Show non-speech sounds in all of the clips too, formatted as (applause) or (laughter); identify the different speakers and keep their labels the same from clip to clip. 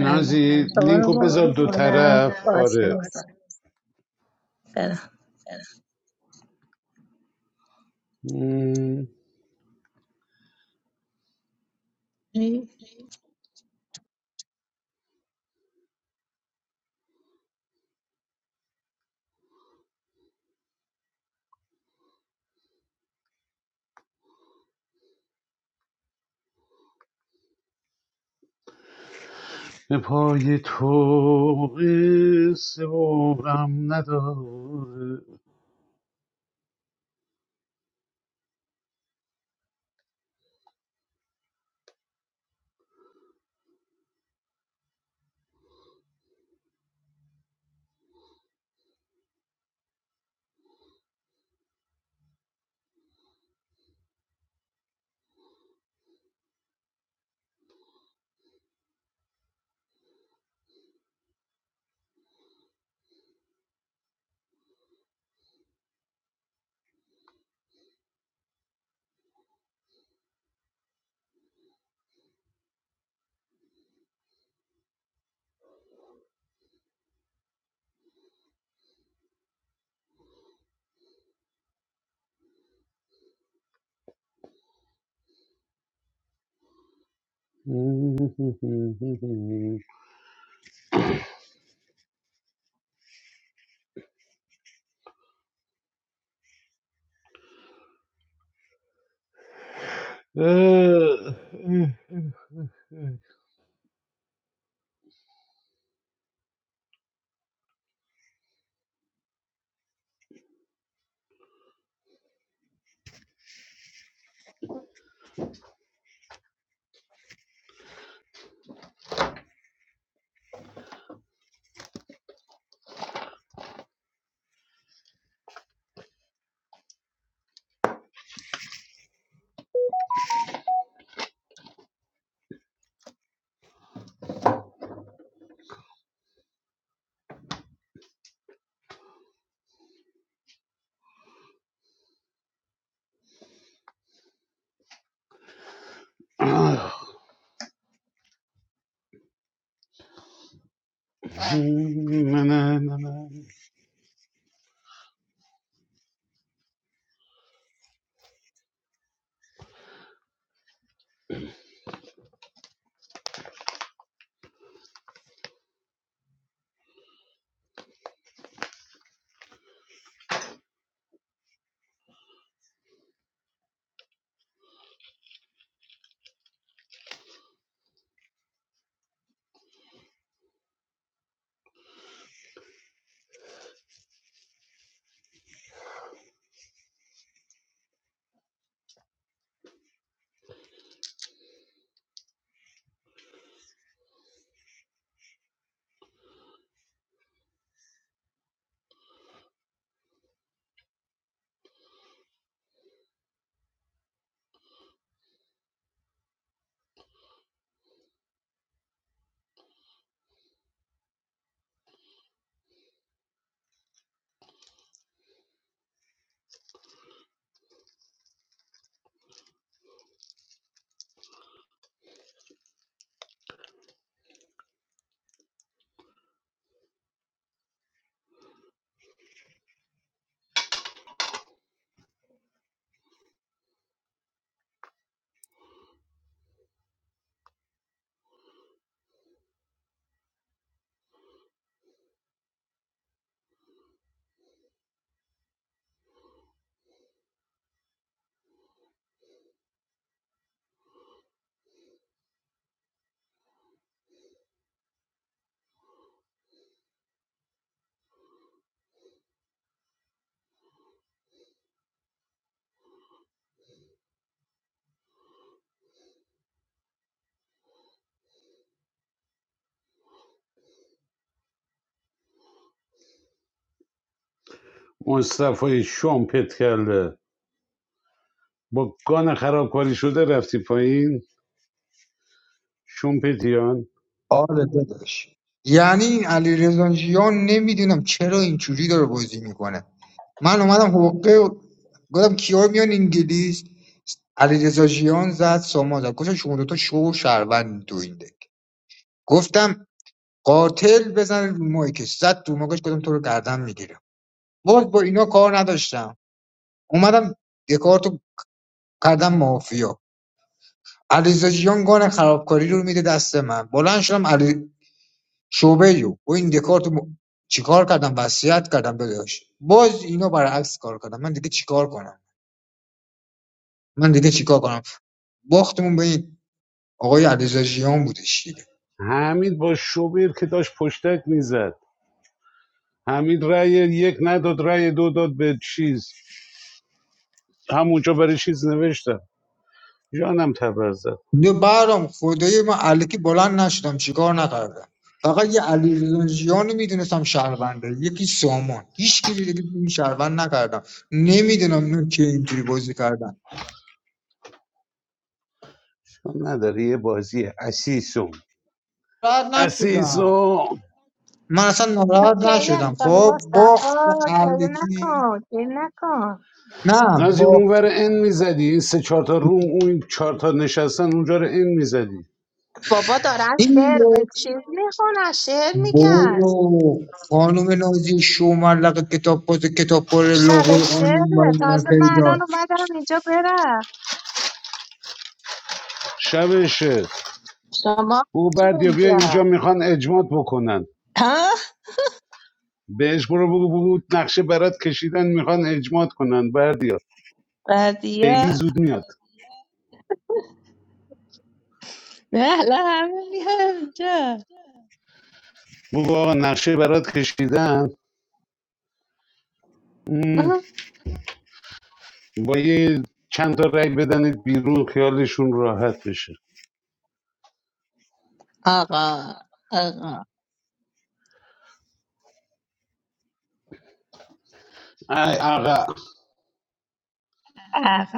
Speaker 1: الان شما رو
Speaker 2: لینکو
Speaker 1: باید
Speaker 2: بذار دو
Speaker 1: میکنم
Speaker 2: طرف
Speaker 1: باز
Speaker 2: آره
Speaker 1: میزن برم
Speaker 2: م،
Speaker 1: گریه
Speaker 2: به پای تو قصه برم نداره نه نه نه نه. مصطفی شومپت کرده با گان خرابکاری شده رفتی پایین شومپتیان
Speaker 3: آره داداش یعنی علی رضا نمیدونم چرا اینجوری داره بازی میکنه من اومدم حقه و- گفتم کیا میان انگلیس علی رضا جیان زد سامان زد گفتم شما دوتا شو و شهروند تو این دک گفتم قاتل بزن رو مایکش زد تو مایکش گفتم تو رو گردن میگیرم باز با اینا کار نداشتم اومدم دکارتو کردم مافیا علیرضا جیان گان خرابکاری رو میده دست من بلند شدم علی شعبه علوم با این دکارت چیکار کردم وصیت کردم داداش باز اینا برعکس کار کردم من دیگه چیکار کنم من دیگه چیکار کنم باختمون به این آقای علیزاجیان بودش دیگه
Speaker 2: حمید با شوبر که داشت پشتک میزد حمید رأی یک نداد رأی دو داد به چیز همونجا برای چیز نوشتم جانم تبر زد
Speaker 3: نه برام خدای من الکی بلند نشدم چیکار نکردم فقط یه علیرضا میدونستم شهرونده یکی سامان هیچ کی دیگه تو این شهروند نکردم نمیدونم نه که اینطوری بازی کردن
Speaker 2: چون نداره یه بازی اسیسون
Speaker 3: راحت نشدم
Speaker 2: اسیسون
Speaker 3: من اصلا ناراحت نشدم
Speaker 1: میکنه
Speaker 3: خب
Speaker 1: مصطفی
Speaker 3: باخت
Speaker 1: گریه
Speaker 3: علیکی
Speaker 1: نکن گریه نکن
Speaker 3: نه
Speaker 2: نازی
Speaker 3: باخت
Speaker 2: اونور ان میزدی این سه چهار تا روم اون چهار تا نشستن اونجا رو این میزدی
Speaker 1: بابا دارن
Speaker 3: این
Speaker 1: شعر
Speaker 3: رو
Speaker 1: و چیز میخونن شعر میگن
Speaker 3: برو خانم نازی شوملق کتاب باز کتاب پر
Speaker 1: شب
Speaker 3: لغل
Speaker 1: شعر
Speaker 3: برای من
Speaker 1: تازه من
Speaker 3: پیدا
Speaker 1: الان اومدم اینجا برم
Speaker 2: شبشه
Speaker 1: شما
Speaker 2: بگو
Speaker 1: چی
Speaker 2: بردیا بیا
Speaker 1: اینجا
Speaker 2: اینجا میخوان اجماد بکنن
Speaker 1: ها
Speaker 2: بهش برو بگو بگو نقشه برات کشیدن میخوان اجماد کنن بردیا پیگی
Speaker 1: بدیا
Speaker 2: زود میاد
Speaker 1: نه الان همه میان اینجا
Speaker 2: بگو آقا نقشه برات کشیدن م... با یه چند تا رأی بدنید بیرون خیالشون راحت بشه
Speaker 1: آقا آقا
Speaker 2: ای آقا
Speaker 1: آقا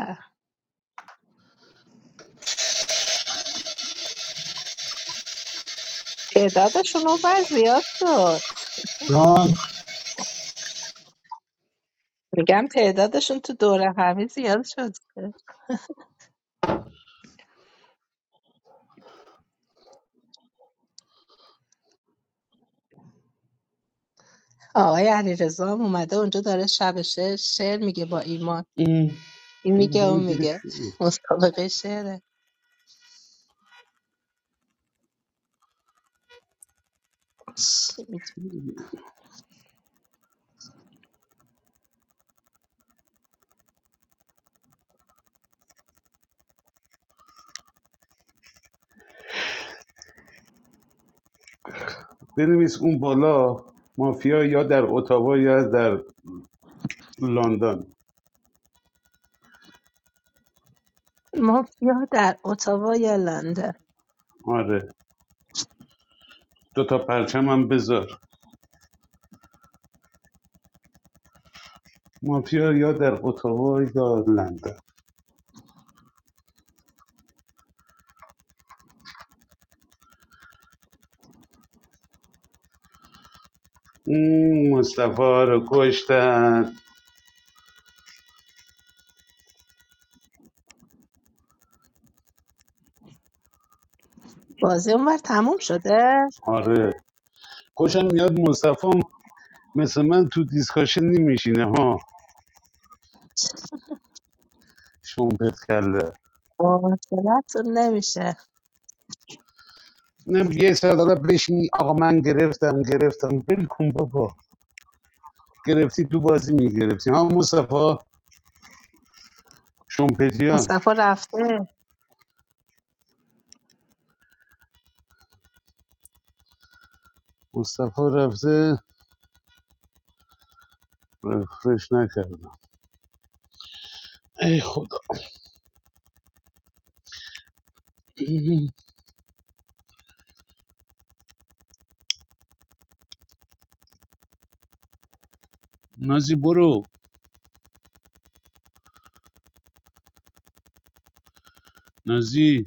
Speaker 1: تعدادشون اونور زیاد شد
Speaker 2: جان
Speaker 1: میگم تعدادشون تو دوره همی زیاد شد آقای علیرضا هم اومده اونجا داره شب شعر شعر میگه با ایمان
Speaker 2: این
Speaker 1: این میگه
Speaker 2: دومی
Speaker 1: اون
Speaker 2: دیگه
Speaker 1: میگه
Speaker 2: چی
Speaker 1: مسابقه شعره چی می‌دونم.
Speaker 2: بنویس اون بالا مافیا یا در اتاوا یا در لندن
Speaker 1: مافیا در اتاوا یا لندن
Speaker 2: آره دو تا پرچم هم بذار مافیا یا در اتاوا یا لندن اون مصطفی رو کشتن
Speaker 1: بازی اونور تموم شده
Speaker 2: آره خوشم میاد مصطفی هم مثل من تو دیسکاشن نمیشینه ها شوم پت
Speaker 1: مواصلتون نمیشه
Speaker 2: اینم یه سر داره بشینی آقا من گرفتم گرفتم بل کن بابا گرفتی تو بازی میگرفتی ها مصطفی شمپتیان
Speaker 1: مصطفی رفته
Speaker 2: مصطفی رفته رفرش نکردم ای خدا نازی برو نازی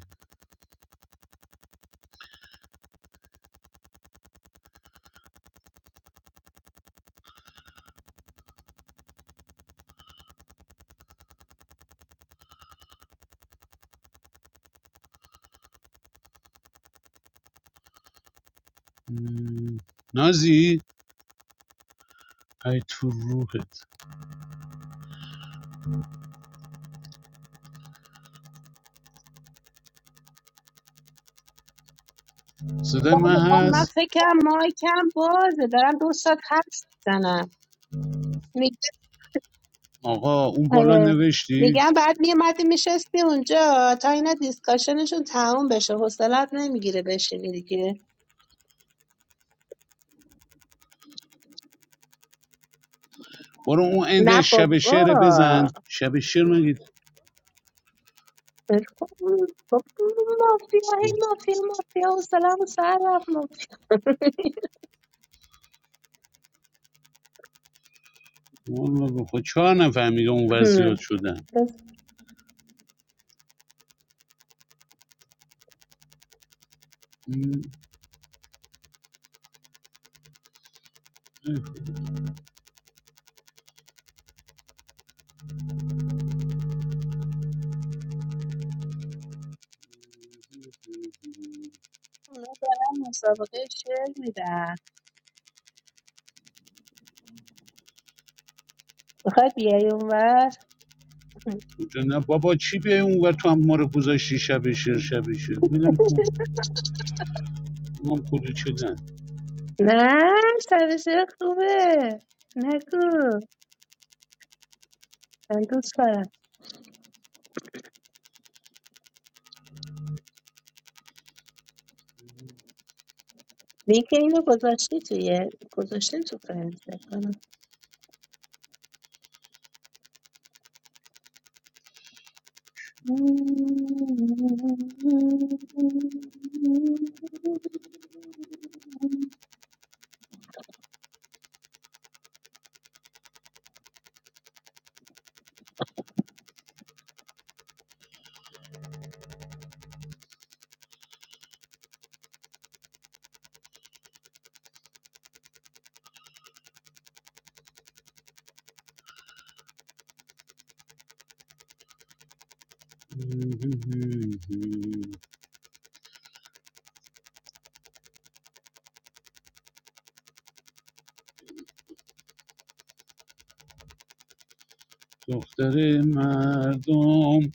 Speaker 2: م، نازی ای تو روحت صدای
Speaker 1: بله
Speaker 2: من
Speaker 1: بله من
Speaker 2: هست
Speaker 1: فکرم مایکم بازه دارم دو ساعت حرف میزنم
Speaker 2: آقا اون بالا
Speaker 1: آره
Speaker 2: نوشتی
Speaker 1: میگم بعد میومدی میشستی اونجا تا اینا دیسکاشنشون تموم بشه حوصلت نمیگیره بشینی دیگه
Speaker 2: برو اون اند
Speaker 1: نه
Speaker 2: شب
Speaker 1: بابا
Speaker 2: شعر بزن شب شعر مگه
Speaker 1: فکر کن. بابا مافیا هی مافیا مافیا حوصله‌مو سر رفت مافیا (laughs)
Speaker 2: والا بابا، خود چهار نفهمیده اون وضعیات شدن
Speaker 1: بس
Speaker 2: م،
Speaker 1: اونا دارن مسابقه شعر میدن میخوای بیای اونور
Speaker 2: اونجا نه بابا چی بیای اونور تو هم ما رو گذاشتی شب شیر شب شیر میگم کو
Speaker 1: (laughs)
Speaker 2: میگم کلی چه نه
Speaker 1: نه سر شعر خوبه نگو من دوست دارم لینک اینو گذاشتی توی گذاشتیم تو فرند کنم
Speaker 2: دختر مردم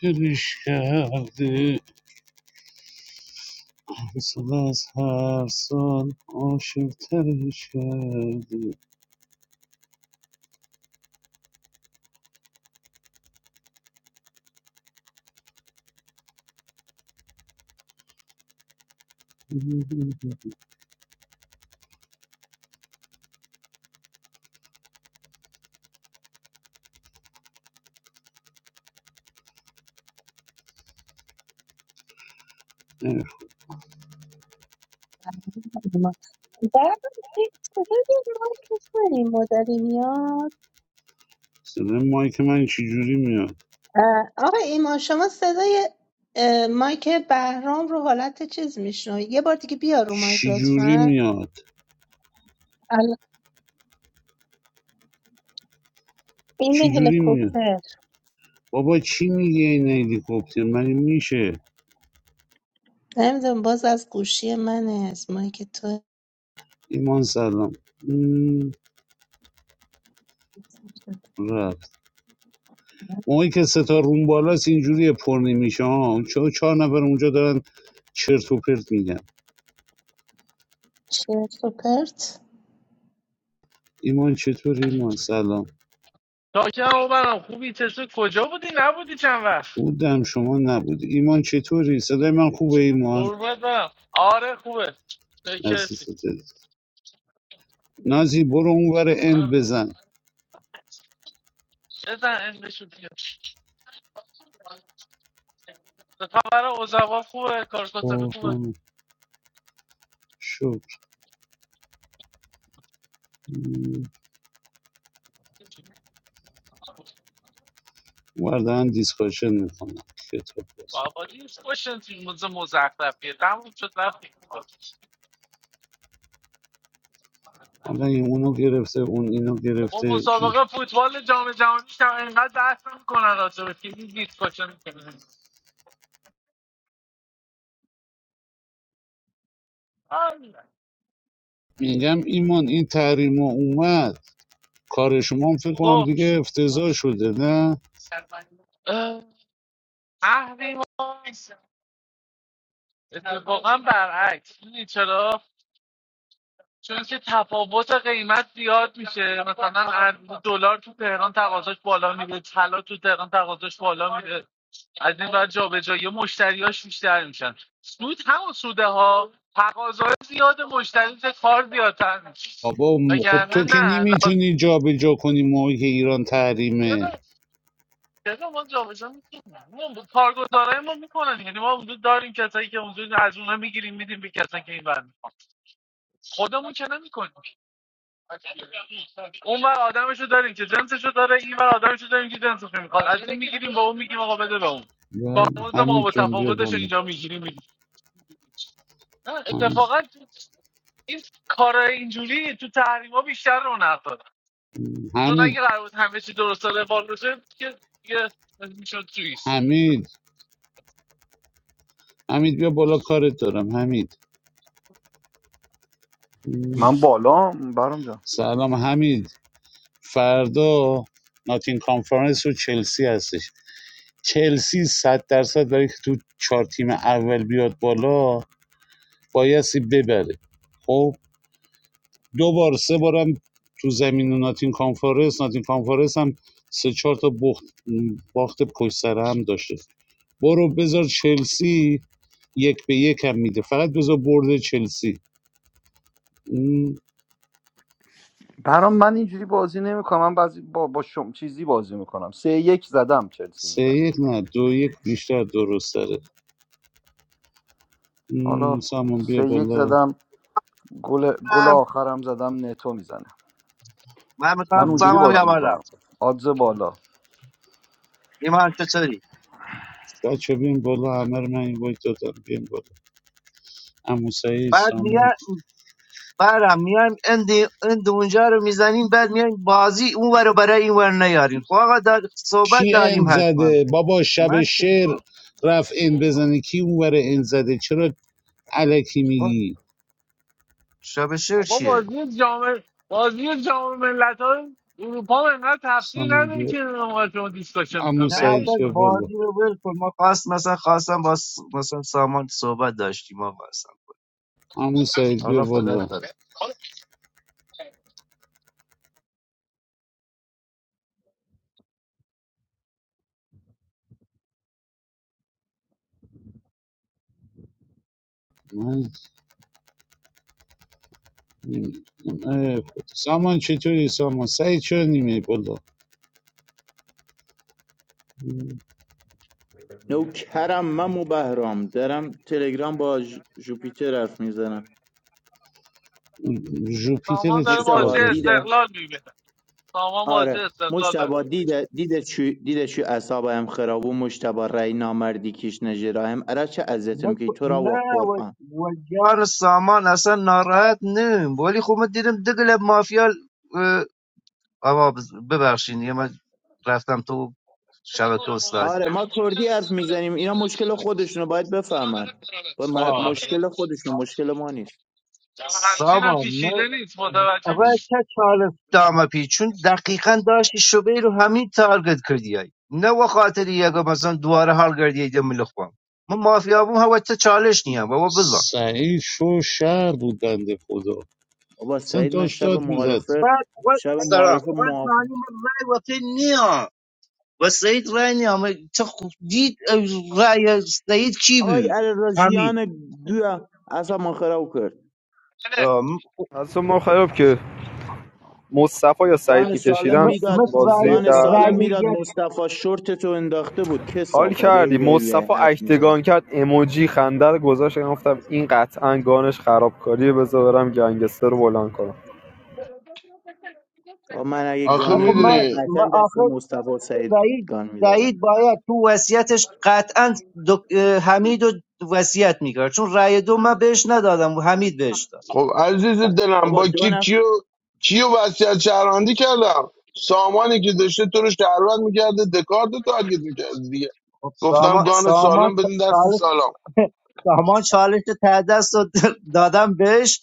Speaker 2: ترش کرده سال از هر سال عاشق ترش کرده
Speaker 1: صدای مایکش این مدلی میاد
Speaker 2: صدای مایک من چی جوری میاد
Speaker 1: اه، آقا ایمان شما صدای اه، مایک بهرام رو حالت چیز میشنوی یه بار دیگه بیا رو مایک
Speaker 2: چی جوری
Speaker 1: لطفا
Speaker 2: میاد
Speaker 1: ال- این
Speaker 2: چی جوری میاد
Speaker 1: هلیکوپتر
Speaker 2: بابا چی میگه این هلیکوپتر مگه میشه
Speaker 1: نمیدونم باز از گوشی منه از مایک تو
Speaker 2: ایمان سلام م، رفت اونی که ستاره روم بالاست اینجوری پر نمیشه ها چون چهار نفر اونجا دارن چرت و پرت میگن
Speaker 1: چرت و پرت
Speaker 2: ایمان چطوری ایمان سلام بودم شما نبود. ایمان چطوری صدای من خوبه ایمان عزیزت عزیز. نازی برو اونور اند بزن قربان شکر وردن دیسکاشن میکنم کتاب باز حالا این اونو گرفته اون اینو گرفته این- میگم ایمان این تحریم اومد کار شما هم فکر کنم دیگه افتضاح شده نه بابا م- خب تو که نمیتونی جا به جا کنی موقعی که ایران تحریمه بله. حمید جان بیا بالا حمید حمید حمید حمید بیا بالا کارت دارم حمید
Speaker 4: من بالا برام جان
Speaker 2: سلام حمید فردا ناتین کانفرنس و چلسی هستش چلسی صد درصد برای که تو چهار تیم اول بیاد بالا بایستی ببره خب دو بار سه بارم تو زمین ناتین کانفرنس ناتین کانفرنس هم سه چهار تا بخت باخت پشت سر هم داشته برو بذار چلسی یک به یک هم میده فقط بذار برد چلسی اون
Speaker 4: برام من اینجوری بازی نمیکنم من بعضی با با شم چیزی بازی میکنم سه یک زدم چلسی
Speaker 2: سه
Speaker 4: میزنه
Speaker 2: یک نه دو یک بیشتر درست داره
Speaker 4: حالا
Speaker 2: سامان بیا
Speaker 4: سه یک
Speaker 2: بالا
Speaker 4: زدم گل گل
Speaker 5: هم
Speaker 4: آخرم زدم نتو میزنه
Speaker 5: من
Speaker 4: من
Speaker 5: میخوام
Speaker 4: اونجوری
Speaker 2: اون
Speaker 5: سامم یه
Speaker 4: بازی
Speaker 5: بالا
Speaker 4: میکنم آدز بالا
Speaker 5: ایمان چطوری
Speaker 2: بچه بیم بالا همه رو من این باید دادم بیم بالا امو سعید
Speaker 5: بعد
Speaker 2: سامان
Speaker 5: میان برم میان اند اند اونجا رو میزنیم بعد میان بازی اون ور رو برای این ور نیاریم خب آقا دار... صحبت
Speaker 2: کی
Speaker 5: داریم
Speaker 2: اند
Speaker 5: حتما
Speaker 2: زده
Speaker 5: خب
Speaker 2: بابا شب
Speaker 5: من چی
Speaker 2: شعر
Speaker 5: میکنم
Speaker 2: رفت اند بزنه کی اون ور این زده چرا الکی
Speaker 5: خب
Speaker 2: میگی
Speaker 5: شب شعر چیه
Speaker 2: سامان بیا عمو
Speaker 5: نه
Speaker 2: سعید
Speaker 5: اصلا
Speaker 2: بیا بالا
Speaker 5: بازی رو ول کن ما خواست مثلا خواستم با س- مثلا سامان صحبت داشتیم آقا اصلا
Speaker 2: عمو سعید بیا
Speaker 5: حالا فدا
Speaker 2: بالا
Speaker 5: سر
Speaker 2: من نمی- اه، سامان چطوری سامان سعید چرا نیمه بالا
Speaker 6: نوکرم من و بهرام دارم تلگرام با ژ- جوپیتر حرف میزنم
Speaker 2: جوپیتر چی کار
Speaker 6: مجتبا
Speaker 2: داره
Speaker 6: دیده آره مجتبا دیده دیده چو دیده چو اصابم خراب و مجتبا رای نامردی کش نجراهم اره چه
Speaker 5: نه
Speaker 6: عزتم که
Speaker 5: خب،
Speaker 6: تو را و
Speaker 5: نه و,
Speaker 6: قرآن
Speaker 5: و جان سامان اصلا ناراحت نیم ولی خب من دیدم دگل مافیا آقا ببخشین دیگه من رفتم تو شبکه استانی
Speaker 6: آره ما کردی حرف میزنیم اینا مشکل خودشونو باید بفهمن با م-
Speaker 5: آه
Speaker 6: مشکل خودشون مشکل ما نیست
Speaker 5: سامان من اول چه چالش دام پیچون دقیقا داشتی شبه رو همین تارگت کردی های. نه به خاطر یک مثلا دواره حال کردی ایده ملخوام من مافیا بوم هوا چه چالش نیم بابا بزن
Speaker 2: سعید شو شهر بود بنده خدا
Speaker 6: بابا
Speaker 2: اصلا
Speaker 6: سعید من
Speaker 2: داشت
Speaker 6: شب
Speaker 2: داد میزد
Speaker 6: معارفه
Speaker 5: بعد خود
Speaker 6: شب
Speaker 5: سلام
Speaker 6: معارفه
Speaker 5: خود
Speaker 6: معاف
Speaker 5: معنی من رای وقتی نیا و سعید رای نیا من چه خوب دید اه، رای سعید کی
Speaker 6: آی
Speaker 5: بود
Speaker 6: علی راجیان گویا اصلا خراب کرد
Speaker 5: همین
Speaker 7: از ما خراب که مصطفی یا سعید
Speaker 6: گان سالم
Speaker 7: میکشیدن
Speaker 5: م-
Speaker 6: میداد
Speaker 5: مثل رأی,
Speaker 7: بازی
Speaker 6: گان
Speaker 7: در
Speaker 6: سالم
Speaker 7: نمیاد
Speaker 5: رأی
Speaker 6: میداد
Speaker 5: یک
Speaker 6: مصطفی شورت تو انداخته بود که
Speaker 7: حال کردی
Speaker 6: صافده
Speaker 7: مصطفی
Speaker 6: حد
Speaker 7: اکتگان
Speaker 6: میزن
Speaker 7: کرد اموجی خنده رو گذاشت گفتم این قطعا گانش خرابکاریه بذار برم گنگستر رو بلند کنم
Speaker 6: من اگه
Speaker 8: آخه
Speaker 5: نه
Speaker 6: گانر
Speaker 5: خب من,
Speaker 6: بودم
Speaker 8: میدونی
Speaker 6: قطعا
Speaker 5: من
Speaker 6: دست
Speaker 5: آخر
Speaker 6: مصطفی سعید
Speaker 5: سعید
Speaker 6: گان میدادم
Speaker 5: سعید باید تو وصیتش قطعا دک- اه، حمید رو وصیت میکرد چون رأی دو من بهش ندادم و حمید بهش داد
Speaker 8: خب عزیز دلم
Speaker 6: بابا
Speaker 8: با
Speaker 6: دو
Speaker 8: کی
Speaker 6: نفر
Speaker 8: کیو کیو وصیت شهروندی کردم سامانی که داشته تو رو شهروند میکرده دکارت رو تارگت میکرده دیگه
Speaker 5: خب
Speaker 8: گفتم
Speaker 5: سامان
Speaker 8: گان
Speaker 5: سامان
Speaker 8: سالم بدین دست
Speaker 5: چالش
Speaker 8: سلام
Speaker 5: (laughs) سامان چالش تعدست رو دادم بهش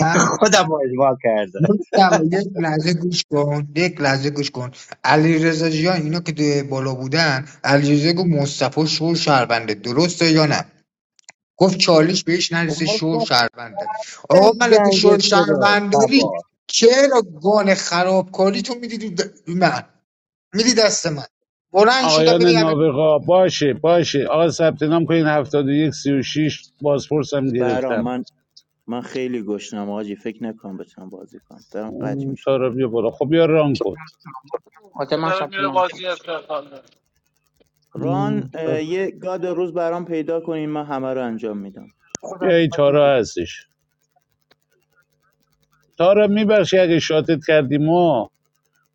Speaker 3: بخش.
Speaker 5: خودم رو اجماع کرده
Speaker 3: مجتبی، یک لحظه گوش کن یک لحظه گوش کن علی رزا جان اینا که دوی بالا بودن علی رزا گفت مصطفی شور شهربنده درسته یا نه گفت چالش بهش
Speaker 5: خب
Speaker 3: نرسه
Speaker 5: ما
Speaker 3: شور
Speaker 5: گفتم
Speaker 3: شهربنده آقا ملک شور
Speaker 5: گنگستره
Speaker 3: شهربنداری
Speaker 5: تبار
Speaker 3: چرا گان خرابکاری تو میدی دو د- من میدی دست من بلند شدم
Speaker 2: آقایان
Speaker 3: ببین
Speaker 2: نابغا باشه باشه آقا ثبت نام کنین 71 36 بازپرس بازپرسم
Speaker 6: برام
Speaker 2: گرفتم
Speaker 6: من من خیلی گشنم آجی فکر نکنم بتونم بازی کنم دارم قطع
Speaker 2: اون
Speaker 6: میشه
Speaker 2: تارا بیا بالا خب بیا ران کن
Speaker 9: خاطر من ثبت نام کن
Speaker 6: ران
Speaker 2: اون
Speaker 6: اه،
Speaker 2: تارا
Speaker 6: یه گاد روز برام پیدا کنین من همه رو انجام میدم
Speaker 9: خودم
Speaker 2: بیا این
Speaker 9: باید می‌دونم.
Speaker 2: تارا هستش تارا میبخشی اگه شاتت کردیم ما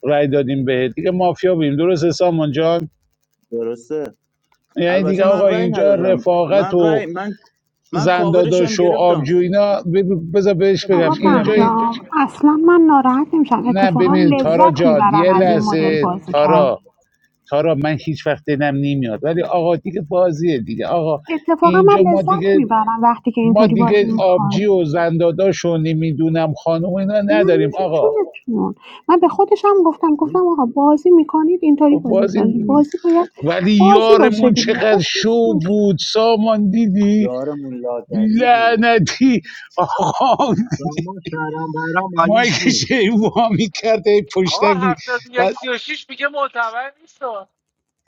Speaker 2: رای دادیم بهت دیگه مافیا بیم درسته سامان جان
Speaker 6: درسته
Speaker 2: یعنی
Speaker 6: البته
Speaker 2: دیگه
Speaker 6: من
Speaker 2: آقا
Speaker 6: رأی
Speaker 2: اینجا
Speaker 6: ندادم
Speaker 2: رفاقت
Speaker 6: من
Speaker 2: و
Speaker 6: رأی من من کاورشم
Speaker 2: زنداداش و
Speaker 6: گرفتم
Speaker 2: آبجو
Speaker 6: خب
Speaker 2: اینا بذار بهش
Speaker 10: آقا
Speaker 2: بگم اینجا
Speaker 10: بهرام اصلا من ناراحت نمیشم
Speaker 2: نه
Speaker 10: اتفاقا
Speaker 2: ببین تارا
Speaker 10: لذت
Speaker 2: جان
Speaker 10: میبرم
Speaker 2: یه
Speaker 10: از این مدل
Speaker 2: لحظه
Speaker 10: بازی کرد
Speaker 2: تارا تارا من هیچ وقت دلم نمیاد ولی آقا دیگه بازیه دیگه آقا
Speaker 10: اتفاقا من
Speaker 2: اینجا ما
Speaker 10: لذت
Speaker 2: دیگه
Speaker 10: میبرم وقتی که
Speaker 2: ما
Speaker 10: اینطوری بازی
Speaker 2: دیگه آبجی
Speaker 10: میکنه
Speaker 2: و زنداداش و نمیدونم خانم اینا
Speaker 10: من
Speaker 2: نداریم
Speaker 10: میشه
Speaker 2: آقا
Speaker 10: چونتون من به خودش هم گفتم گفتم آقا بازی میکنید اینطوری
Speaker 2: خب
Speaker 10: بازی کنید
Speaker 2: بازی
Speaker 10: بازی باید
Speaker 2: ولی
Speaker 10: بازی باشه
Speaker 2: یارمون
Speaker 10: دیگه
Speaker 2: چقدر
Speaker 10: اسمش
Speaker 2: شو
Speaker 10: نیست
Speaker 2: بود سامان دیدی
Speaker 6: یارمون لادری بود
Speaker 2: لعنتی آقا
Speaker 5: سامان شهرم برام مالیش
Speaker 2: مایکش
Speaker 5: نیم
Speaker 2: هی وا میکرد هی پشتک می... بعد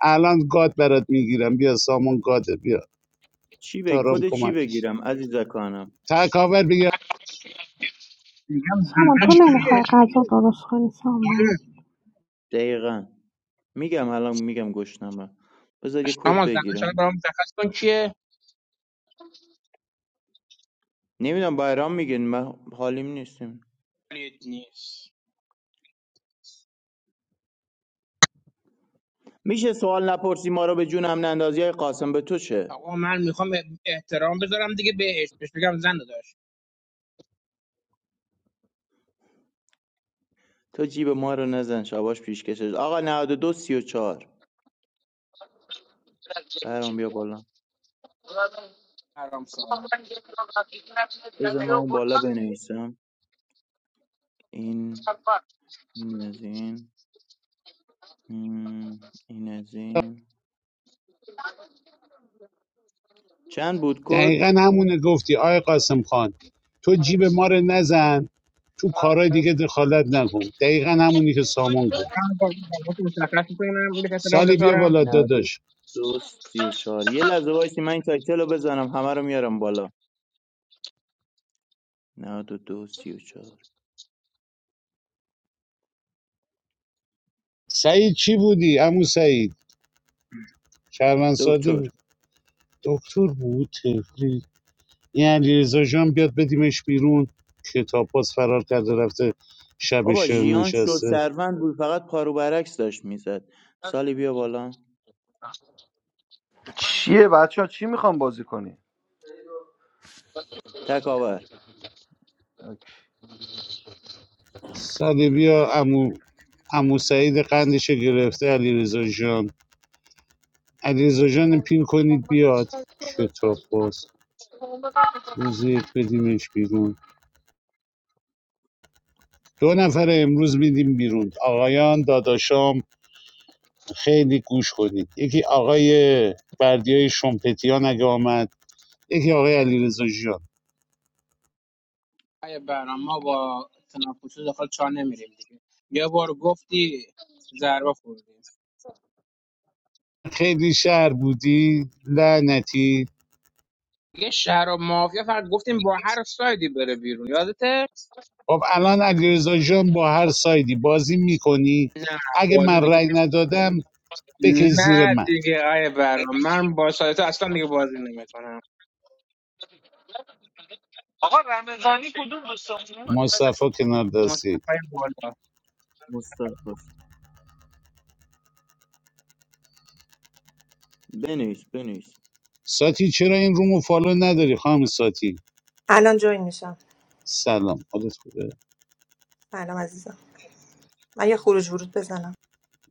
Speaker 2: الان گاد برات میگیرم بیا سامان گاده بیا
Speaker 6: چی بگ
Speaker 2: تارم
Speaker 6: کد چی
Speaker 2: کمکش
Speaker 6: بگیرم عزیزکانم
Speaker 2: تکاور بگیر
Speaker 9: میگم
Speaker 10: سامان تو
Speaker 9: زنش کیه
Speaker 10: نمیخوای غذا درست کنی سامان
Speaker 6: دقیقا میگم الان میگم گشنمه بذار یه کد
Speaker 9: اما زنش الان
Speaker 6: بگیرم
Speaker 9: برام مشخص کن کیه
Speaker 6: نمیدونم بایرام میگن من حالیم نیستیم
Speaker 9: ولید نیست
Speaker 6: میشه سوال نپرسی ما رو به جونم نندازی های قاسم به تو چه
Speaker 9: آقا من میخوام احترام بذارم دیگه بهش بهش بگم زن داشت
Speaker 6: تو جیب ما رو نزن شباش پیش کشش آقا 92 34 برام بیا بالا
Speaker 9: حرام سوال میکنم
Speaker 6: بذار من اون بالا بنویسم این این از این م، این از این چند بود کد
Speaker 2: دقیقا همونه گفتی آی قاسم خان تو جیب ما رو نزن تو کارهای دیگه دخالت نکن دقیقا همونی که سامان گفت
Speaker 9: برام با زنش مشخص میکنم بهش احترام
Speaker 2: سالی بیا
Speaker 9: بذارم
Speaker 2: بالا داداش
Speaker 6: 92 چهار یه لحظه وایسی من این تایتل رو بزنم همه رو میارم بالا 92 چهار
Speaker 2: سعید چی بودی عمو سعید شهروند ساده بود.
Speaker 6: دکتر
Speaker 2: دکتر بود تفلی این علیرضا جان بیاد بدیمش بیرون کتاب باز فرار کرده رفته شب
Speaker 6: بابا
Speaker 2: شعر
Speaker 6: ژیان شو
Speaker 2: نشسته
Speaker 6: سروند بود فقط پارو برعکس داشت میزد سالی بیا بالا
Speaker 4: چیه بچه ها چی میخوام بازی کنی
Speaker 6: تکاور
Speaker 4: اوکی.
Speaker 2: سالی بیا امو امو سعید قندش گرفته علیرضا جان علیرضا جان پین کنید بیاد کتاب باز روز یک بدیمش بیرون دو نفر امروز میدیم بیرون آقایان داداشام خیلی گوش کنید یکی آقای بردیای شمپتیان اگه آمد یکی آقای علیرضا جان.
Speaker 9: ای برام ما با تنفسی داخل چا نمیریم دیگه یه بار گفتی ضربه خوردیم
Speaker 2: خیلی شهر بودی لعنتی
Speaker 9: یه شهر و مافیا فقط گفتیم با هر سایدی بره بیرون یادته
Speaker 2: خب الان علیرضا جان با هر سایدی بازی میکنی
Speaker 9: نه
Speaker 2: اگه
Speaker 9: بازی
Speaker 2: من
Speaker 9: دیگه
Speaker 2: رأی ندادم بکش زیر
Speaker 9: نه
Speaker 2: من
Speaker 9: دیگه آیه برام من با سایتا اصلا دیگه بازی نمیکنم
Speaker 2: مصطفی کنار دستی
Speaker 9: مصطفی بالا
Speaker 6: مستقص بنویس بنویس
Speaker 2: ساتی چرا این رومو فالو نداری خانم ساتی
Speaker 11: الان جوین میشم
Speaker 2: سلام حالت خوبه
Speaker 11: سلام عزیزم من یه خروج ورود بزنم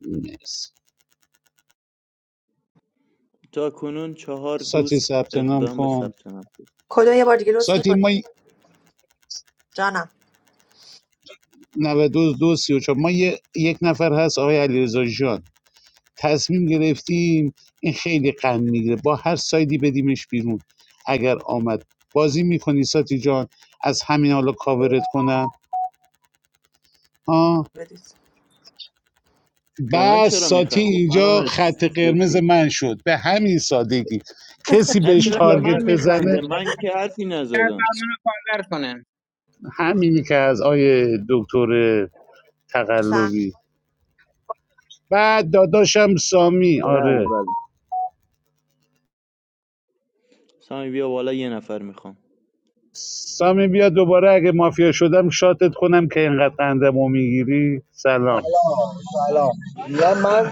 Speaker 2: مرسی
Speaker 6: تا کنون چهار
Speaker 2: ساتی
Speaker 6: دوست
Speaker 2: ثبت نام
Speaker 6: اقدام به
Speaker 2: کن
Speaker 6: ثبت نام کرد.
Speaker 11: کدو یه بار دیگه لطف
Speaker 2: ساتی
Speaker 11: میکنید
Speaker 2: ما
Speaker 11: جانم
Speaker 2: 92 34 ما یه- یک نفر هست آقای علیرضا جان تصمیم گرفتیم این خیلی قند میگیره با هر سایدی بدیمش بیرون اگر آمد بازی میکنی ساتی جان از همین حالا کاورت کنم آه
Speaker 11: بدید
Speaker 6: به من
Speaker 2: بس
Speaker 6: چرا
Speaker 2: ساتی
Speaker 6: میخنده
Speaker 2: اینجا
Speaker 6: خانم
Speaker 2: خط قرمز
Speaker 6: سپید
Speaker 2: من شد به همین سادگی کسی
Speaker 6: نه
Speaker 2: بهش
Speaker 9: منو
Speaker 6: چرا به من
Speaker 9: کاور
Speaker 2: تارگت
Speaker 9: میکنه
Speaker 6: میخنده
Speaker 2: بزنه
Speaker 6: من که حرفی
Speaker 9: طرف
Speaker 6: نزدم
Speaker 9: منو کاور کنه
Speaker 2: همینی که از آیه دکتر
Speaker 11: سلام
Speaker 2: تقلبی بعد داداشم سامی
Speaker 6: بله
Speaker 2: آره
Speaker 6: بله سامی بیا بالا یه نفر میخوام
Speaker 2: سامی بیا دوباره اگه مافیا شدم شاتت کنم که اینقدر قندمو میگیری سلام
Speaker 12: سلام سلام میگم من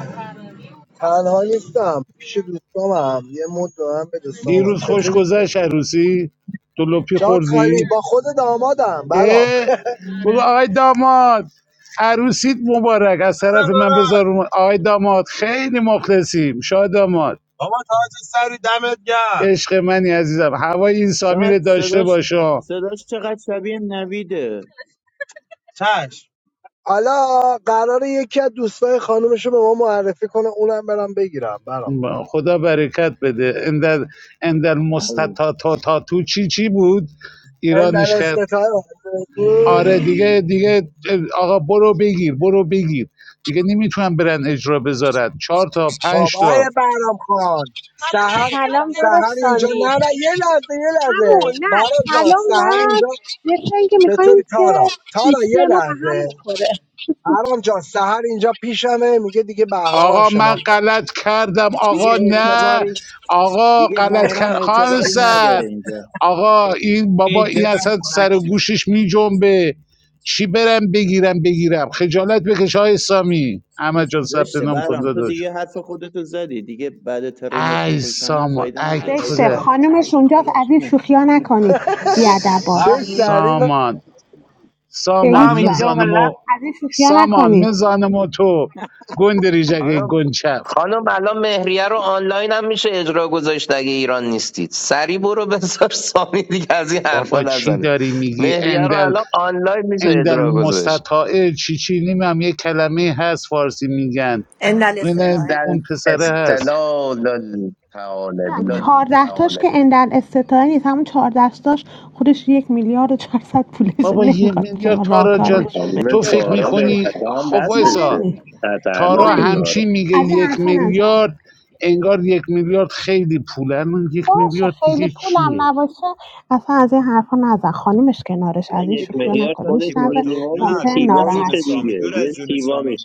Speaker 12: تنها نیستم پیش دوستامم یه مد دارم به من بده
Speaker 2: دیروز خوش
Speaker 12: چطوری
Speaker 2: گذشت عروسی دلوپی
Speaker 12: جات خالی
Speaker 2: خوردی
Speaker 12: با خود دامادم برام
Speaker 2: اه بگو آقای داماد عروسیت مبارک از
Speaker 12: جونم
Speaker 2: طرف من
Speaker 12: داداش
Speaker 2: بذار اون- آقای داماد خیلی مخلصیم شاه داماد
Speaker 12: بابا تاج سری دمت گرم
Speaker 2: عشق منی عزیزم هوای این سامی
Speaker 6: چقدر
Speaker 2: داشته
Speaker 6: صداش
Speaker 2: باشا
Speaker 6: صداش چقدر شبیه نویده
Speaker 12: چش حالا قراره یکی از دوستای خانومش رو به ما معرفی کنه اونم برم بگیرم برام
Speaker 2: خدا برکت بده اندر اندر
Speaker 6: الو.
Speaker 2: مستطا تا تا تو چی چی بود
Speaker 12: این
Speaker 2: ایرانش
Speaker 12: در
Speaker 2: کرد
Speaker 12: اسم تو
Speaker 2: آره دیگه دیگه آقا برو بگیر برو بگیر دیگه نمیتونم برن اجرا بذارن چهار تا پنج
Speaker 12: بابای
Speaker 2: تا
Speaker 12: برام خان سهر
Speaker 10: سلام داداش
Speaker 12: سهر اینجا
Speaker 10: سامی
Speaker 12: نه نه یه لحظه یه لحظه
Speaker 10: همون
Speaker 12: برام
Speaker 10: نه
Speaker 12: جان
Speaker 10: سلام و
Speaker 12: سهر اینجا
Speaker 10: مثل اینکه میخوایم
Speaker 12: چطوری تارا
Speaker 10: که
Speaker 12: تارا یه
Speaker 10: دوستی ما به هم
Speaker 12: لحظه
Speaker 10: بخوره
Speaker 12: هرام جان سهر اینجا پیشمه میگه دیگه بهرام هم
Speaker 2: آقا من
Speaker 12: شناخت
Speaker 2: غلط کردم
Speaker 6: دیگه
Speaker 2: آقا نه
Speaker 6: اعتباری
Speaker 2: آقا
Speaker 6: دیگه
Speaker 2: غلط
Speaker 6: بهرام
Speaker 2: کرد خانم
Speaker 6: اعتباری
Speaker 2: سر
Speaker 6: نداره اینجا
Speaker 2: آقا این
Speaker 9: ای
Speaker 2: بابا این
Speaker 9: دلم
Speaker 2: اصلا
Speaker 9: خنک
Speaker 2: سر
Speaker 9: شد
Speaker 2: گوشش می جنبه چی برم بگیرم بگیرم خجالت بکش های سامی احمد جان ثبت
Speaker 6: زشته
Speaker 2: نام کن
Speaker 6: بهرام تو
Speaker 2: داداش
Speaker 6: دیگه حرف خودتو زدی دیگه بعد ترین و
Speaker 2: ای
Speaker 6: خوشانن
Speaker 2: سامان
Speaker 6: فایده
Speaker 2: ای
Speaker 6: نداره
Speaker 10: زشته
Speaker 2: کوره
Speaker 10: خانومش اونجاست از این شوخیا نکنید
Speaker 12: (laughs)
Speaker 10: بیادبا
Speaker 12: چه
Speaker 5: فهمی؟
Speaker 12: سری من
Speaker 2: سامان
Speaker 10: به
Speaker 5: نه
Speaker 2: سامان
Speaker 10: هیچ وجه
Speaker 6: جان
Speaker 5: همیشه
Speaker 2: مزانمو
Speaker 10: از این شوخیا
Speaker 2: سامان
Speaker 10: نکنید
Speaker 2: مزانمو تو گندری جگه گنچفت بابا چی داری میگی اندل اندل المستطاعه چیچینی چی یه کلمه هست فارسی میگن
Speaker 11: ان
Speaker 2: اون
Speaker 11: الاستطاعه.
Speaker 2: اون پسره هست
Speaker 10: چهارده تاش که اندل استطاعه نیست همون چهارده تاش خودش یک میلیارد و چهارصد پولش
Speaker 2: بابا یه
Speaker 10: نمیخواد
Speaker 2: میلیارد
Speaker 10: شما
Speaker 2: تارا
Speaker 10: راهکار
Speaker 2: جان
Speaker 10: نشون بده
Speaker 2: تو فکر میکنی خب
Speaker 10: مهم
Speaker 2: وایسا
Speaker 10: نیست
Speaker 2: تارا
Speaker 10: مهم نیست
Speaker 2: همچین میگه
Speaker 10: از این
Speaker 2: یک
Speaker 10: حرفا نزن
Speaker 2: میلیارد انگار یک میلیارد خیلی پوله من یک
Speaker 10: باشه
Speaker 2: میلیارد
Speaker 10: خیلی
Speaker 2: دیگه
Speaker 10: پولم
Speaker 2: چیه
Speaker 10: نباشه اصلا از این حرفا نزن خانومش کنارش از این
Speaker 6: یک دو
Speaker 10: شوخیا
Speaker 6: سه
Speaker 10: نکن
Speaker 6: تا
Speaker 10: میشنوه
Speaker 6: تیبادو نه
Speaker 10: ممکنه
Speaker 6: دور از جون
Speaker 10: ناراحت شه
Speaker 6: سامی دور از جون سامی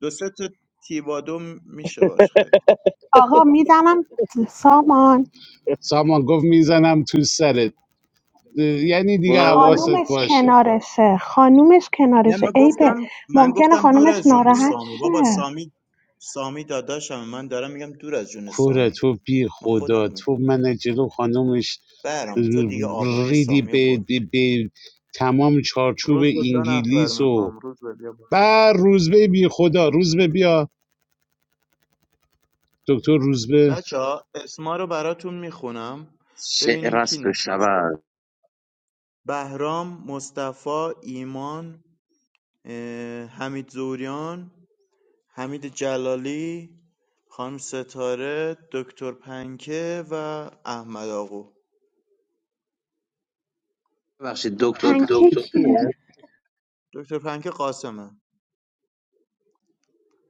Speaker 6: دو سه تا تیبادو م- میشه باش خرید
Speaker 10: آقا میزنم سامان
Speaker 2: سامان گفت میزنم تو سرت یعنی دیگه حواست
Speaker 10: خانومش
Speaker 2: باشه
Speaker 10: کنارشه خانومش
Speaker 6: نه من
Speaker 10: کنارشه عیبه
Speaker 6: گفتم من
Speaker 10: ممکنه
Speaker 6: گفتم دور
Speaker 10: خانومش
Speaker 6: از جون
Speaker 10: ناراحت
Speaker 6: سامی بابا
Speaker 10: شه
Speaker 6: سامی سامی داداشم من دارم میگم دور از جون
Speaker 2: کوره
Speaker 6: سامی
Speaker 2: تو بی
Speaker 6: من
Speaker 2: خدا
Speaker 6: خودم
Speaker 2: تو من جلو خانومش
Speaker 6: برام تو دیگه آبروی
Speaker 2: ریدی
Speaker 6: سامیو
Speaker 2: به,
Speaker 6: برد
Speaker 2: به, به تمام چارچوب
Speaker 6: روز به دو نفر
Speaker 2: انگلیس و
Speaker 6: میخوام روز به بیا برم.
Speaker 2: بر روزبه بی خدا روزبه بیا دکتر روزبه
Speaker 6: بچه ها اسما رو براتون میخونم ببینین کی نوشته بهرام مصطفی ایمان اه، حمید زوریان حمید جلالی خانم ستاره دکتر پنکه و احمد آقو
Speaker 10: پنکیکیه
Speaker 6: دکتر پنکه قاسمه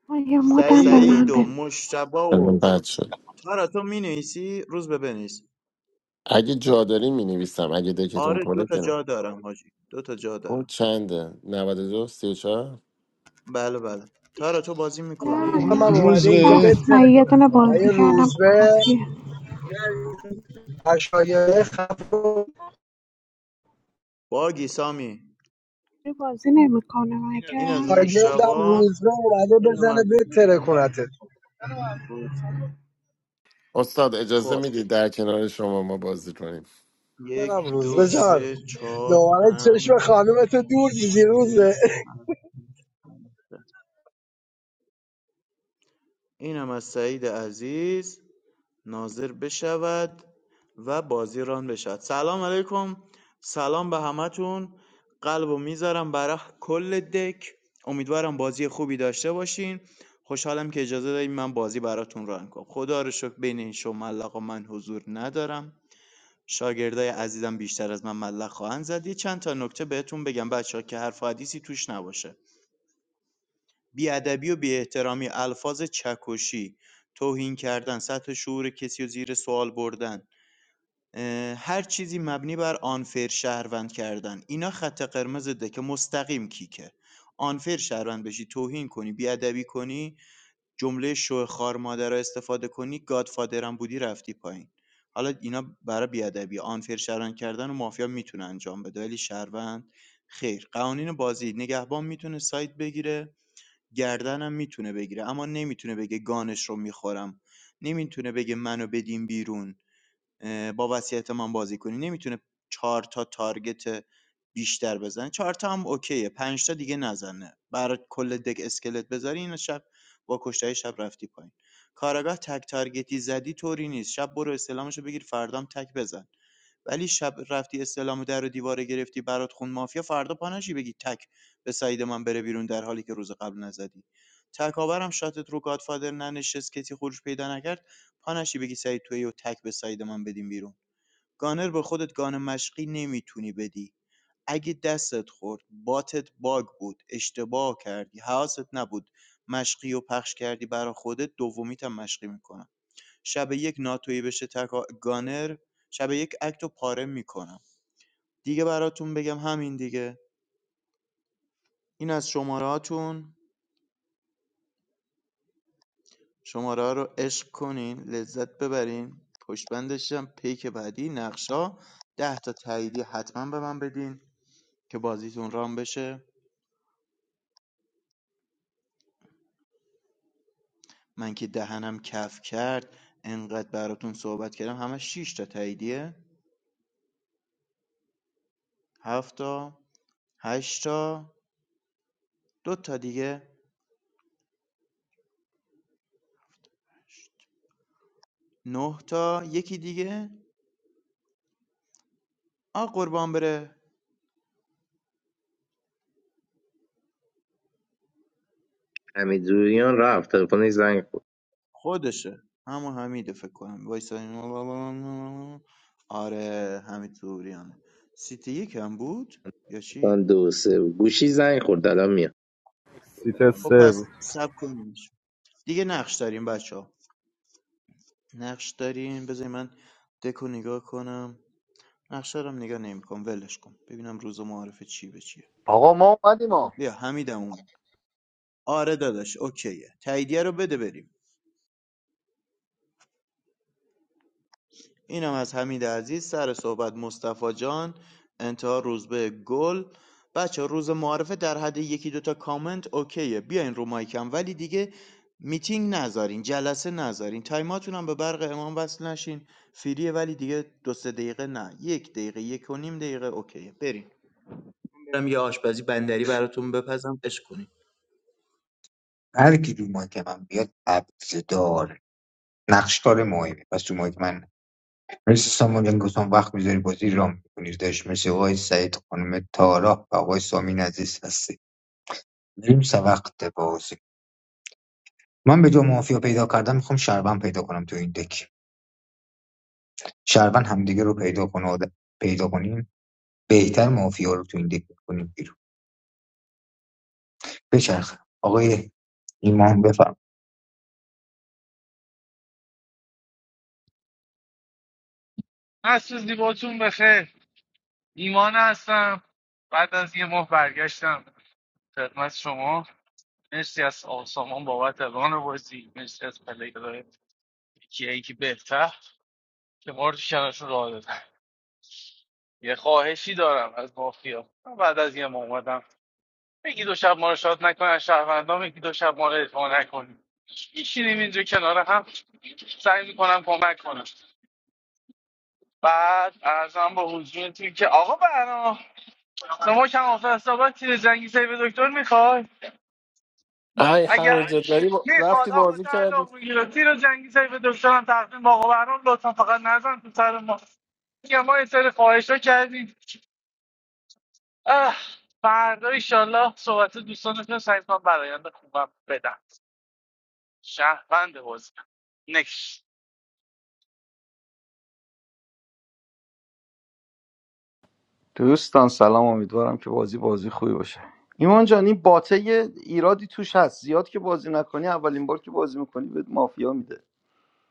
Speaker 10: آه، یه مدم به
Speaker 6: سعید
Speaker 10: من
Speaker 6: و
Speaker 10: بده
Speaker 6: مشتبا
Speaker 13: الان
Speaker 6: و
Speaker 13: بد شد
Speaker 6: تارا تو می روز به بنویس
Speaker 13: اگه جا داری می نویسم اگه دکتون
Speaker 6: آره دو
Speaker 13: پره
Speaker 6: تا
Speaker 13: که نه
Speaker 6: جا دارم حاجی دو تا جا
Speaker 13: پر
Speaker 6: دارم
Speaker 13: چنده 92 34
Speaker 6: بله بله تارا تو بازی
Speaker 10: نه
Speaker 6: میکنی؟
Speaker 12: من
Speaker 10: نه
Speaker 12: اومده اینجا
Speaker 10: بس
Speaker 2: روزبه
Speaker 10: من
Speaker 12: بتره
Speaker 10: یه دونه
Speaker 12: کنم
Speaker 10: بازی
Speaker 12: یه
Speaker 10: کردم
Speaker 12: روزبه
Speaker 10: کافیه
Speaker 12: اشایه خفه
Speaker 6: باگی سامی
Speaker 10: بازی نمیکنه
Speaker 6: این
Speaker 10: مگه
Speaker 6: از
Speaker 12: شاگردم
Speaker 6: مشتبا
Speaker 12: روزبه اومده
Speaker 6: این هم
Speaker 12: بزنه
Speaker 6: از
Speaker 12: بتره کنتت
Speaker 6: روزبه.
Speaker 13: استاد اجازه
Speaker 6: خب
Speaker 13: میدید در کنار شما ما بازی کنیم
Speaker 6: یک
Speaker 12: برم
Speaker 6: دو
Speaker 12: روزبه جان
Speaker 6: سه چهار
Speaker 12: دوباره چشم
Speaker 6: پنج
Speaker 12: خانومتو دور دیدی
Speaker 6: شیش هفت،
Speaker 12: روزه (laughs)
Speaker 6: هشت، نود. این هم از سعید عزیز ناظر بشود و بازیران ران بشود سلام علیکم سلام به همتون قلبو میذارم برای کل دک امیدوارم بازی خوبی داشته باشین خوشحالم که اجازه دادیم من بازی براتون ران کنم خدا رو شکر بین این شما ملقا من حضور ندارم شاگردای عزیزم بیشتر از من ملق خواهند زد یه چند تا نکته بهتون بگم بچه که حرف و حدیثی توش نباشه بیادبی و بیاحترامی الفاظ چکشی توهین کردن سطح شعور کسی و زیر سوال بردن اه، هر چیزی مبنی بر unfair شهروند کردن اینا خط قرمزته که مستقیم کیکه unfair شهروند بشی توهین کنی بیادبی کنی جمله شو خار مادر رو استفاده کنی گادفادرم بودی رفتی پایین حالا اینا برای بیادبی unfair شهروند کردن و مافیا میتونه انجام بده ولی شهروند خیر قوانین بازی نگهبان میتونه سایت بگیره گردنم میتونه بگیره اما نمیتونه بگه گانش رو میخورم نمیتونه بگه منو بدین بیرون اه، با وصیت من بازی کنی نمیتونه چهار تا تارگت بیشتر بزنه چهار تا هم اوکیه پنج تا دیگه نزنه برای کل دک اسکلت بذاری این شب با کشتای شب رفتی پایین کاراگاه تک تارگتی زدی طوری نیست شب برو استلامشو بگیر فردام تک بزن ولی شب رفتی استعلام در و دیواره گرفتی برات خون مافیا فردا پا نشی بگی تک به سعید من بره بیرون در حالی که روز قبل نزدی تکاورم شاتت رو گادفادر ننشست کتی خروج پیدا نکرد پا نشی بگی سعید توی و تک به سعید من بدیم بیرون گانر به خودت گان مشقی نمیتونی بدی اگه دستت خورد باتت باگ بود اشتباه کردی حواست نبود مشقی و پخش کردی برا خودت دومیت هم مشقی میکنم شب یک ناتویی بشه تکا... گانر شب یک اکتو پاره میکنم دیگه براتون بگم همین دیگه این از شماره‌هاتون شماره‌ها رو عشق کنین لذت ببرین پشت بندش هم پیک بعدی نقشا ده تا تاییدی حتما به من بدین که بازیتون رام بشه من که دهنم کف کرد انقدر براتون صحبت کردم همه شش تا تاییدیه 7 تا 8 تا دو تا دیگه 9 تا یکی دیگه آ قربان بره خودشه همون حمیده فکر کنم وایسا این- آره حمید توریانه سیتی یک هم بود یا چی
Speaker 7: سیت
Speaker 6: خب
Speaker 7: سه
Speaker 6: پس
Speaker 7: بود
Speaker 6: سب کنیمش دیگه نقش داریم بچه ها نقش داریم بذاری من دکو نگاه کنم نقشه رو هم نگاه نمیکنم ولش کن ببینم روز معارفه چی به چیه
Speaker 4: آقا ما اومدیم ما
Speaker 6: بیا حمیدم اومد آره داداش اوکیه تاییدیه رو بده بریم اینم از حمید عزیز سر صحبت مصطفی جان انتها روزبه گل بچه روز معارفه در حد یکی دوتا کامنت اوکیه بیاین رو مایکم ولی دیگه میتینگ نذارین جلسه نذارین تایماتون هم به برق امام وصل نشین فریه ولی دیگه دو سه دقیقه نه یک دقیقه یک و نیم دقیقه اوکیه بریم برم یه آشپزی بندری براتون بپزم اش کنین
Speaker 3: هر کی رو مایک من بیاد ابزدار نقشکار مهمی پس تو مایک من مرسی سامان جان گفتم وقت میذاری بازی را میکنی داشت مثل آقای سعید خانم تارا و آقای سامین عزیز هستی بریم سر وقت بازی من به جا مافیا پیدا کردم میخوام شربن پیدا کنم تو این دک شربن همدیگه رو پیدا کنه آد- پیدا کنیم بهتر مافیا رو تو این دک کنیم بیرون بچرخ آقای ایمان بفرم
Speaker 14: ای همینجا داری با... رفتی بازی کردی
Speaker 4: دوستان سلام امیدوارم که بازی بازی خوبی باشه ایمان جان این باته یه ایرادی توش هست زیاد که بازی نکنی اولین بار که بازی میکنی بهت مافیا میده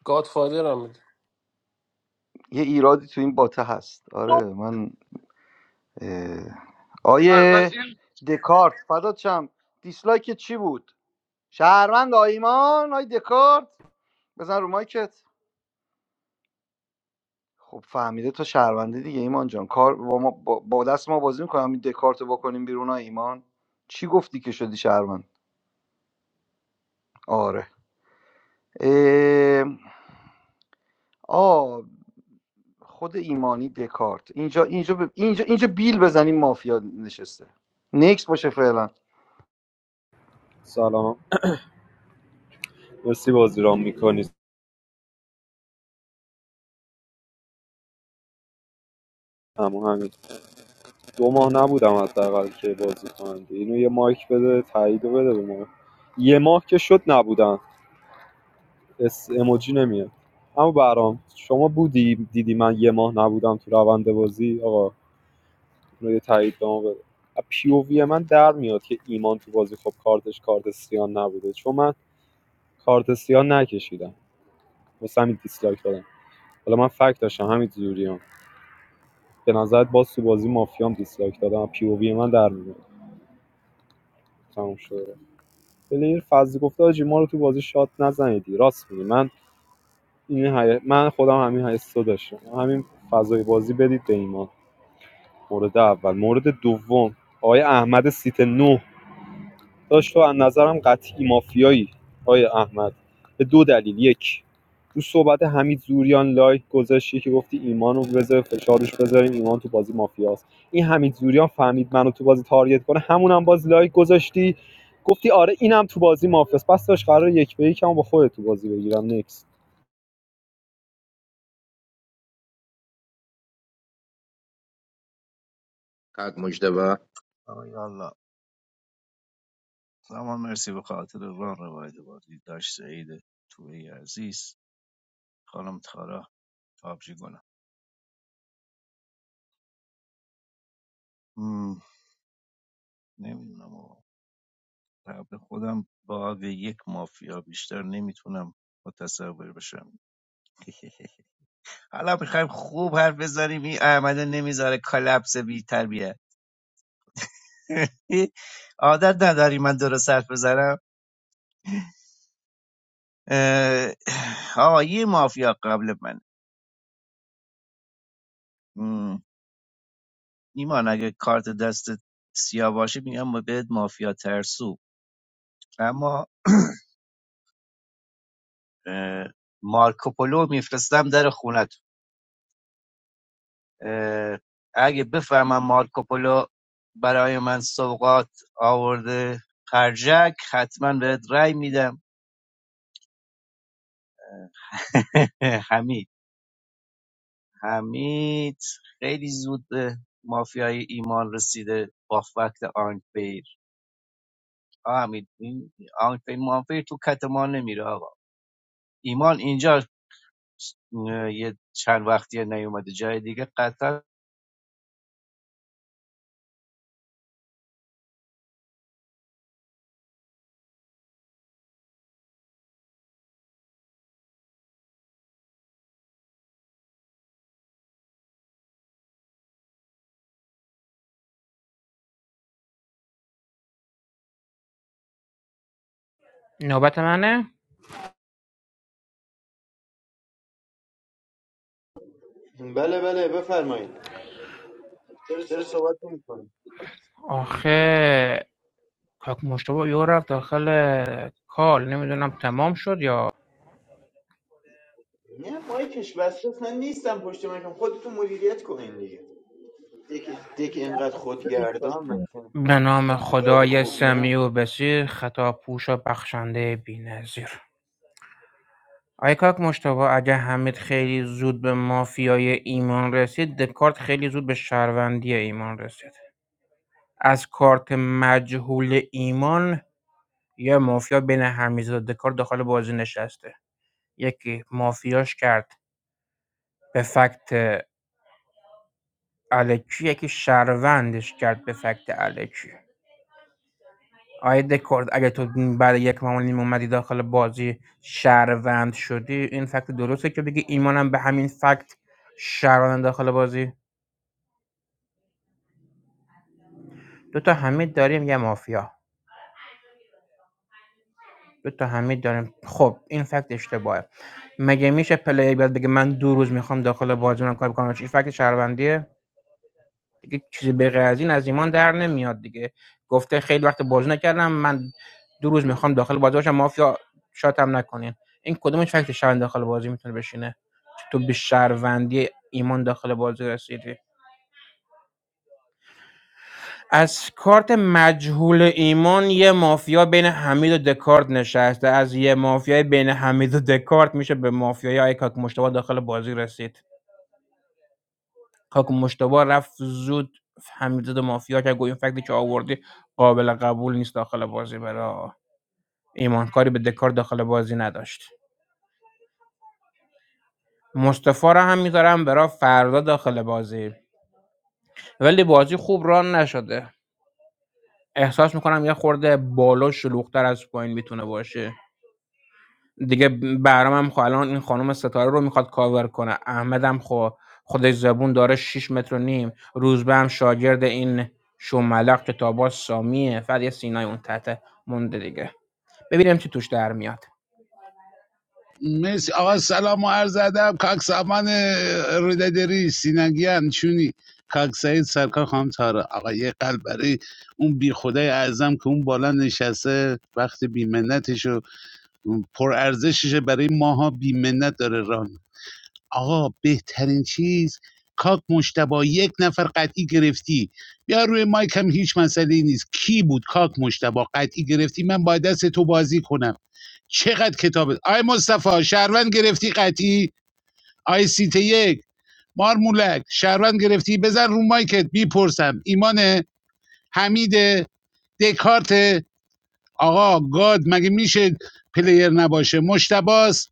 Speaker 14: گادفادر هم میده
Speaker 4: یه ایرادی تو این باته هست آره من اه، آیه دکارت فدات شم دیسلایک چی بود شهروند آ ایمان آی دکارت بزن رو مایکت خب فهمیده تو شهرونده دیگه ایمان جان کار با, ما با با دست ما بازی میکنم این دکارت رو بکنیم بیرون آ ایمان چی گفتی که شدی شهروند آره اه، آ خود ایمانی دکارت اینجا اینجا ب- اینجا اینجا بیل بزنیم مافیا نشسته نکس باشه فعلا
Speaker 7: سلام مرسی بازی رام میکنی همون همین دو ماه نبودم حداقل که بازی کننده اینو یه مایک بده تایید رو بده به ما یه ماه که شد نبودم اس اموجی نمیاد اما برام شما بودی دیدی من یه ماه نبودم تو روند بازی آقا اونو یه تایید به ما بده پی او وی من در میاد که ایمان تو بازی خب کارتش کارت سیان نبوده چون من کارت سیان نکشیدم واسه همین دیسلایک دادم حالا من فکت داشتم همین زوریام به نظرت باز تو بازی مافیام دیسلایک دادم پی او وی من در میاد تموم شده پلیر فضلی گفته آجی ما رو تو بازی شات نزنیدی راست میگی من این حی... من خودم همین حسو داشتم همین فضای بازی بدید به ایمان مورد اول مورد دوم آقای احمد سیت نه داشت تو از نظرم قطعی مافیایی آقای احمد به دو دلیل یک تو صحبت حمید زوریان لایک گذاشتی که گفتی ایمان رو بذار فشارش بذاریم ایمان تو بازی مافیاست این حمید زوریان فهمید منو تو بازی تارگت کنه همونم باز لایک گذاشتی گفتی آره اینم تو بازی مافیاست پس داشت قرار یک به یکم با خودت تو بازی بگیرم نکست
Speaker 5: آقای الله سامان مرسی به خاطر ران روایت بازی داشت سعید توی عزیز خانم تارا آبجی گنم نمیدونم آقا قبل خودم با یک مافیا بیشتر نمیتونم متصور بشم حالا میخوایم خوب حرف بزنیم این احمده نمیذاره کلپس بی تربیه (laughs) عادت نداری من درست حرف بزنم اه، آقا یه مافیا قبل من ایمان اگه کارت دستت سیاه باشه میگم بهت مافیا ترسو اما (clears throat) اه، مارکوپولو میفرستم در خونت اه، اگه بفهمم مارکوپولو برای من سوقات آورده خرجک حتما بهت رأی میدم (laughs) حمید حمید خیلی زود به مافیای ایمان رسیده با فکت آنفیر آه، حمید این آنفیر مانفیر تو کت ما نمیره آقا ایمان اینجا اه، یه چند وقتی نیومده جای دیگه قطعا
Speaker 9: نوبت منه
Speaker 6: بله بله بفرمایید چرا صحبت نمی‌کنید
Speaker 9: آخه کاک مشتبه یو رفت داخل کال نمیدونم تمام شد یا
Speaker 6: نه مایکش بسته نیستم پشت مایکم خودتون مدیریت کنین دیگه دیک اینقدر خودگردان من که
Speaker 9: به نام
Speaker 6: گاد
Speaker 9: خدای
Speaker 6: خوبیم
Speaker 9: سمیع و بسیر خطا پوش و بخشنده بی ایکاک مشتبه اگه حمید خیلی زود به مافیای ایمان رسید دکارت خیلی زود به شهروندی ایمان رسید از کارت مجهول ایمان یه مافیا بین حمیدرضا و دکارت داخل بازی نشسته یکی مافیاش کرد به فکت الکی یکی شهروندش کرد به فکت الکی آیا دکارت اگه تو بعد یک معمول نیم اومدی داخل بازی شهروند شدی این فکت درسته که بگی ایمانم به همین فکت شهروند داخل بازی دو تا حمید داریم یه مافیا دو تا حمید داریم خب این فکت اشتباهه مگه میشه پلیر بیاد بگه من دو روز میخوام داخل بازی من کار بکنم چی فکت شهروندیه دیگه چیزی به غیر از این از ایمان در نمیاد دیگه گفته خیلی وقت بازی نکردم من دو روز میخوام داخل بازی باشم مافیا شاتم نکنین این کدومش فکت شهروند داخل بازی میتونه بشینه تو به شهروندی ایمان داخل بازی رسیدی از کارت مجهول ایمان یه مافیا بین حمید و دکارت نشسته از یه مافیای بین حمید و دکارت میشه به مافیای آقای کاک مشتبا داخل بازی رسید کاک مشتبا رفت زود حمید و مافیا که گویا این فکتی که آوردی قابل قبول نیست داخل بازی برای ایمان کاری به دکارت داخل بازی نداشت مصطفی رو هم میذارم برای فردا داخل بازی ولی بازی خوب ران نشده احساس میکنم یه خورده بالا شلوغتر از پایین میتونه باشه دیگه ب بهرام هم خب الان این خانم ستاره رو میخواد کاور کنه احمد هم خب خودش زبون داره شش متر و نیم روزبه هم شاگرد این شوملق که تاباس سامیه فقط یه سینای اون تحت مونده دیگه ببینیم چی توش در میاد
Speaker 2: مرسی آقا سلام و عرض ادب کاک سامان رودادری سینگیان چونی کاک سعید سرکار خانم تارا آقا یه قلب برای اون بی خدای اعظم که اون بالا نشسته وقت بی منتش پرارزششه برای ماها بیمنت داره ران آقا بهترین چیز کاک مشتبا یک نفر قطعی گرفتی بیا روی مایک هم هیچ مسئله نیست کی بود کاک مشتبا قطعی گرفتی من با دست تو بازی کنم چقدر کتابت آی مصطفی شهروند گرفتی قطعی آی سیت یک مارمولک شهروند گرفتی بزن رو مایکت میپرسم ایمان حمید دکارت آقا گاد مگه میشه پلیر نباشه مشتباست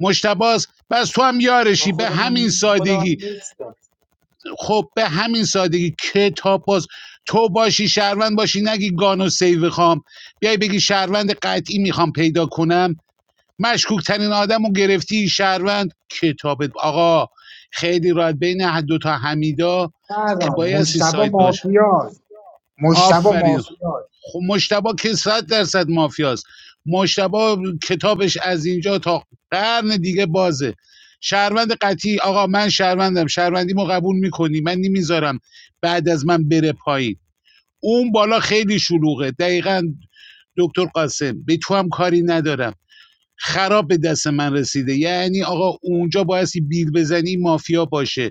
Speaker 2: مشتباز بس تو هم
Speaker 6: من
Speaker 2: یارشی به
Speaker 6: خودم هم,
Speaker 2: همین
Speaker 6: نی- خودم هم
Speaker 2: سادگی
Speaker 6: نیستم
Speaker 2: خب به همین سادگی کتاب باز تو باشی شهروند باشی نگی گانو سیو خام بیای بگی شهروند قطعی میخوام پیدا کنم مشکوک ترین آدم و گرفتی شهروند کتاب آقا خیلی راحت بین دو تا حمیدا که
Speaker 3: سلام،
Speaker 2: بایستی
Speaker 3: مشتبه
Speaker 2: سایت باش
Speaker 3: مافیاست مشتبه
Speaker 2: آفرین
Speaker 3: مافیاست
Speaker 2: خب مشتبا که صد درصد مافیاست مشتبا کتابش از اینجا تا قرن دیگه بازه شهروند قطعی آقا من شهروندم شهروندیمو قبول میکنی من نمیذارم بعد از من بره پایین اون بالا خیلی شلوغه دقیقاً دکتر قاسم به تو هم کاری ندارم خراب به دست من رسیده یعنی آقا اونجا بایستی بیل بزنی مافیا باشه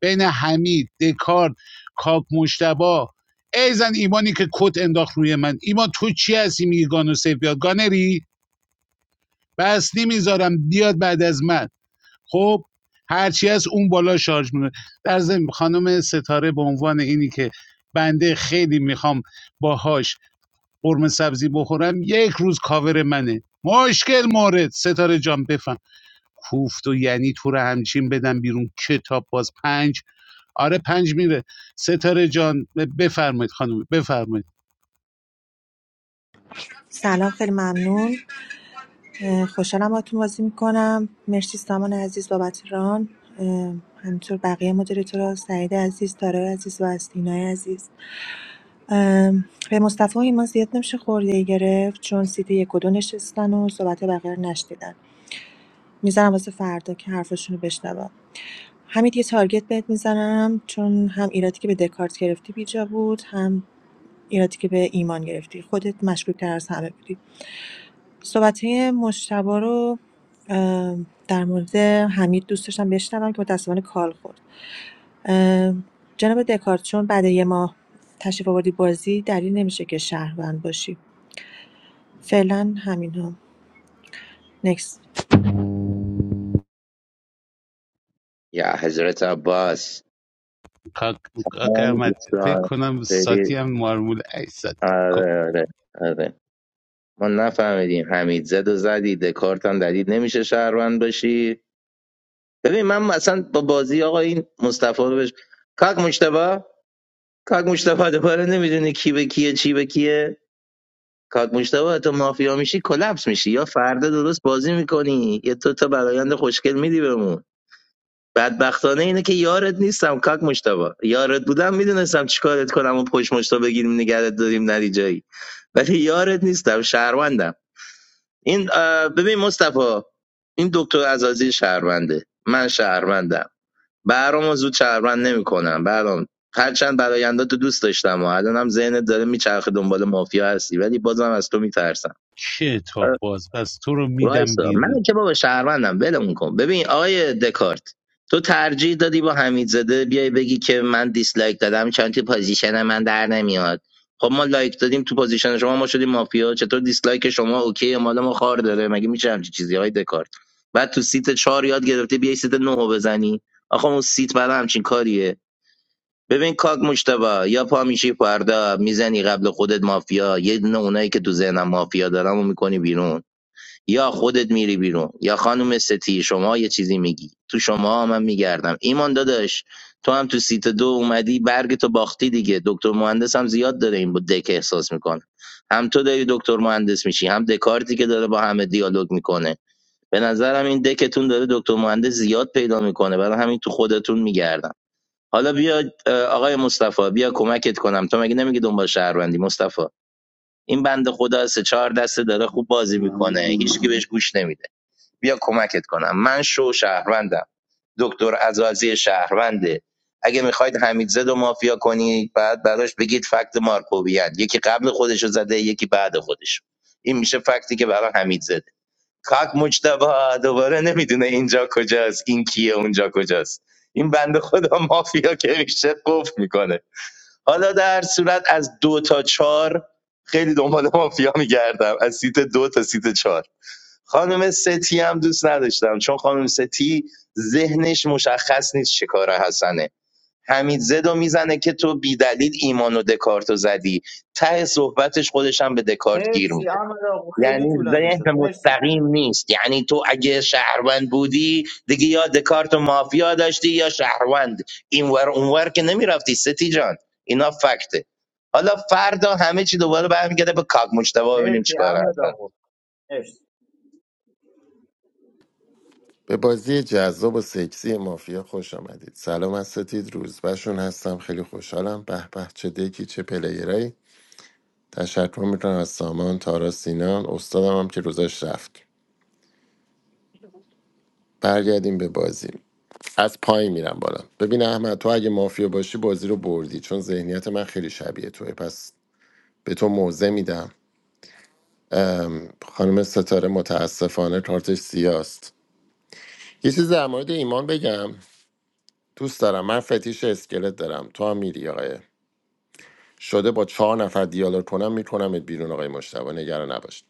Speaker 2: بین حمید دکارت کاک مشتبا ای زن ایمانی که کت انداخت روی من ایمان تو چی هستی میگی گانو سیف بیاد گانری بس نمیذارم بیاد بعد از من خب هرچی از اون بالا شارژ میکنه در ضمن خانم ستاره به عنوان اینی که بنده خیلی میخوام باهاش قرمه سبزی بخورم یک روز کاور منه مشکل مورد ستاره جان بفهم کوفت و یعنی تو رو همچین بدم بیرون کتاب باز پنج آره پنج میره ستاره جان بفرمایید خانم بفرمایید
Speaker 11: سلام خیلی ممنون اه، خوشحالم باهاتون بازی میکنم مرسی سامان عزیز بابت ران اه، همینطور بقیه مدیریتورا سعید عزیز تارای عزیز و استینای عزیز اه، به مصطفی و ایمان زیاد نمیشه خورده گرفت چون سیت یک و دو نشستن و صحبت بقیه رو نشنیدن میذارم واسه فردا که حرفاشونو بشنوم حمید یه تارگت بهت می‌زنم چون هم ایرادی که به دکارت گرفتی بیجا بود هم ایرادی که به ایمان گرفتی خودت مشکوک‌تر از همه بودی صحبت‌های مشتبا رو ام، در مورد حمید دوست داشتم بشنوم که متأسفانه کال خورد ام، جناب دکارت چون بعد یه ماه تشریف آوردی بازی دلیل نمیشه که شهروند باشی فعلا همین ها
Speaker 2: کاک کاک احمد، فکر کنم ساتی هم مارمول ای ساتی کو- کتاب باز پس تو رو میدم بیرون
Speaker 6: مرسی احمد آقا خیلی طولانی شد مرسی مرسی احمد آقا مرسی
Speaker 13: به بازی جذاب و سکسی مافیا خوش آمدید سلام از ستید روزبشون هستم خیلی خوشحالم به به چه دکی چه پلیرایی تشکر میکنم از سامان تارا سینان استادم هم که روزش رفت برگردیم به بازی از پای میرم بالا ببین احمد تو اگه مافیا باشی بازی رو بردی چون ذهنیت من خیلی شبیه توه پس به تو موزه میدم خانم ستاره متاسفانه کارتش سیاست یه چیز در مورد ایمان بگم دوست دارم من فتیش اسکلت دارم تو هم میری آقای شده با چهار نفر دیالوگ کنم میکنمت بیرون آقای مشتبه نگران نباش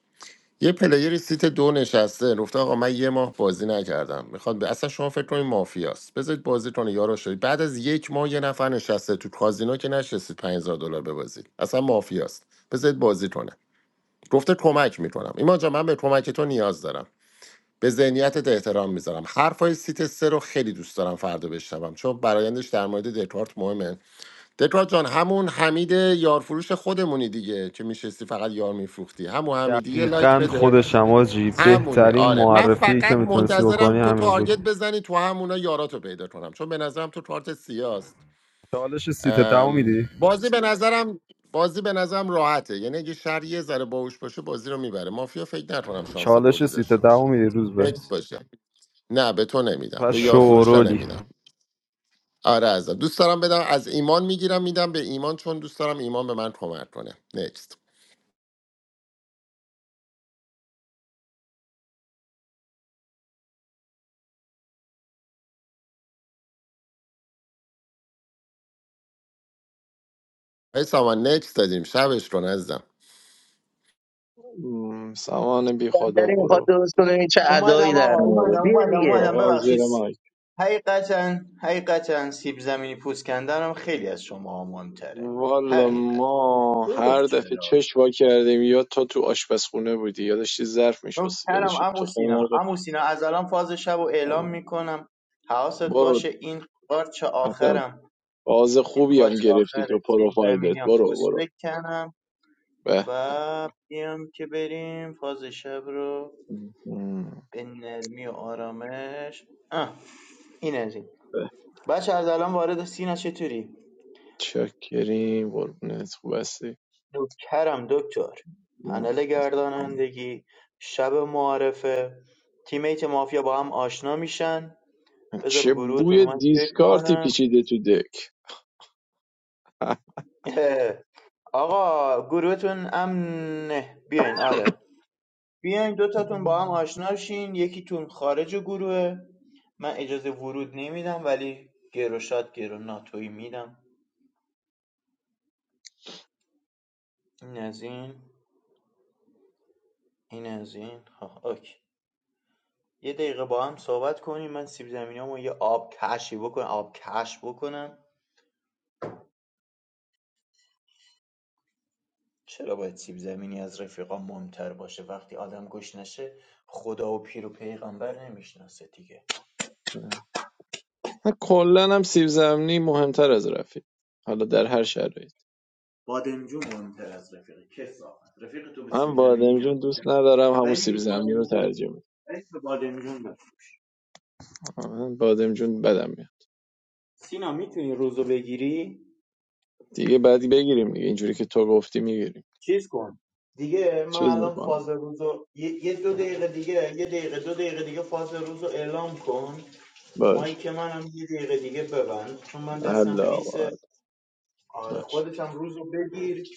Speaker 13: یه پلیری سیت دو نشسته گفته آقا من یه ماه بازی نکردم میخواد به اصلا شما فکر کنید مافیاست بذارید بازی کنه یارو شدید بعد از یک ماه یه نفر نشسته تو کازینو که نشستید 5000 دلار ببازید اصلا مافیاست بذارید بازی کنه گفته کمک میکنم ایمان جان من به کمک تو نیاز دارم به ذهنیتت احترام میذارم حرفای سیت سه رو خیلی دوست دارم فردا بشنوم چون برایندش در مورد دکارت مهمه دکارت جان همون حمید یارفروش خودمونی دیگه که میشستی فقط یار میفروختی همون حمیدیه لایک
Speaker 7: دقیقا
Speaker 13: بده
Speaker 7: خود شماجی
Speaker 13: همونی
Speaker 7: بهترین
Speaker 13: آره من
Speaker 7: معرفی که
Speaker 13: فقط
Speaker 7: میتونستی
Speaker 13: منتظرم
Speaker 7: بکنی
Speaker 13: تو
Speaker 7: همین بود
Speaker 13: تارگت بزنی تو همونا یاراتو پیدا کنم چون به نظرم تو کارت سیاست
Speaker 7: چالش سیت دو
Speaker 13: ام،
Speaker 7: میدی
Speaker 13: بازی به نظرم بازی به نظرم راحته یعنی اگه شهر یه ذره باهوش باشه بازی رو میبره مافیا فکر نکنم شانس
Speaker 7: چالش
Speaker 13: بردی
Speaker 7: سیت
Speaker 13: داشته باشه
Speaker 7: دو میدی روز به
Speaker 13: نکس باشه نه به تو نمیدم
Speaker 7: و
Speaker 13: به یار فروشا
Speaker 7: شورولی
Speaker 13: نمیدم آره ازم دوست دارم بدم از ایمان میگیرم میدم به ایمان چون دوست دارم ایمان به من کمک کنه نکست ای سامان نکست دادیم شبش کن عزیزم
Speaker 15: م، سامان بی خدا برو
Speaker 6: اومدم آقا اومدم اومدم اومدم
Speaker 15: آقا
Speaker 6: ببخشید
Speaker 15: زیر مایک
Speaker 6: حقیقتا حقیقتا سیب زمینی پوست کندنم خیلی از شما مهمتره
Speaker 15: والا
Speaker 6: حقیقت
Speaker 15: ما هر
Speaker 6: دروغ
Speaker 15: دفعه
Speaker 6: چرا
Speaker 15: چش وا کردیم یا تا تو آشپزخونه بودی یا داشتی ظرف میشستی یا
Speaker 6: نوکرم
Speaker 15: داشتی
Speaker 6: عمو
Speaker 15: تخم
Speaker 6: سینا
Speaker 15: مرغ
Speaker 6: عمو سینا از الان فاز شب رو اعلام
Speaker 15: می‌کردی.
Speaker 6: میکنم حواست
Speaker 15: برو
Speaker 6: باشه این قارچ
Speaker 15: اصلا
Speaker 6: آخرم
Speaker 15: باز
Speaker 6: این
Speaker 15: خوبی
Speaker 6: قاچ
Speaker 15: هم گرفتی تو
Speaker 6: آخر سیب
Speaker 15: پروفایلت
Speaker 6: زمینی هم
Speaker 15: برو
Speaker 6: پوست
Speaker 15: برو
Speaker 6: بکنم
Speaker 15: به به
Speaker 6: و بیام که بریم فاز شب رو
Speaker 15: م،
Speaker 6: به نرمی و آرامش آه این از این
Speaker 15: به
Speaker 6: بچه از الان وارد سین از چطوری؟
Speaker 15: چاکریم قربونت خوب هستی
Speaker 6: نوکرم دکتر
Speaker 15: ما
Speaker 6: پنل
Speaker 15: خدا
Speaker 6: گردانندگی شب معارفه تیمیت مافیا با هم آشنا میشن بذار به
Speaker 15: چه
Speaker 6: گروهتون
Speaker 15: بوی
Speaker 6: من فکر
Speaker 15: دیسکارتی
Speaker 6: کنم
Speaker 15: پیچیده تو دک
Speaker 6: (laughs) آقا گروهتون امنه بیاین آره بیاین دوتاتون با
Speaker 15: (laughs)
Speaker 6: هم آشنا شین یکیتون خارج گروهه من اجازه ورود نمیدم ولی گروشات گرو ناتوی میدم این از این این از این ها اوکی یه دقیقه با هم صحبت کنیم من سیب زمینیامو یه آب کشی بکنم آب کش بکنم چرا باید سیب زمینی از رفیقا مهمتر باشه وقتی آدم گوش نشه خدا و پیر و پیغمبر نمیشناسه دیگه
Speaker 15: من کلا هم سیب زمینی مهمتر از رفیق حالا در هر شرایط
Speaker 6: بادمجون مهمتر از رفیق کسافت رفیق تو به
Speaker 15: من
Speaker 6: سیب زمینی نه
Speaker 15: بادمجون دوست ندارم همون
Speaker 6: ولی به
Speaker 15: سیب زمینی رو
Speaker 6: بادمجون
Speaker 15: ترجیح میدم
Speaker 6: عشق به بادمجون بفروش
Speaker 15: من بادمجون بدم میاد
Speaker 6: سینا میتونی روزو بگیری
Speaker 15: دیگه بعدی بگیریم دیگه اینجوری که تو گفتی میگیریم
Speaker 6: چیز کن دیگه من
Speaker 15: چیز
Speaker 6: الان فاز
Speaker 15: میکنم
Speaker 6: روزو یه, یه دو دقیقه دیگه یه دقیقه دو دقیقه دیگه فاز روزو اعلام کن
Speaker 15: باش
Speaker 6: مایک منم یه دقیقه دیگه ببند چون من دستم
Speaker 15: الله آقا
Speaker 6: خیسه آره
Speaker 15: باش
Speaker 6: خودت هم روزو بگیر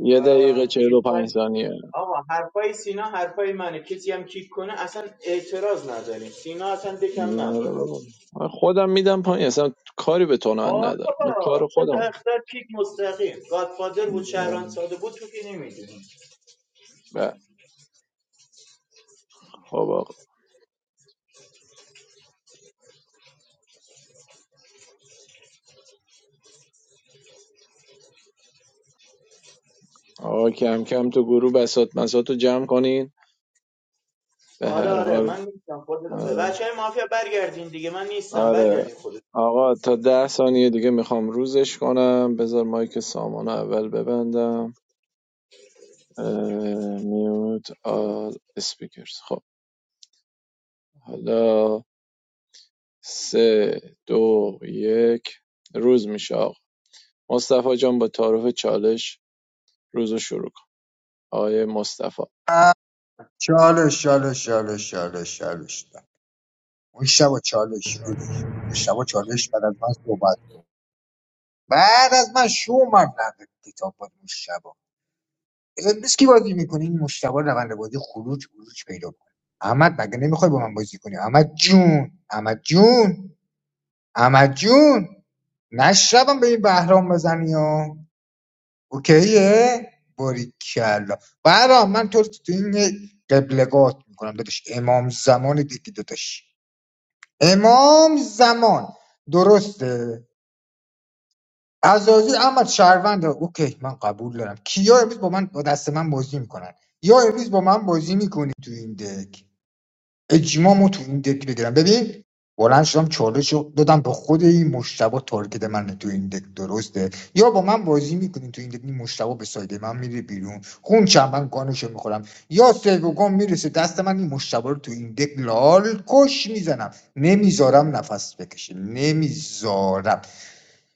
Speaker 15: یه
Speaker 6: و
Speaker 15: دقیقه چهل
Speaker 6: دیگه
Speaker 15: و پنج
Speaker 6: تایم
Speaker 15: ثانیه
Speaker 6: آقا حرفای سینا حرفای منه کسی هم کیک کنه اصلا اعتراض نداریم سینا اصلا دکم
Speaker 15: آره
Speaker 6: نداره
Speaker 15: بابا. من خودم میدم پایین اصلا کاری به تو من
Speaker 6: آره
Speaker 15: ندارم من
Speaker 6: بابا
Speaker 15: کار
Speaker 6: سه تا
Speaker 15: خودم
Speaker 6: اختر پیک مستقیم گادفادر بود شهران ساده بود تو که نمیدونی
Speaker 15: بله خب آقا آقا کم کم تو گروه بسات مسات رو جمع کنین به
Speaker 6: آره
Speaker 15: هر
Speaker 6: آره
Speaker 15: حال
Speaker 6: من نیستم خود
Speaker 15: آره
Speaker 6: بچه های مافیا برگردین دیگه من نیستم
Speaker 15: آره
Speaker 6: برگردین خودت
Speaker 15: آقا تا ده ثانیه دیگه میخوام روزش کنم بذار مایک سامانه اول ببندم اه، میوت آل اسپیکرز خب حالا سه دو یک روز میشه آقا مصطفی جان با تعارف چالش روز رو شروع کن آقای مصطفی
Speaker 3: چالش چالش چالش چالش چالش مشتبه چالش بگیر مشتبه چالش بعد از من صحبت بعد از من شو من نقل کتاب باید مشتبه امروز کی بازی میکنی این مشتبه روند بازی خروج خروج پیدا کنه احمد مگه نمیخوای با من بازی کنی احمد جون احمد جون احمد جون نشربم به این بهرام بزنی ها اوکیه باریکلا بهرام من تو رو تو این قبلگات میکنم داداش امام زمان دیگه داداش امام زمان درسته عزازی احمد شهروند اوکی من قبول دارم کیا امروز با من با دست من بازی میکنن یا امروز با من بازی میکنی تو این دک اجماعمو تو این دک بگیرم ببین بلند شدم چالش رو دادم به خود این مشتبه تارگت من تو این دک درسته یا با من بازی میکنین تو این دک این مشتبه به سایده من میره بیرون خون چند من گانشو میخورم یا سیو گان میرسه دست من این مشتبه رو تو این دک لال کش میزنم نمیذارم نفس بکشه نمیذارم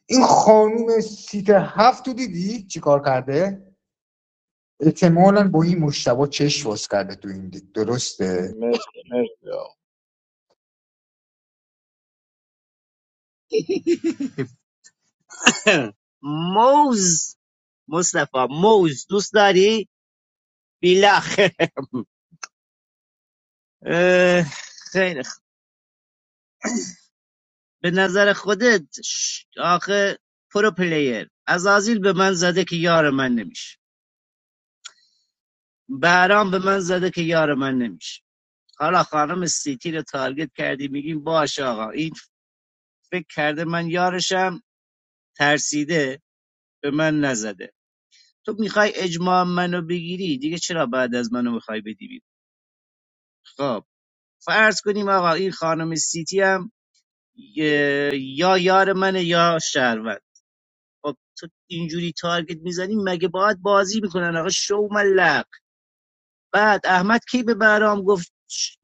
Speaker 3: این خانوم سیت هفت تو دیدی چیکار کرده احتمالا با این مشتبه چشم باز کرده تو این دک درسته
Speaker 15: مرسی مرسی آقا
Speaker 5: (clears throat) موز مصطفی موز دوست داری بیلخ (laughs) اه، خیلی به نظر خودت ش- آخه پرو پلیر عزازیل به من زده که یار من نمیشه بهرام به من زده که یار من نمیشه حالا خانم سیتی رو تارگت کردی میگیم باش آقا این فکر کرده من یارشم ترسیده به من نزده تو میخوای اجماع منو بگیری دیگه چرا بعد از منو میخوای بدی بیرون؟ خب فرض کنیم آقا این خانم سیتی هم اه، یا یار منه یا شهروند خب تو اینجوری تارگت میزنی مگه باید بازی میکنن آقا شو ملق بعد احمد کی به برام گفت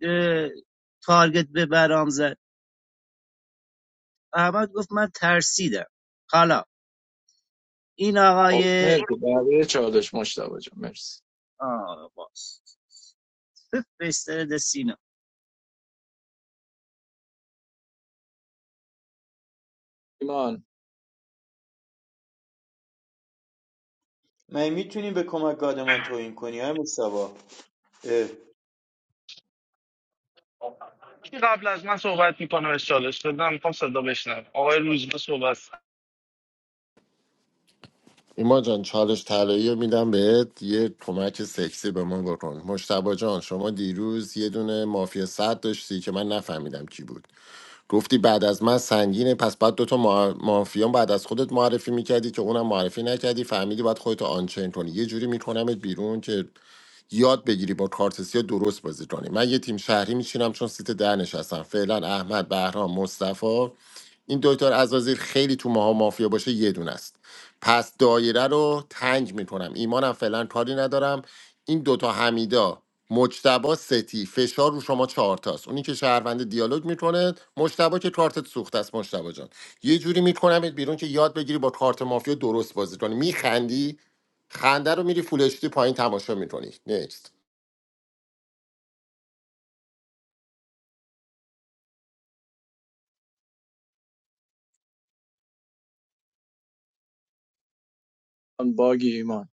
Speaker 5: اه، تارگت به برام زد احمد گفت من ترسیدم حالا این
Speaker 15: خب
Speaker 5: آقای
Speaker 15: مرسی بقیه چالش مصطفی جان مرسی
Speaker 5: آه باست بفرستد سینا
Speaker 15: ایمان
Speaker 6: من میتونی به کمک گاد من توهین کنی های مصطفا اه،
Speaker 13: ایمان جان چالش طلایی رو میدم بهت یه کمک سکسی به ما بکن مشتبا جان شما دیروز یه دونه مافیا صد داشتی که من نفهمیدم کی بود گفتی بعد از من سنگینه پس بعد دوتا ما- مافیان بعد از خودت معرفی میکردی که اونم معرفی نکردی فهمیدی باید خودتو آنچین کنی یه جوری میکنمت بیرون که یاد بگیری با کارت سیاه درست بازی کنی من یه تیم شهری میشینم چون سیت ده نشستم فعلا احمد بهرام مصطفی این دکتر عزازیل خیلی تو ماها مافیا باشه یه دونه است پس دایره رو تنگ میکنم ایمانم فعلا کاری ندارم این دوتا حمیدا مجتبا ستی فشار رو شما چهارتاست اونی که شهروند دیالوگ میکنه مجتبا که کارتت سوخته است مجتبا جان یه جوری میکنمت بیرون که یاد بگیری با کارت مافیا درست بازی کنی میخندی خنده رو میری فول اچ دی پایین تماشا میکنی نیکست
Speaker 15: آن باگی ایمان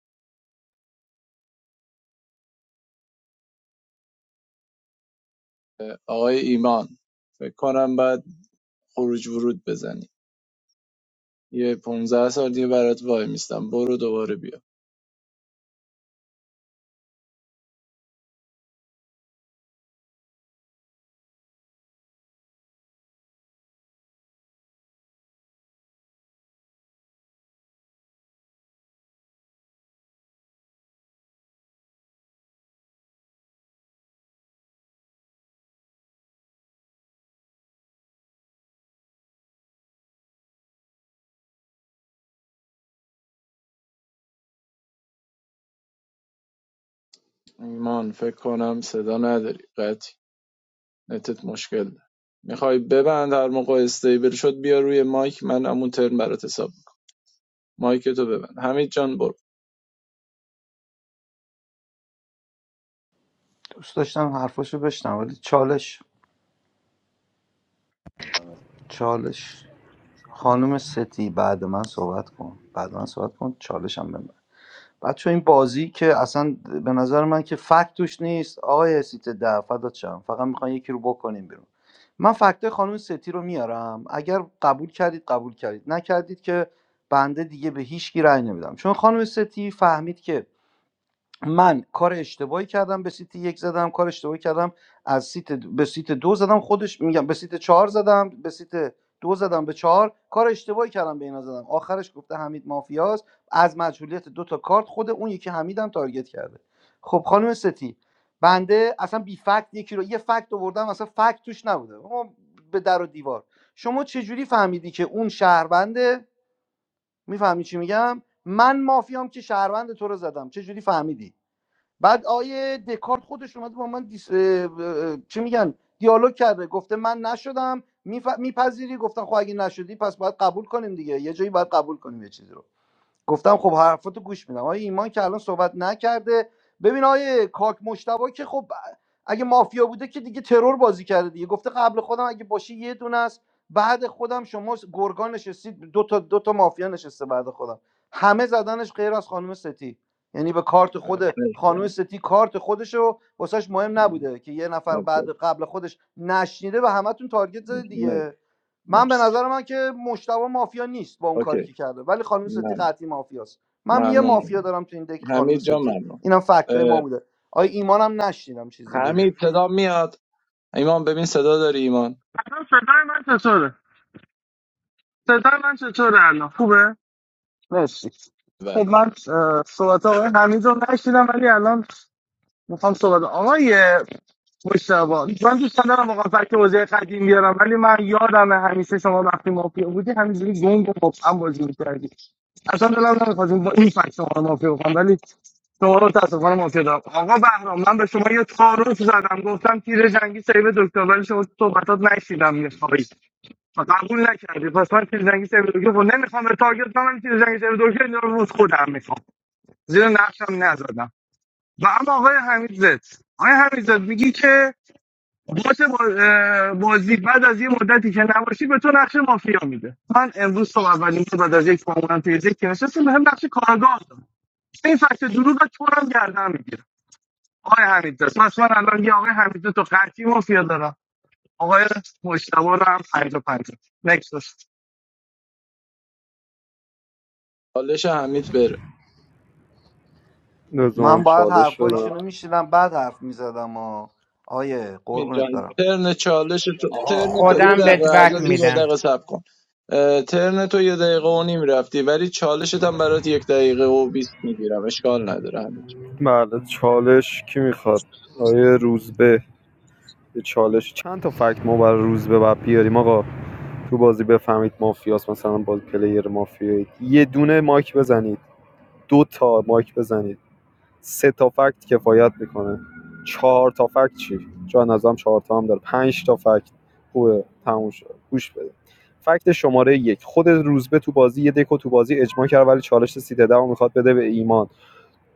Speaker 15: اه، آقای ایمان فکر کنم بعد خروج ورود بزنی یه پونزده سال دیگه برات وای میستم برو دوباره بیا ایمان فکر کنم صدا نداری قطعی نتت مشکل داره میخوای ببند هر موقع استیبل شد بیا روی مایک من همون ترم برات حساب مایک تو ببند حمید جان برو
Speaker 4: دوست داشتم حرفاشو بشنم ولی چالش چالش خانم ستی بعد من صحبت کن بعد من صحبت کن چالشم بهم بده. بچه این بازی که اصلا به نظر من که فکت توش نیست آقای سیت ده فدات شم فقط میخوان یکی رو بکنیم بیرون من فکت خانم ستی رو میارم اگر قبول کردید قبول کردید نکردید که بنده دیگه به هیچ کی رأی نمیدم چون خانم ستی فهمید که من کار اشتباهی کردم به سیت یک زدم کار اشتباهی کردم از سیت د- به سیت دو زدم خودش میگم به سیت چهار زدم به سیت دو زدم به چهار کار اشتباهی کردم به اینا زدم آخرش گفته حمید مافیاست از مجهولیت دو تا کارت خود اون یکی حمیدم تارگت کرده خب خانم ستی بنده اصلا بی فکت یکی رو یه فکت آوردم اصلا فکت توش نبوده ما به در و دیوار شما چه جوری فهمیدی که اون شهرونده میفهمی چی میگم من مافیام که شهروند تو رو زدم چه جوری فهمیدی بعد آیه دکارت خودش اومده با من دیس... چی میگن دیالوگ کرده گفته من نشدم میف... میپذیری گفتن خب اگه نشدی پس باید قبول کنیم دیگه یه جایی باید قبول کنیم یه چیزی رو گفتم خب حرفاتو گوش میدم آقای ایمان که الان صحبت نکرده ببین آقای کاک مشتبا که خب اگه مافیا بوده که دیگه ترور بازی کرده دیگه گفته قبل خودم اگه باشه یه دونه است بعد خودم شما گرگان نشستید دو تا دو تا مافیا نشسته بعد خودم همه زدنش غیر از خانم ستی یعنی به کارت
Speaker 15: اه،
Speaker 4: خود
Speaker 15: مرسی
Speaker 4: خانم ستی کارت خودش رو واسش مهم نبوده که یه نفر بعد
Speaker 15: متشکرم.
Speaker 4: قبل خودش نشنیده و همتون تارگت زدید
Speaker 15: مر-
Speaker 4: دیگه من به
Speaker 15: مرسی.
Speaker 4: نظر من که مشتبه مافیا نیست با اون
Speaker 15: اوکی
Speaker 4: کاری که کرده ولی خانم ستی قطعی مافیاست من یه
Speaker 15: ممنون
Speaker 4: مافیا
Speaker 15: ممنون.
Speaker 4: دارم تو این دک خانم
Speaker 15: حمید جان
Speaker 4: ستی
Speaker 15: ممنون
Speaker 4: اینم فکتای ما بوده آی ایمانم نشنیدم چیزی بگه
Speaker 15: حمید صدا میاد ایمان ببین صدا داری ایمان
Speaker 16: مرسی
Speaker 15: بله
Speaker 16: خب من اه، صحبت آقای حمید رو نشیدم ولی الان میخوام صحبت آقای مشتبا من دوست دارم واقعا فکر بازی قدیم بیارم ولی من یادم همیشه شما وقتی مافیا بودی همینجوری گنگ و مبهم بازی میکردی اصلا دلم نمیخواستیم با این فکر شما رو مافیا بکنم ولی شما رو متاسفانه مافیا دارم آقا بهرام من به شما یه تعارف زدم گفتم تیر جنگی سیب دکتر ولی شما صحبتات نشیدم میخوایی و قبول نکردی پس من تیر جنگی سیب دکتر خب نمیخوام به تارگت کنم تیر جنگی سیب دکتر رو خودم میخوام زیر نقشم نزدم و اما آقای حمیدزاد آقای حمیدزاد میگی که باز بازی بعد از یه مدتی که نباشی به تو نقش مافیا میده من امروز صبح اولین بار بعد از یک معمولم توی یک که نشستم به هم نقش کارگاه دادم این فکت دروغ تو رو هم گردن میگیرم آقای حمیدزاد پس من الان یه آقای حمیدزاد تو قطعی مافیا دارم آقای مشتبه رو هم پنج و
Speaker 15: حالش حمید بره
Speaker 7: لازم
Speaker 4: من باید
Speaker 7: چالش بدم
Speaker 4: حرفایشون رو میشنیدم بعد حرف میزدم آ آیه
Speaker 15: امین جان
Speaker 4: قربونت برم
Speaker 15: ترن چالش تو ترن
Speaker 6: آقا
Speaker 15: تو یه
Speaker 6: حمید
Speaker 9: خودم
Speaker 6: جان
Speaker 15: دقیقه
Speaker 9: بهت
Speaker 15: از
Speaker 9: بک
Speaker 15: از یه
Speaker 6: می‌نویسی.
Speaker 15: دقیقه
Speaker 9: میدم
Speaker 15: صبر کن اه، ترن تو یه دقیقه و نیم رفتی ولی چالشت هم برات یک دقیقه و بیست میگیرم اشکال نداره همین
Speaker 7: بله چالش کی میخواد آیه روزبه یه چالش چند تا فکت ما برای روزبه باید بیاریم آقا تو بازی بفهمید مافیاس مثلا باز پلیر مافیایی یه دونه مایک بزنید دو تا مایک بزنید سه تا فکت کفایت میکنه چهار تا فکت چی چون نظام چهار تا هم داره پنج تا فکت خوبه تموم شد گوش بده فکت شماره یک خود روزبه تو بازی یه دکو تو بازی اجماع کرد ولی چالش سیده ده میخواد بده به ایمان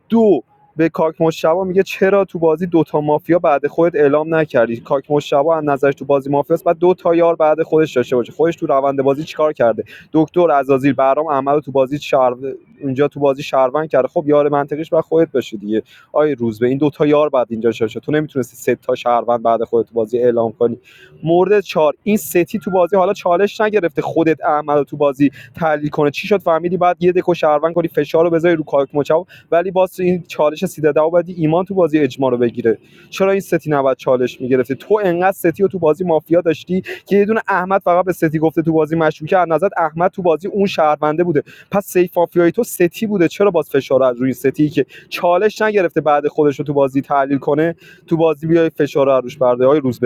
Speaker 7: دو به کاک مشتبا میگه چرا تو بازی دوتا مافیا بعد خودت اعلام نکردی کاک مشتبا از نظرش تو بازی مافیاست بعد دو تا یار بعد خودش داشته باشه خودش تو روند بازی چیکار کرده دکتر عزازیل برام عمل تو بازی شهر اونجا تو بازی شهروند کرده خب یار منطقیش بعد خودت باشی دیگه آی روز به این دوتا یار بعد اینجا داشته تو نمیتونستی سه تا شهروند بعد خودت تو بازی اعلام کنی مورد چهار این ستی تو بازی حالا چالش نگرفته خودت عمل تو بازی تحلیل کنه چی شد فهمیدی بعد یه دکو شهروند کنی فشار بذاری رو کاک مشتبه ولی باز تو این چالش سی داده ایمان تو بازی اجماع رو بگیره چرا این ستی نباید چالش میگرفتی تو انقدر ستی رو تو بازی مافیا داشتی که یه دونه احمد فقط به ستی گفته تو بازی مشکوکه از نظر احمد تو بازی اون شهرونده بوده پس سیف مافیای تو ستی بوده چرا باز فشار از روی ستی که چالش نگرفته بعد خودش رو تو بازی تحلیل کنه تو بازی بیای فشار رو روش برده های روزبه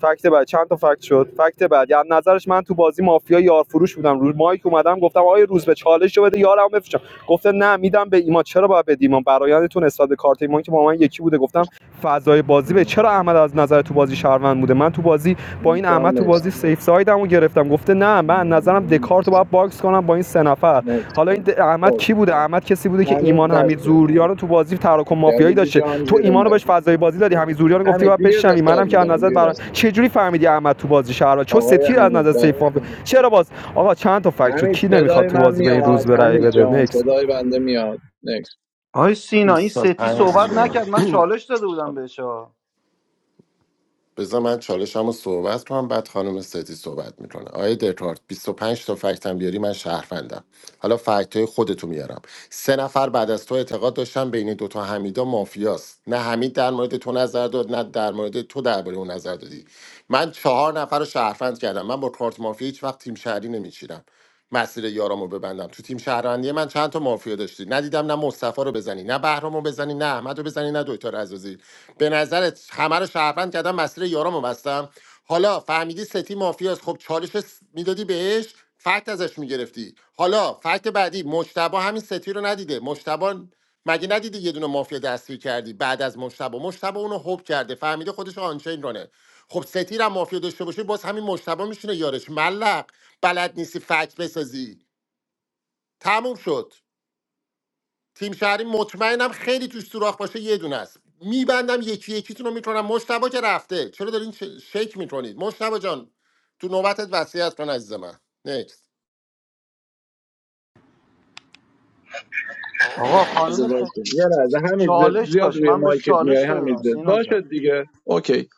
Speaker 7: فکت بعد چند تا فکت شد فکت بعد یعنی نظرش من تو بازی مافیا یارفروش بودم روز مایک اومدم گفتم آیا روز به چالش رو بده یارم بفروشم گفته نه میدم به ایمان چرا باید بدی ایمان برایندتون نسبت به کارت ایمان که با من یکی بوده گفتم فضای بازی به چرا احمد از نظر تو بازی شهروند بوده من تو بازی با این
Speaker 15: جان
Speaker 7: احمد تو
Speaker 15: مرسی
Speaker 7: بازی سیف سایدمو گرفتم گفته نه من نظرم دکارت رو باید باکس کنم با این سه نفر
Speaker 15: مرسی
Speaker 7: حالا این د- احمد
Speaker 15: خب
Speaker 7: کی بوده احمد کسی بوده که
Speaker 15: حمید
Speaker 7: ایمان حمید
Speaker 15: بسته
Speaker 7: زوریان رو تو بازی تراکم مافیایی
Speaker 15: جلیلی
Speaker 7: داشته
Speaker 15: جان
Speaker 7: تو
Speaker 15: زیر
Speaker 7: ایمان رو
Speaker 15: مایک
Speaker 7: بهش فضای بازی دادی حمید زوریان رو گفتی
Speaker 15: حمید
Speaker 7: باید
Speaker 15: دیگه
Speaker 7: بشنوی
Speaker 15: اختار
Speaker 7: منم که از
Speaker 15: میدم
Speaker 7: نظر
Speaker 15: دیگه
Speaker 7: برا
Speaker 15: بس
Speaker 7: چه جوری فهمیدی احمد تو بازی شهر چه
Speaker 15: آقای
Speaker 7: ستی از
Speaker 15: حمید
Speaker 7: نظر
Speaker 15: بس
Speaker 7: سیف مافیا چرا باز آقا چند تا فکت شد
Speaker 15: حمید
Speaker 7: کی نمیخواد
Speaker 15: صدای
Speaker 7: تو
Speaker 15: من
Speaker 7: بازی به این
Speaker 15: میاد
Speaker 7: روز برای
Speaker 15: حمید
Speaker 7: بده
Speaker 15: جان
Speaker 7: نکست
Speaker 15: صدای بنده میاد
Speaker 4: آی سینا این ستی
Speaker 13: 25
Speaker 4: صحبت
Speaker 13: تومن.
Speaker 4: نکرد من چالش داده بودم بهش آ.
Speaker 13: بذار من چالشم رو صحبت کنم بعد خانم ستی صحبت میکنه آقای دکارت 25 تا فکت هم بیاری من شهروندم حالا فکت های خودتو میارم سه نفر بعد از تو اعتقاد داشتن بین دوتا حمیدا مافیاست نه حمید در مورد تو نظر داد نه در مورد تو درباره اون نظر دادی من چهار نفر رو شهروند کردم من با کارت مافیا هیچ وقت تیم شهری نمیچیرم مسیر یارامو ببندم تو تیم شهروندی من چند تا مافیا داشتی ندیدم نه مصطفی رو بزنی نه بهرامو بزنی نه احمدو بزنی نه دکتر عزازی به نظرت همه رو شهروند کردم مسیر یارامو بستم حالا فهمیدی ستی مافیاست خب چالش س- میدادی بهش فکت ازش میگرفتی حالا فکت بعدی مجتبا همین ستی رو ندیده مجتبا مگه ندیده یه دونه مافیا دستگیر کردی بعد از مجتبا مجتبا اونو هوب کرده فهمیده خودش آنچین رانه خب ستیر هم مافیا داشته باشه باز همین مجتبا میشونه یارش ملق بلد نیستی فکت بسازی تموم شد تیم شهری مطمئنم خیلی توش سوراخ باشه یه دونه است میبندم یکی یکیتون رو میکنم مشتبا که رفته چرا دارین ش- شک میکنید مشتبا جان تو نوبتت وصیت کن عزیز من نیکست
Speaker 4: آقا
Speaker 15: از
Speaker 4: خانم ستی
Speaker 15: یه لحظه همین زد
Speaker 4: چالش
Speaker 15: زیاد
Speaker 4: داشت
Speaker 15: روی
Speaker 4: من بهش
Speaker 15: مایکت میای
Speaker 4: چالش داده
Speaker 15: همین
Speaker 4: بودم
Speaker 15: زد
Speaker 4: سینا
Speaker 15: باشه
Speaker 4: جان
Speaker 15: دیگه اوکی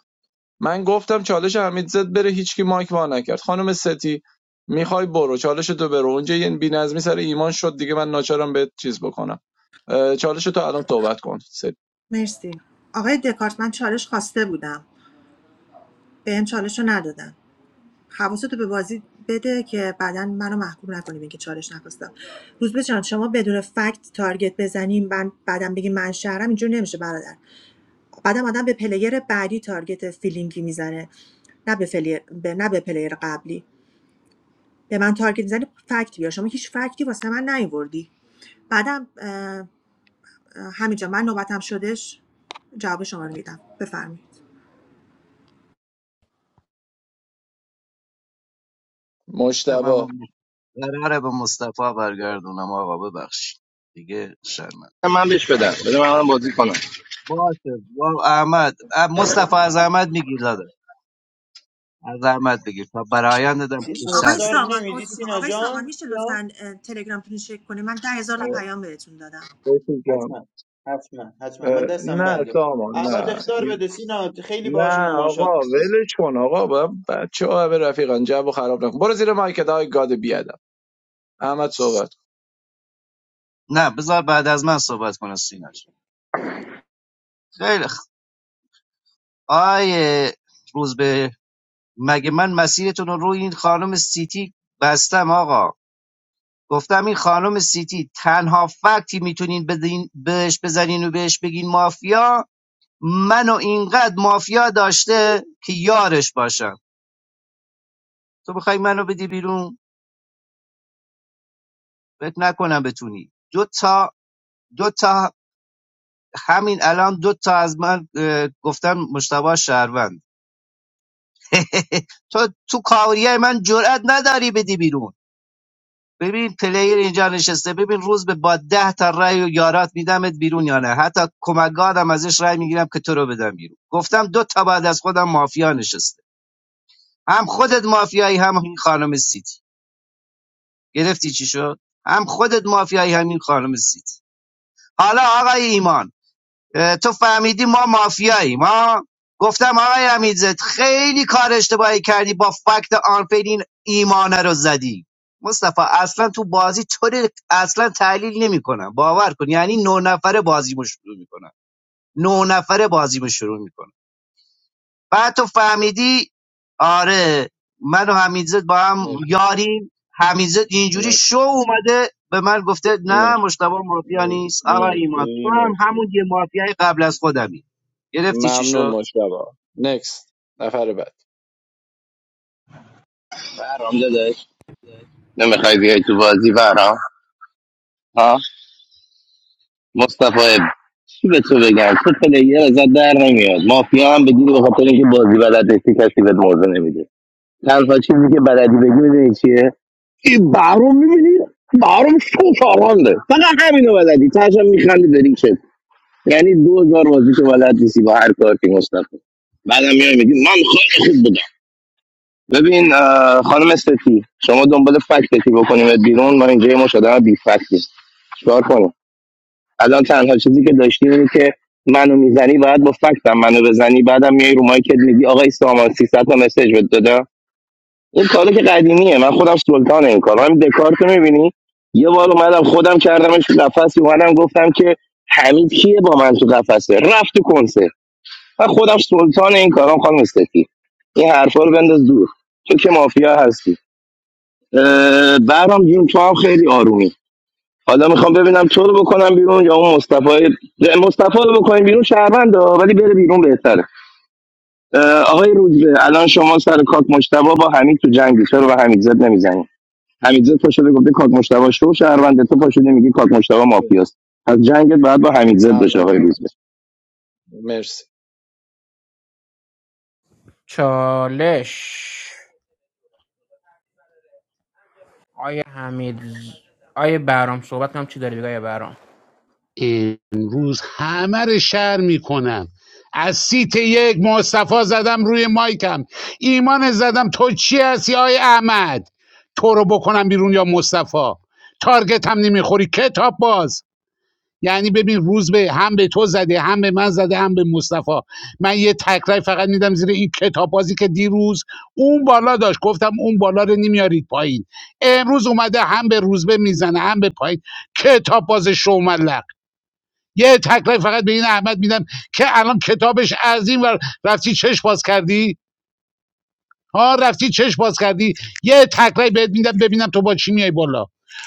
Speaker 15: من گفتم چالش حمید زد بره هیچکی مایک وا نکرد خانم ستی میخوای برو چالش تو برو اونجا یه بی‌نظمی سر ایمان شد دیگه من ناچارم به چیز بکنم چالش تو الان توبت کن ستی
Speaker 11: مرسی آقای دکارت من چالش خواسته بودم به این چالش رو ندادن حواستو به بازی بده که بعدا منو محکوم نکنی بگی چالش نخواستم روزبه جان شما بدون فکت تارگت بزنیم من بعدم بگی من شهرم اینجوری نمیشه برادر بعدم آدم به پلیر بعدی تارگت فیلینگی میزنه نه به, فلی... به... نه به پلیر قبلی به من تارگت میزنی فکت بیار شما هیچ فکتی واسه من نیوردی بعدم اه، اه، همینجا من نوبتم شدش جواب شما رو میدم بفرمایید
Speaker 15: مشتبا
Speaker 5: من قراره به مصطفی برگردونم آقا ببخشید دیگه شرمند خب باشه با احمد اه، مصطفی از احمد میگیر داده از احمد بگیر تا برایند دادم
Speaker 6: سینا
Speaker 5: خوبتر
Speaker 11: آقای
Speaker 6: استار
Speaker 5: بشه
Speaker 11: سامان
Speaker 6: نمیدی
Speaker 11: عذر میخوام
Speaker 6: سینا
Speaker 11: آقای سامان
Speaker 6: جان
Speaker 11: میشه
Speaker 6: جان؟
Speaker 11: لطفا اه، تلگرامتون رو چک کنید من ده هزار تا پیام بهتون دادم
Speaker 15: بسی جان.
Speaker 6: حتما حتما حتما من
Speaker 15: اه،
Speaker 6: دستم
Speaker 15: نه
Speaker 6: بنده
Speaker 15: سامان
Speaker 6: احمد
Speaker 15: نه
Speaker 6: اختار بده سینا خیلی باهاش
Speaker 15: نه
Speaker 6: مماشات
Speaker 15: آقا
Speaker 6: میکنه
Speaker 15: ولش کن آقا با بچه ها به رفیقان جب و خراب نکن برو زیر مایکت های گاد بیادم احمد صحبت کن.
Speaker 5: نه بذار بعد از من صحبت کنه سیناش خیلی خ... آیه روز به مگه من مسیرتون رو روی این خانم سیتی بستم آقا گفتم این خانم سیتی تنها فکتی میتونین بدین بهش بزنین و بهش بگین مافیا منو اینقدر مافیا داشته که یارش باشم تو بخوای منو بدی بیرون فکر نکنم بتونی دو تا دو تا همین الان دو تا از من اه، گفتن مشتبه شهروند (laughs) تو تو کاریه من جرئت نداری بدی بیرون ببین پلیر اینجا نشسته ببین روز به با ده تا رأی و یارات میدمت بیرون یا نه حتی کمکگادم ازش رای میگیرم که تو رو بدم بیرون گفتم دو تا بعد از خودم مافیا نشسته هم خودت مافیایی هم این خانم سیتی گرفتی چی شد هم خودت مافیایی همین خانم سید حالا آقای ایمان تو فهمیدی ما مافیاییم ما گفتم آقای امیرزت خیلی کار اشتباهی کردی با فکت آنفیل این ایمانه رو زدی مصطفی اصلا تو بازی طوری اصلا تحلیل نمیکنم باور کن یعنی نه نفره بازیمو شروع میکنم نه نفره بازیمو شروع میکنم بعد تو فهمیدی آره من و حمیدزاد با هم یاریم حمیدزاد اینجوری
Speaker 15: مرسی
Speaker 5: شو اومده به من گفته
Speaker 15: نه.
Speaker 5: نه مشتبه مافیا نیست آقا ایمان تو
Speaker 15: مرسی
Speaker 5: هم
Speaker 15: مرسی
Speaker 5: همون یه مافیای قبل از خودمی گرفتی چی
Speaker 15: ممنون
Speaker 5: شد
Speaker 15: مجتبا نکست نفر بعد
Speaker 17: برام داداش نمیخوای بیای تو بازی برام ها مصطفی چی به تو بگم تو پلیر ازت در نمیاد مافیا هم بگیری به خاطر اینکه بازی بلد نیستی کسی بهت موضوع نمیده تنها چیزی که بلدی بگی میدونی چیه این برام میبینی برام شو شارانده فقط همینو بلدی تاشم میخندی داری شد یعنی 2000 بازی که بلد نیستی با هر کارتی مصطفی بعدم میای میگی من خیلی خوب بودم ببین اه، خانم استتی شما دنبال فکتتی بکنیم بیرون ما اینجا یه مش آدم بی فکتیم. چیکار کنیم الان تنها چیزی که داشتی اینه که منو میزنی باید با فکتم منو بزنی بعدم میای رو مایکت میگی آقا سامان 300 تا مسیج بهت دادم این کارو که قدیمیه من خودم سلطان این کارا همین دکارتو میبینی یه بار اومدم خودم کردمش قفس اومدم گفتم که حمید کیه با من تو قفسه رفت تو کنسه من خودم سلطان این کارام خانم استفی این حرفا رو بنداز دور تو که مافیا هستی اه، برام جون تو هم خیلی آرومی حالا میخوام ببینم تو رو بکنم بیرون یا اون مصطفی نه، مصطفی رو بکنیم بیرون شهروند ها، ولی بره بیرون بهتره اه، آقای روزبه الان شما سر کاک مشتبه با حمید تو جنگی چرا به حمید زد نمیزنی حمید زد پاشده گفته کاک مشتبا شو شهرونده تو پاشده میگی کاک مشتبا مافیاست از جنگت باید با حمید زد بشه
Speaker 15: ممنون
Speaker 17: آقای
Speaker 15: احمد
Speaker 17: روزبه
Speaker 15: مرسی
Speaker 9: چالش آیه حمید آیه آیا برام صحبت کنم چی داری بگه آیا برام
Speaker 2: امروز همه رو شر میکنم از سیت یک مصطفی زدم روی مایکم ایمان زدم تو چی هستی آی احمد تو رو بکنم بیرون یا مصطفی تارگت هم نمیخوری کتاب باز یعنی ببین روز به هم به تو زده هم به من زده هم به مصطفی من یه تکرای فقط میدم زیر این کتاب بازی که دیروز اون بالا داشت گفتم اون بالا رو نمیارید پایین امروز اومده هم به روز به میزنه هم به پایین کتاب باز شوملق یه تکرای فقط به این احمد میدم که الان کتابش از این ور رفتی چش باز کردی ها رفتی چش باز کردی یه تکرای بهت میدم ببینم تو با چی میای بالا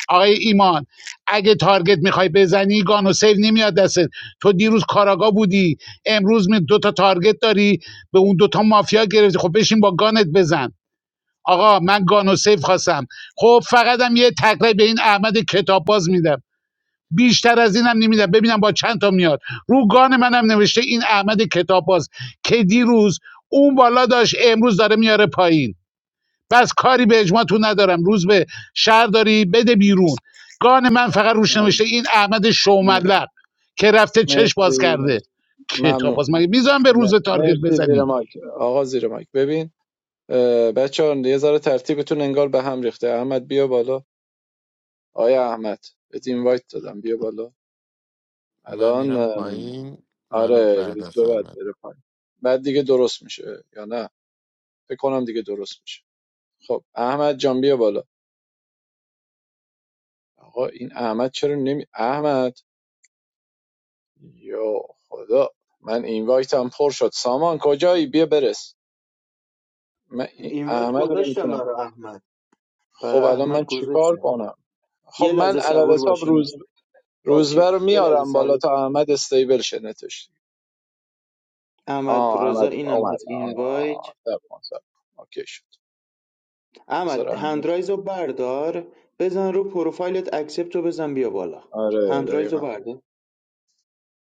Speaker 2: آقای ایمان اگه تارگت میخوای بزنی گانو سیو نمیاد دستت تو دیروز کاراگا بودی امروز می دو تا تارگت داری به اون دوتا مافیا گرفتی خب بشین با گانت بزن آقا من گانو سیو خواستم خب فقط هم یه تکرای به این احمد کتاب باز میدم بیشتر از اینم نمیدم ببینم با چند تا میاد رو گان منم نوشته این احمد کتاب باز که دیروز اون بالا داشت امروز داره میاره پایین بس کاری به اجماعتون ندارم روز به شهر داری بده بیرون گان من فقط روش نوشته
Speaker 15: ممنون.
Speaker 2: این احمد شوملق که رفته چش باز
Speaker 15: مرسی
Speaker 2: کرده
Speaker 15: مرسی.
Speaker 2: کتاب
Speaker 15: ممنون
Speaker 2: باز مگه میذارم به
Speaker 15: م-
Speaker 2: روز تارگت
Speaker 15: مرسی زیر
Speaker 2: بزنی
Speaker 15: مایک آقا زیر مایک ببین بچه ها یه ذره ترتیبتون انگار به هم ریخته احمد بیا بالا آیا احمد بهت اینوایت دادم بیا بالا
Speaker 13: من
Speaker 15: الان
Speaker 13: میرم
Speaker 15: ام،
Speaker 13: پایین منو
Speaker 15: آره
Speaker 13: بعد
Speaker 15: روز
Speaker 13: از
Speaker 15: به بعد
Speaker 13: احمد
Speaker 15: بره پایین بعد دیگه درست میشه یا نه فکر کنم دیگه درست میشه خب احمد جان بیا بالا آقا این احمد چرا نمی احمد یا خدا من این وایتم پر شد سامان کجایی بیا برس من این
Speaker 6: اینوایت
Speaker 15: احمد رو
Speaker 6: گذاشتم
Speaker 15: نمیتونم
Speaker 6: برای احمد
Speaker 15: خب
Speaker 6: برای
Speaker 15: الان
Speaker 6: احمد
Speaker 15: من چیکار
Speaker 6: گذاشتم
Speaker 15: کنم خب
Speaker 6: یه
Speaker 15: من
Speaker 6: لحظه
Speaker 15: علل
Speaker 6: صبور
Speaker 15: حساب
Speaker 6: باشین
Speaker 15: روز
Speaker 6: اوکی
Speaker 15: روزبه رو
Speaker 6: یه لحظه
Speaker 15: میارم بالا
Speaker 6: صبور
Speaker 15: تا احمد استیبل شه نتش
Speaker 6: احمد
Speaker 15: آه
Speaker 6: رضا
Speaker 15: احمد
Speaker 6: اینم
Speaker 15: اومد
Speaker 6: از این
Speaker 15: آه
Speaker 6: وایت
Speaker 15: صبر کن، صبر کن. اوکی شد بذار
Speaker 6: احمد
Speaker 15: احمد
Speaker 6: هندرایز رو بردار بزن رو پروفایلت اکسپت رو بزن بیا بالا
Speaker 15: آره
Speaker 6: هندرایز رو
Speaker 15: دقیقا
Speaker 6: بردار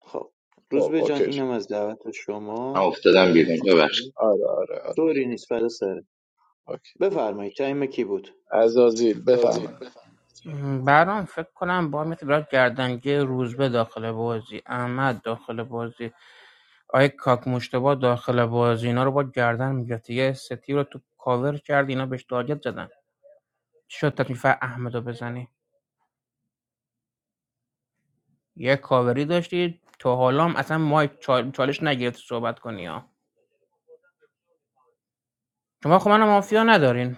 Speaker 6: خب
Speaker 15: خب
Speaker 6: روزبه جان
Speaker 15: اوکی شد
Speaker 6: اینم از دعوت
Speaker 17: من
Speaker 6: شما
Speaker 17: افتادم
Speaker 6: اینم
Speaker 17: بیرون
Speaker 6: از روزبه
Speaker 15: آره آره آره
Speaker 6: طوری نیست فدا سره
Speaker 15: اوکی
Speaker 6: بفرمایید تایم کی بود
Speaker 15: عزازیل بفرمایید
Speaker 9: برام فکر کنم با میتونه برات گردنگی روزبه داخل بازی احمد داخل بازی آقای کاک مشتبه داخل بازی اینا رو با گردن میگرفت یه استی رو تو کاور کرد اینا بهش تارگت زدن چی شد تکلیف احمد بزنی یه کاوری داشتی تو حالا اصلا ما چالش نگرفت صحبت کنی ها شما خب منو مافیا ندارین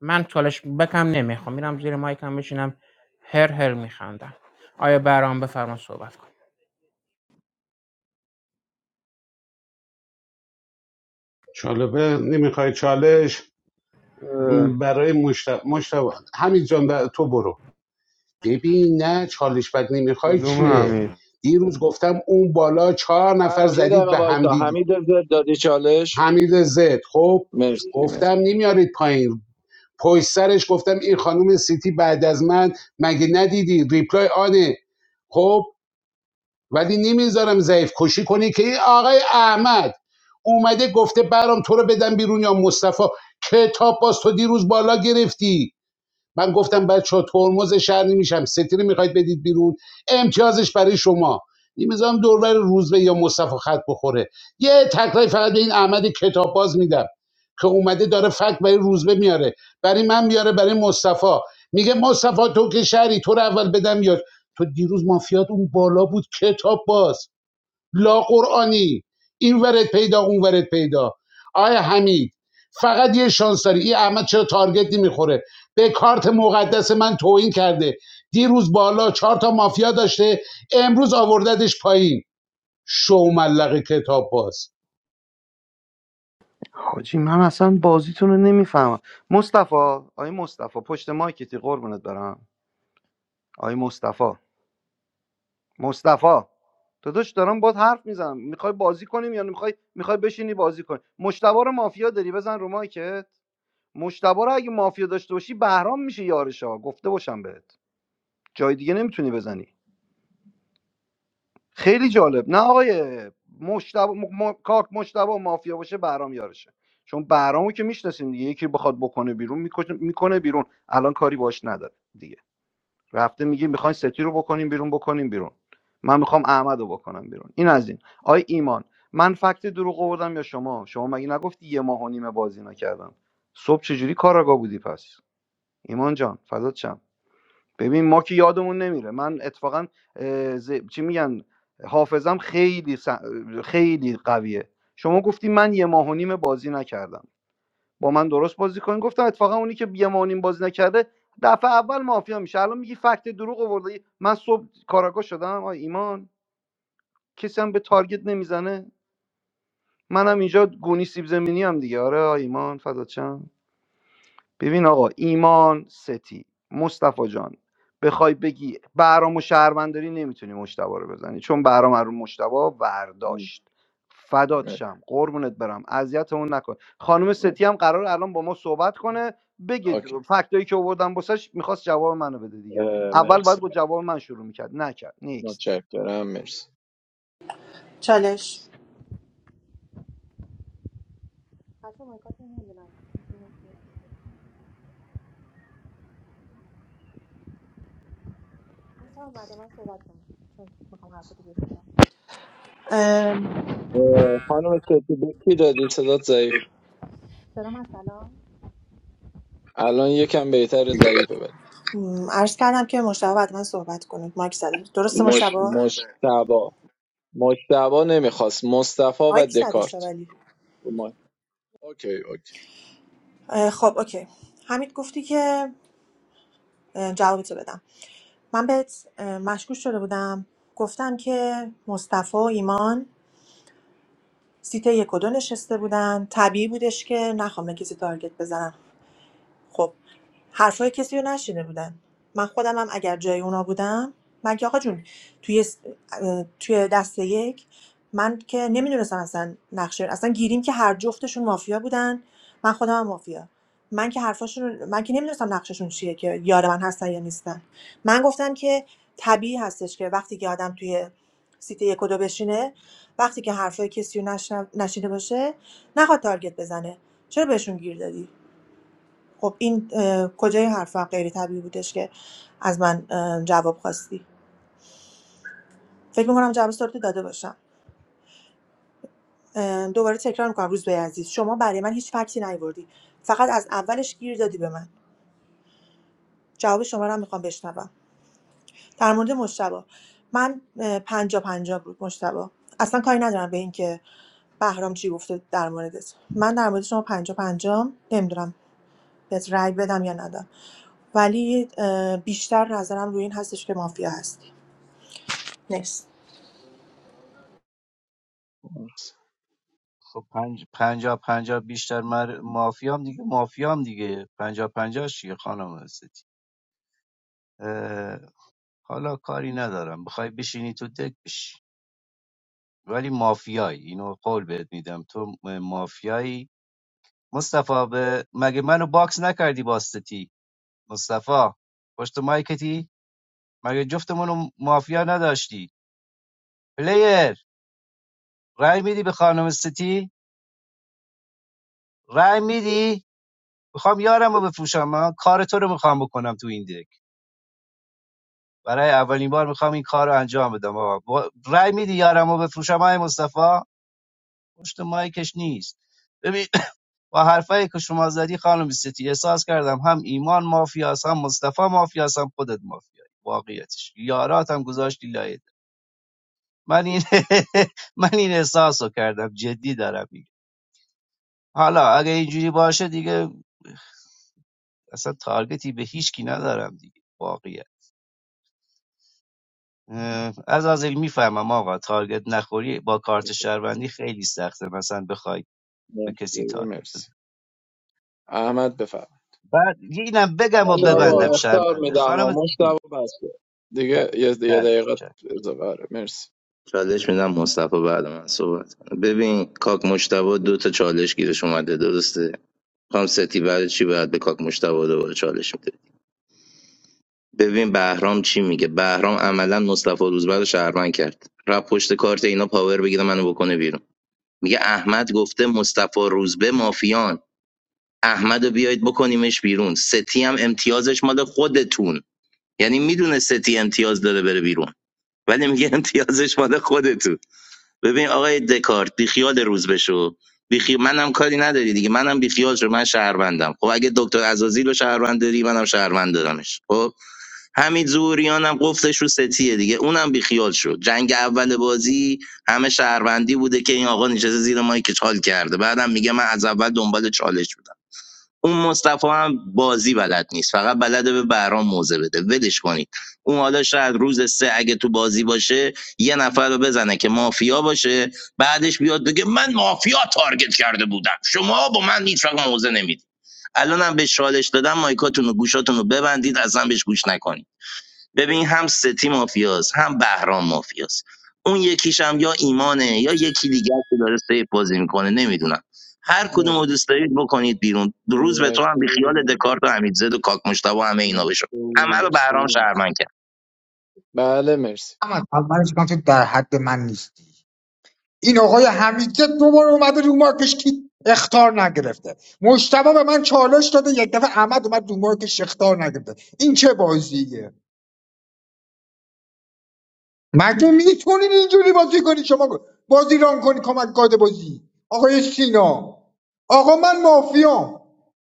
Speaker 9: من چالش بکم نمیخوام میرم زیر مایکم بشینم هر هر میخندم آیا برام بفرما صحبت کن
Speaker 2: چالبه نمیخوای چالش برای مشت مشت همین جان بر- تو برو ببین نه چالش بد نمیخوای
Speaker 7: کدوم
Speaker 2: چیه
Speaker 7: حمید
Speaker 2: دیروز گفتم اون بالا چهار نفر
Speaker 15: برام یه
Speaker 2: زدید
Speaker 15: دقیقه
Speaker 2: به
Speaker 15: وایسا
Speaker 2: همدیگه
Speaker 15: حمید زد دادی چالش
Speaker 2: حمید زد خب
Speaker 15: مرسی مرسی
Speaker 2: گفتم نمیارید پایین پشت سرش گفتم این خانم سیتی بعد از من مگه ندیدی ریپلای آنه خب ولی نمیذارم ضعیف کشی کنی که این آقای احمد اومده گفته برام تو رو بدم بیرون یا مصطفی کتاب باز تو دیروز بالا گرفتی من گفتم بچه ترمز شهر نمیشم ستیره میخواید بدید بیرون امتیازش برای شما میذارم دوربر روزبه یا مصطفی خط بخوره یه تکرای فقط به این احمد کتاب باز میدم که اومده داره فکت برای روزبه میاره برای من میاره برای مصطفی میگه مصطفی تو که شهری تو رو اول بدم یا تو دیروز مافیات اون بالا بود کتاب باز لا قرآنی این ورد پیدا اون ورد پیدا آیا حمید فقط یه شانس داری این احمد چرا تارگت نمیخوره به کارت مقدس من توهین کرده دیروز بالا چهار تا مافیا داشته امروز آورددش پایین شو ملق کتاب باز
Speaker 4: حاجی من اصلا بازیتون رو نمیفهمم مصطفی آی مصطفی پشت مایکتی قربونت برم آقای مصطفی مصطفی داداش دارم باد حرف میزنم میخوای بازی کنیم یا میخوای میخوای بشینی بازی کنی مشتبا رو مافیا داری بزن رو مایکت مشتبا رو اگه مافیا داشته باشی بهرام میشه یارشا گفته باشم بهت جای دیگه نمیتونی بزنی خیلی جالب نه آقای مشتبا م... م... کاک مشتبا مافیا باشه بهرام یارشه چون بهرامو که میشناسیم دیگه یکی بخواد بکنه بیرون میکنه میکنه بیرون الان کاری باش نداره دیگه رفته میگه میخواین ستی رو بکنیم بیرون بکنیم بیرون من میخوام احمد رو بکنم بیرون این از این آی ایمان من فکت دروغ آوردم یا شما شما مگه نگفتی یه ماه و نیمه بازی نکردم صبح چجوری کاراگاه بودی پس ایمان جان فدات شم ببین ما که یادمون نمیره من اتفاقا اه، ز... چی میگن حافظم خیلی س- خیلی قویه شما گفتی من یه ماه و نیم بازی نکردم با من درست بازی کنین گفتم اتفاقا اونی که یه بازی نکرده دفعه اول مافیا میشه الان میگی فکت دروغ آوردی من صبح کاراگاه شدم آ ایمان کسی هم به تارگت نمیزنه منم اینجا گونی سیب زمینی هم دیگه آره آ ایمان فدات شم. ببین آقا ایمان ستی مصطفی جان بخوای بگی برام و شهرونداری نمیتونی مشتبا رو بزنی چون برام رو مشتبا
Speaker 15: مرسی
Speaker 4: ورداشت فدات
Speaker 15: مرسی.
Speaker 4: شم قربونت برم اذیتمون نکن خانم ستی هم قرار الان با ما صحبت کنه بگید
Speaker 15: اوکی
Speaker 4: فکتایی که آوردم واسش میخواست جواب منو بده دیگه
Speaker 15: اه،
Speaker 4: اول
Speaker 15: مرسی
Speaker 4: باید با جواب من شروع میکرد نکرد نیکست
Speaker 15: متشکرم مرسی
Speaker 11: چالش گفتم بعد من صحبت کنم چون میخوام حرف رو بزنم ام،
Speaker 15: اه، خانم ستی به کی دادی صدات ضعیف بود. الان یکم بهتر ضعیفه بده
Speaker 11: م، عرض کردم که مشتبه بعد من صحبت کنید مایک زده درسته مش... مشتبه مش...
Speaker 15: مشتبا مشتبا نمیخواست مصطفی و
Speaker 11: مایک زده شد
Speaker 15: دکارت
Speaker 11: ولی
Speaker 15: اومد. اوکی اوکی
Speaker 11: اه، خب اوکی حمید گفتی که اه، جوابتو بدم من بهت اه، مشکوک شده بودم گفتم که مصطفی و ایمان سیت یک و دو نشسته بودن طبیعی بودش که نخوام به کسی تارگت بزنم خب حرفای کسی رو نشیده بودن من خودم هم اگر جای اونا بودم من که آقا جون توی س- اه، توی دست یک من که نمیدونستم اصلا نقشه اصلا گیریم که هر جفتشون مافیا بودن من خودم هم مافیا من که حرفاشون رو- من که نمیدونستم نقششون چیه که یار من هستن یا نیستن من گفتم که طبیعی هستش که وقتی که آدم توی سیت یک و دو بشینه وقتی که حرفای کسی رو نشنو- نشیده باشه نخواد تارگت بزنه چرا بهشون گیر دادی خب این اه، کجای حرفم غیر طبیعی بودش که از من جواب خواستی فکر میکنم جواب سوالتو داده باشم اه، دوباره تکرار میکنم روز به عزیز شما برای من هیچ فکتی نیوردی فقط از اولش گیر دادی به من جواب شما رو هم میخوام بشنوم در مورد مشتبه من اه، پنجا پنجا بود مشتبه اصلا کاری ندارم به این که بهرام چی گفته در موردت من در مورد شما پنجا پنجا نمیدونم بهت رأی بدم یا ندم ولی اه، بیشتر نظرم روی این هستش که مافیا هستی نیست
Speaker 15: مرسی
Speaker 5: خب پنج پنجا پنجا بیشتر مر... مافیام دیگه مافیام دیگه پنجا پنجا چیه خانم هستی اه، حالا کاری ندارم بخوای بشینی تو دک بشی ولی مافیایی اینو قول بهت میدم تو مافیایی مصطفا به مگه منو باکس نکردی با استتی مصطفا پشت مایکتی مگه جفتمونو مافیا نداشتی پلیر رای میدی به خانم ستی رای میدی میخوام یارم رو بفروشم من کار تو رو میخوام بکنم تو این دک برای اولین بار میخوام این کار رو انجام بدم آقا با- رای میدی یارم رو بفروشم های مصطفا پشت مایکش نیست ببین با حرفایی که شما زدی خانم ستی احساس کردم هم ایمان مافیاست هم مصطفی مافیاست هم خودت مافیایی واقعیتش یارات هم گذاشتی لایده من این (laughs) من این احساس رو کردم جدی دارم میگم حالا اگه اینجوری باشه دیگه اصلا تارگتی به هیچ کی ندارم دیگه واقعیت اه، از از میفهمم آقا تارگت نخوری با کارت شهروندی خیلی سخته مثلا بخوای به کسی
Speaker 15: مرسی,
Speaker 5: تارگت
Speaker 15: مرسی.
Speaker 5: بزنی
Speaker 15: احمد بفرم
Speaker 5: بعد اینم بگم و
Speaker 15: مشتبا
Speaker 5: ببندم
Speaker 15: اختار
Speaker 5: شرمنده
Speaker 15: میدم
Speaker 5: خانم
Speaker 15: و
Speaker 5: ستی
Speaker 15: مشتبا بسته دیگه یه یه
Speaker 5: چش،
Speaker 15: دقیقه
Speaker 5: چش.
Speaker 15: اضافه آره، مرسی مرسی مرسی ممنون. مرسی مرسی مرسی. بله مرسی
Speaker 3: اما اولش من تو در حد من نیستی این آقای حمیدزاد دوباره اومده رو مارکش که اختار نگرفته مشتبه به من چالش داده یک دفعه احمد اومد رو مارکش اختار نگرفته این چه بازیه مگه میتونین اینجوری بازی کنی شما بازی ران کنی کمک کارد بازی آقای سینا آقا من مافیا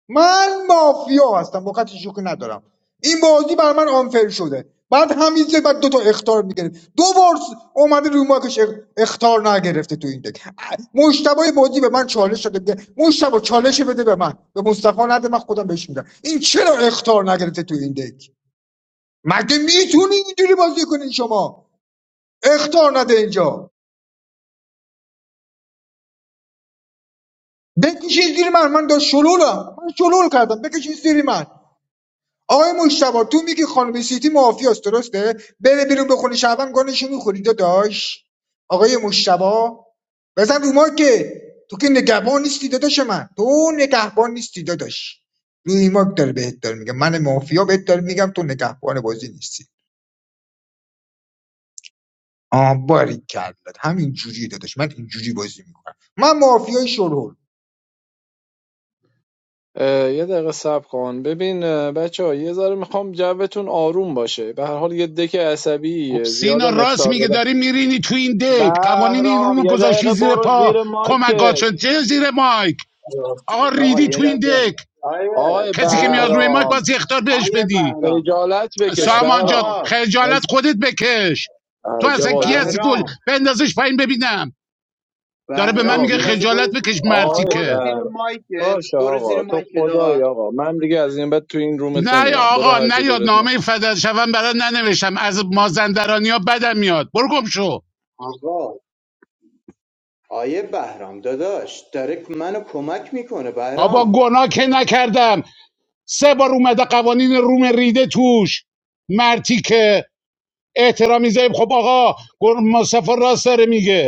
Speaker 3: من مافیا هستم وقت شوخی ندارم این بازی بر من آنفر شده بعد همینجا بعد دو تا اختار میگیره دو بار س- اومده روی ماکش اخ- اختار نگرفته تو این دک مشتبه بازی به من چالش شده میگه مشتبه چالش بده به من به مصطفی نده من خودم بهش میدم این چرا اختار نگرفته تو این دک مگه میتونی اینجوری بازی کنین شما اختار نده اینجا بکشید زیر من من داشت شلولم من شلول کردم بکشید زیر من آقای مشتبا تو میگی خانم سیتی معافیاست درسته بره بیرون بخونه شعبان گانشو میخوری داداش آقای مشتبا بزن رو مارکت تو که نگهبان نیستی داداش من تو نگهبان نیستی داداش روی مارک داره بهت داره میگم من مافیا بهت داره میگم تو نگهبان بازی نیستی آه باری کرد همین جوری داداش من اینجوری بازی میکنم من مافیای شلول
Speaker 15: اه، یه دقیقه صبر کن ببین بچه ها یه ذره میخوام جوتون آروم باشه به هر حال یه دک
Speaker 2: خب
Speaker 15: عصبیه
Speaker 2: سینا
Speaker 15: زیادم
Speaker 2: راست
Speaker 15: اختار
Speaker 2: میگه
Speaker 15: بدم
Speaker 2: داری میرینی تو این دک قوانین این
Speaker 15: بهرام
Speaker 2: رومو
Speaker 15: یه
Speaker 2: گذاشتی
Speaker 15: دقیقه
Speaker 2: زیر
Speaker 15: برو
Speaker 2: پا
Speaker 15: زیر مایکت
Speaker 2: کمکاتشون شد چه زیر مایک آقا
Speaker 6: آقا
Speaker 2: ریدی
Speaker 6: یه
Speaker 2: تو این
Speaker 6: لحظه
Speaker 2: دک
Speaker 6: آیه
Speaker 15: آقای
Speaker 2: کسی که
Speaker 6: آیه
Speaker 2: میاد روی
Speaker 6: بهرام
Speaker 2: مایک
Speaker 15: بهرام
Speaker 2: باز اختار بهش
Speaker 6: آیه
Speaker 2: بدی
Speaker 6: بهرام
Speaker 15: خجالت بکش
Speaker 6: من
Speaker 2: سامان جان
Speaker 15: بهرام
Speaker 6: آقا
Speaker 2: خجالت
Speaker 15: از
Speaker 2: خودت بکش تو
Speaker 15: عجب
Speaker 2: اصلا کی
Speaker 15: آدم
Speaker 2: هستی گل
Speaker 6: بهرام
Speaker 2: بندازش پایین ببینم داره به من
Speaker 6: بهرام
Speaker 15: آقا
Speaker 2: میگه
Speaker 6: یه لحظه
Speaker 2: خجالت
Speaker 6: برو
Speaker 2: بکش
Speaker 6: آقا
Speaker 2: مرتی
Speaker 15: آقای
Speaker 6: برو
Speaker 2: که
Speaker 6: زیر
Speaker 15: بهرام
Speaker 6: مایکت
Speaker 15: باشه
Speaker 6: برو زیر
Speaker 15: آقا تو
Speaker 6: مایکت آقا
Speaker 15: خدای آقا من دیگه از این بعد تو این رومت
Speaker 2: نه یا
Speaker 15: نمیام برو
Speaker 2: آقا
Speaker 15: هر جا
Speaker 2: نه یا
Speaker 15: دلت
Speaker 2: نامه فدر شوم برات ننوشتم از مازندرانی ها بدم میاد برو گم شو
Speaker 6: آقا آیه بهرام داداش داره منو کمک میکنه
Speaker 2: بابا
Speaker 6: بهرام
Speaker 2: گناه که نکردم سه بار اومده قوانین روم ریده توش مرتی که احترام میذاریم خب آقا گل- مصطفی راست داره میگه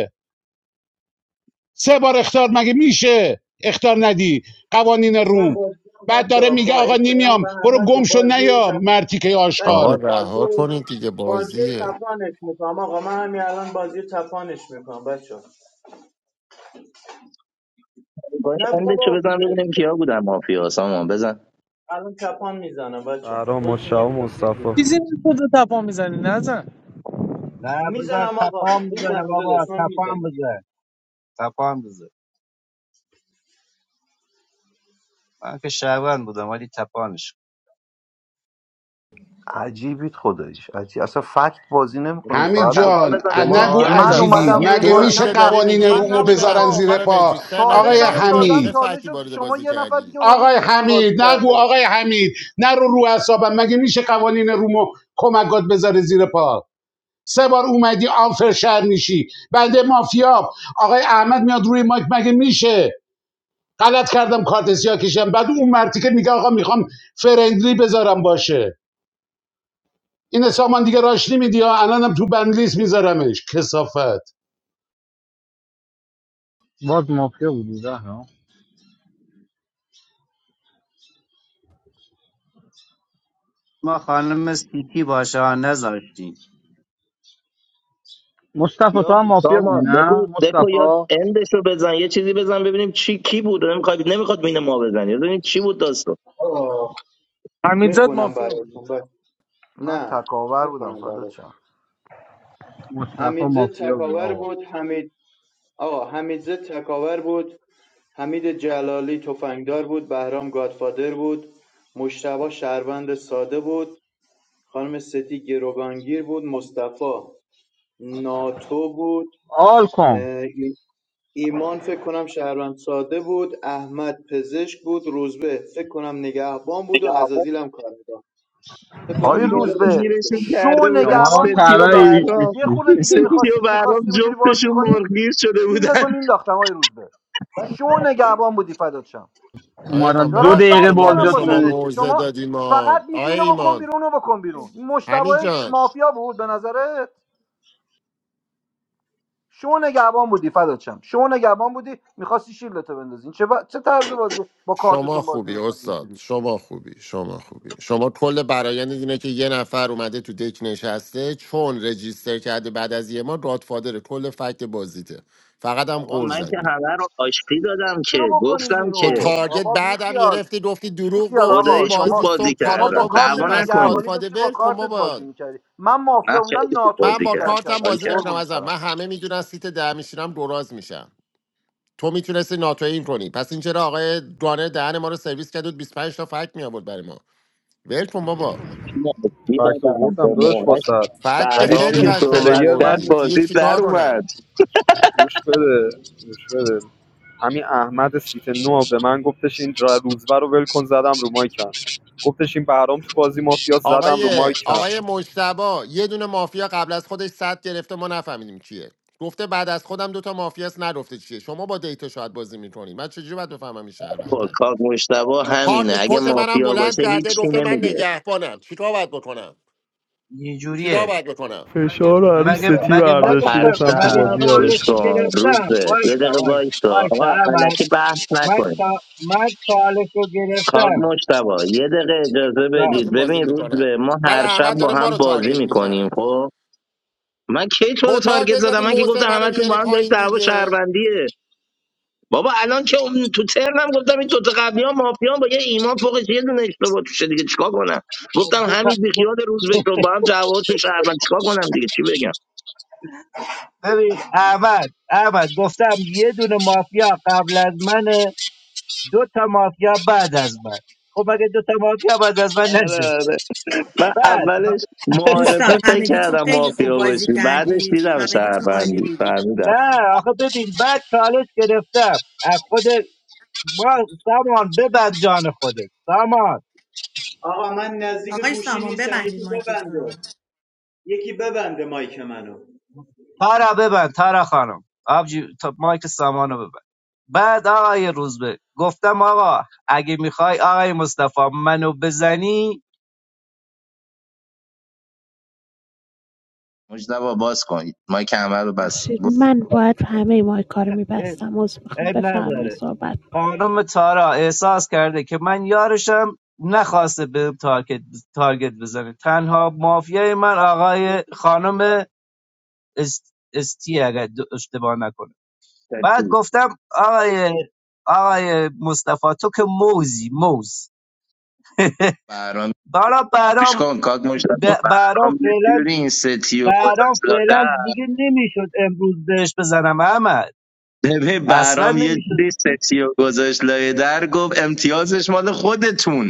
Speaker 2: سه بار اختار مگه میشه اختار ندی قوانین
Speaker 6: من
Speaker 2: روم
Speaker 6: بازی رو
Speaker 2: بعد داره
Speaker 6: بچه
Speaker 2: میگه
Speaker 6: با
Speaker 2: آقا
Speaker 6: احترام
Speaker 2: نمیام
Speaker 6: به
Speaker 2: برو
Speaker 6: همه تو
Speaker 2: گم شو
Speaker 6: بازی رو
Speaker 2: نیا
Speaker 6: تف...
Speaker 2: مرتیکه
Speaker 6: بچه
Speaker 13: آقا
Speaker 2: آشغال
Speaker 6: بازی
Speaker 13: رها
Speaker 6: رو-
Speaker 13: کنید دیگه
Speaker 6: بازی رو
Speaker 13: بازیه
Speaker 6: تفانش میکنم آقا من همین الان بازی رو تفانش میکنم بچه نه بابا الان تپان میزنم بچه
Speaker 7: سهرا
Speaker 6: خودتون یه
Speaker 7: مشتاق
Speaker 6: فکر بگیرید
Speaker 7: مصطفی
Speaker 5: نه بذار
Speaker 6: میزنم آقا
Speaker 5: تپان بزنه
Speaker 6: میزنم
Speaker 5: بابا
Speaker 6: داداش من
Speaker 5: تپان
Speaker 6: میزنم
Speaker 5: بزن تپان بزن من که شهروند بودم ولی تپانش کن.
Speaker 4: عجیبید خداییش عجیب اصلا فکت بازی نمیکنید
Speaker 2: حمید
Speaker 4: فقط با
Speaker 2: جان ا-
Speaker 13: شما آقا
Speaker 2: نگو
Speaker 13: همین
Speaker 4: من
Speaker 13: جان
Speaker 2: عجیبید
Speaker 4: اومدم روی
Speaker 2: مگه
Speaker 13: دو
Speaker 2: میشه
Speaker 13: روزه
Speaker 4: مایکم
Speaker 13: داری
Speaker 4: تقصیر
Speaker 2: قوانین
Speaker 4: من
Speaker 13: میگید
Speaker 2: رومو
Speaker 4: نبود
Speaker 13: نمیدونم
Speaker 2: بذارن
Speaker 13: تو
Speaker 4: آقا
Speaker 2: زیر
Speaker 13: چرا
Speaker 4: من
Speaker 2: پا
Speaker 13: رجیستر
Speaker 2: آقای
Speaker 13: نکردی
Speaker 4: چالشم رو
Speaker 13: همین جان
Speaker 4: دادم
Speaker 13: چه
Speaker 2: حمید
Speaker 4: چالش
Speaker 13: فکتی
Speaker 4: رو
Speaker 13: وارد
Speaker 4: شما
Speaker 13: بازی
Speaker 4: یه نفر
Speaker 13: کردی
Speaker 4: دیگه اومده
Speaker 2: آقای
Speaker 4: نشسته بازی
Speaker 2: حمید نگو
Speaker 4: کرده
Speaker 2: آقای حمید نرو رو اعصابم مگه میشه قوانین رومو کمکات بذاره زیر پا سه بار اومدی آنفر شهر میشی بنده مافیا آقای احمد میاد روی مایک مگه میشه غلط کردم کارت سیاه کشیدم بعد اون مرتی که میگه آقا میخوام فرندلی بذارم باشه این سامان دیگه راش نمیدی ها الانم تو بندلیس میذارمش کسافت
Speaker 18: Was mafia doing?
Speaker 5: ما خانم سیتی باشه ها نذاشتیم
Speaker 18: Mustafa was mafia doing. Mustafa,
Speaker 6: آه، میخونم براتون
Speaker 4: من
Speaker 6: نه
Speaker 4: تکاور بودم
Speaker 6: میکنم
Speaker 4: فدات
Speaker 6: برات
Speaker 4: شم
Speaker 18: Mustafa was
Speaker 6: حمیدزه
Speaker 18: mafia
Speaker 6: تکاور
Speaker 18: doing.
Speaker 6: بود حمید آقا حمیدزه تکاور بود حمید جلالی تفنگدار بود بهرام گادفادر بود مشتبه شهروند ساده بود خانم ستی گروگانگیر بود مصطفی ناتو بود
Speaker 18: All come.
Speaker 6: اه، ایمان فکر کنم شهروند ساده بود احمد پزشک بود روزبه فکر کنم نگهبان بود و عزازیل هم کار می‌کرد. فکر کنم
Speaker 4: آقای
Speaker 6: یکی دو تا شد
Speaker 4: روزبه شو
Speaker 18: You are a
Speaker 4: نگهبان بودی
Speaker 18: clever guy.
Speaker 4: داداش یه خورده
Speaker 18: You
Speaker 4: دیگه میخواستی میخواستی اونجوری بازی کنی کیلتو مینداختم آقای روزبه شو نگهبان بودی فدات شم
Speaker 13: آقا ایمان
Speaker 18: have
Speaker 4: دارم
Speaker 18: two
Speaker 13: ببخشید
Speaker 4: فکت
Speaker 13: که ما به
Speaker 4: میارم
Speaker 18: other
Speaker 13: شما
Speaker 4: واسهتون
Speaker 18: brothers. (laughs)
Speaker 13: موزه
Speaker 4: شما
Speaker 13: دادیم ما
Speaker 4: فقط
Speaker 13: آقا
Speaker 4: میگی اینو بکن
Speaker 13: ایمان
Speaker 4: بیرون اونو بکن بیرون این
Speaker 13: همین
Speaker 4: مشتبه ش-
Speaker 13: جان
Speaker 4: مافیا بود به نظرت شو نگهبان بودی فدات شم شو نگهبان بودی میخواستی شیلتو بندازین چه, با... چه طرز بازی با
Speaker 13: شما
Speaker 4: کارتتون بازی
Speaker 13: خوبی
Speaker 4: میکنین
Speaker 13: استاد
Speaker 4: اینجوری
Speaker 13: شما خوبی شما خوبی شما کل برایند اینه که یه نفر اومده تو دک نشسته چون رجیستر کرده بعد از یه ما رادفادر کل فکت بازیته فقط هم قور زدی
Speaker 4: کی رو بکنیم
Speaker 13: تو
Speaker 4: بیرون
Speaker 13: تارگت
Speaker 4: بابا
Speaker 13: بعدم
Speaker 4: بیخیال
Speaker 13: گرفتی گفتی دروغ
Speaker 4: بیخیال
Speaker 13: گفتی
Speaker 4: آقا
Speaker 13: بازی
Speaker 4: شما
Speaker 13: صبح
Speaker 4: شما با
Speaker 13: کارآگاه
Speaker 4: کارت
Speaker 13: بودی پس
Speaker 4: نگهبانی
Speaker 13: رادفاده
Speaker 4: داشتی با
Speaker 13: بر کن
Speaker 4: کارتت
Speaker 13: بابا
Speaker 4: بازی میکردی من مافیا بودم
Speaker 13: من
Speaker 4: ناتویت
Speaker 13: با
Speaker 4: میکردم
Speaker 13: کارتم
Speaker 4: شبیه
Speaker 13: بازی نمیدونم
Speaker 4: قربونت
Speaker 13: ازم
Speaker 4: برم
Speaker 13: من همه میدونن سیت ده میشینم دراز میشم تو میتونستی ناتوین کنی پس این چرا آقای گانر دهن ما رو سرویس کرد و 25 تا فکت میآورد برای ما ول کن بابا
Speaker 7: فکت آوردم داداش واسه
Speaker 13: فکت که
Speaker 7: ولی
Speaker 13: خیلی
Speaker 7: جوز
Speaker 13: قشنگ
Speaker 7: پلیر
Speaker 13: آوردی
Speaker 7: من
Speaker 13: دیگه چیکار کنم
Speaker 7: گوش بده گوش بده همین احمد سیت نو به من گفتش این را- روزبه رو ول کن زدم رو مایکم گفتش این برام تو بازی مافیا زدم رو
Speaker 13: آقای
Speaker 7: مایکم
Speaker 13: آقای مجتبا یه دونه مافیا قبل از خودش صد گرفته ما نفهمیدیم کیه گفته بعد از خودم دوتا مافیاست نرفته چیه شما با دیتا شاید بازی میکنی من چجوری باید بفهمم این شهرونده کارت کت منم بلند کرده گفته من نگهبانم چیکار باید بکنم
Speaker 5: یه
Speaker 13: چیکار
Speaker 5: جوریه
Speaker 13: باید بکنم
Speaker 7: فشار رو عروس
Speaker 5: مگه
Speaker 7: ستی
Speaker 5: مگه
Speaker 7: برداشتی
Speaker 5: نگفتم
Speaker 7: گفتم تو
Speaker 5: مگه
Speaker 7: بازی
Speaker 5: چالش
Speaker 7: یارش
Speaker 5: رو گرفتم وایسا وایسا وایسا احمد من چا من چالش رو گرفتم جان.
Speaker 13: باهاتون بازی میکنم بعد احمد داره ما رو تارگت میزنه تو تارگت زدی موزه منو میاری پایین دیگه
Speaker 5: خب، دو تا دو (laughs) ببین احمد احمد گفتم یه دونه مافیا قبل از منه دو تا مافیا بعد از من خب مگه دو تا مافیا بعد از من ننشسته بعد
Speaker 11: دوستان همگیتون خیلی خوب بازی کردید همگیتون عالی بودید عزیزان
Speaker 5: نه آخه ببین بعد چالش گرفتم از خود ما سامان ببند جان خودت سامان
Speaker 6: آقا من نزدیک
Speaker 11: آقای
Speaker 6: گوشی
Speaker 11: سامان
Speaker 6: نیستم
Speaker 11: ببندید
Speaker 6: یکی
Speaker 11: مایکتون
Speaker 6: ببنده
Speaker 11: رو
Speaker 6: یکی ببنده مایک منو
Speaker 5: تارا ببند تارا خانم آبجی تا مایک سامانو ببند بعد آقای روزبه گفتم آقا اگه میخوای آقای مصطفی منو بزنی
Speaker 10: ببخشید من باید همه مایکا رو
Speaker 5: اه،
Speaker 10: میبستم عذر میخوام
Speaker 5: عیب نداره
Speaker 10: بفرمایید صحبت
Speaker 5: خانم تارا احساس کرده که من یارشم نخواسته بهم تارگت, تارگت بزنه تنها مافیای من آقای خانم است- استی اگر د- اشتباه نکنه بعد گفتم آقای آقای مصطفی تو که موزی موز (laughs) برا برام ب- برام فعلا برام فعلا دیگه نمیشد امروز بهش بزنم احمد اصلا نمیشد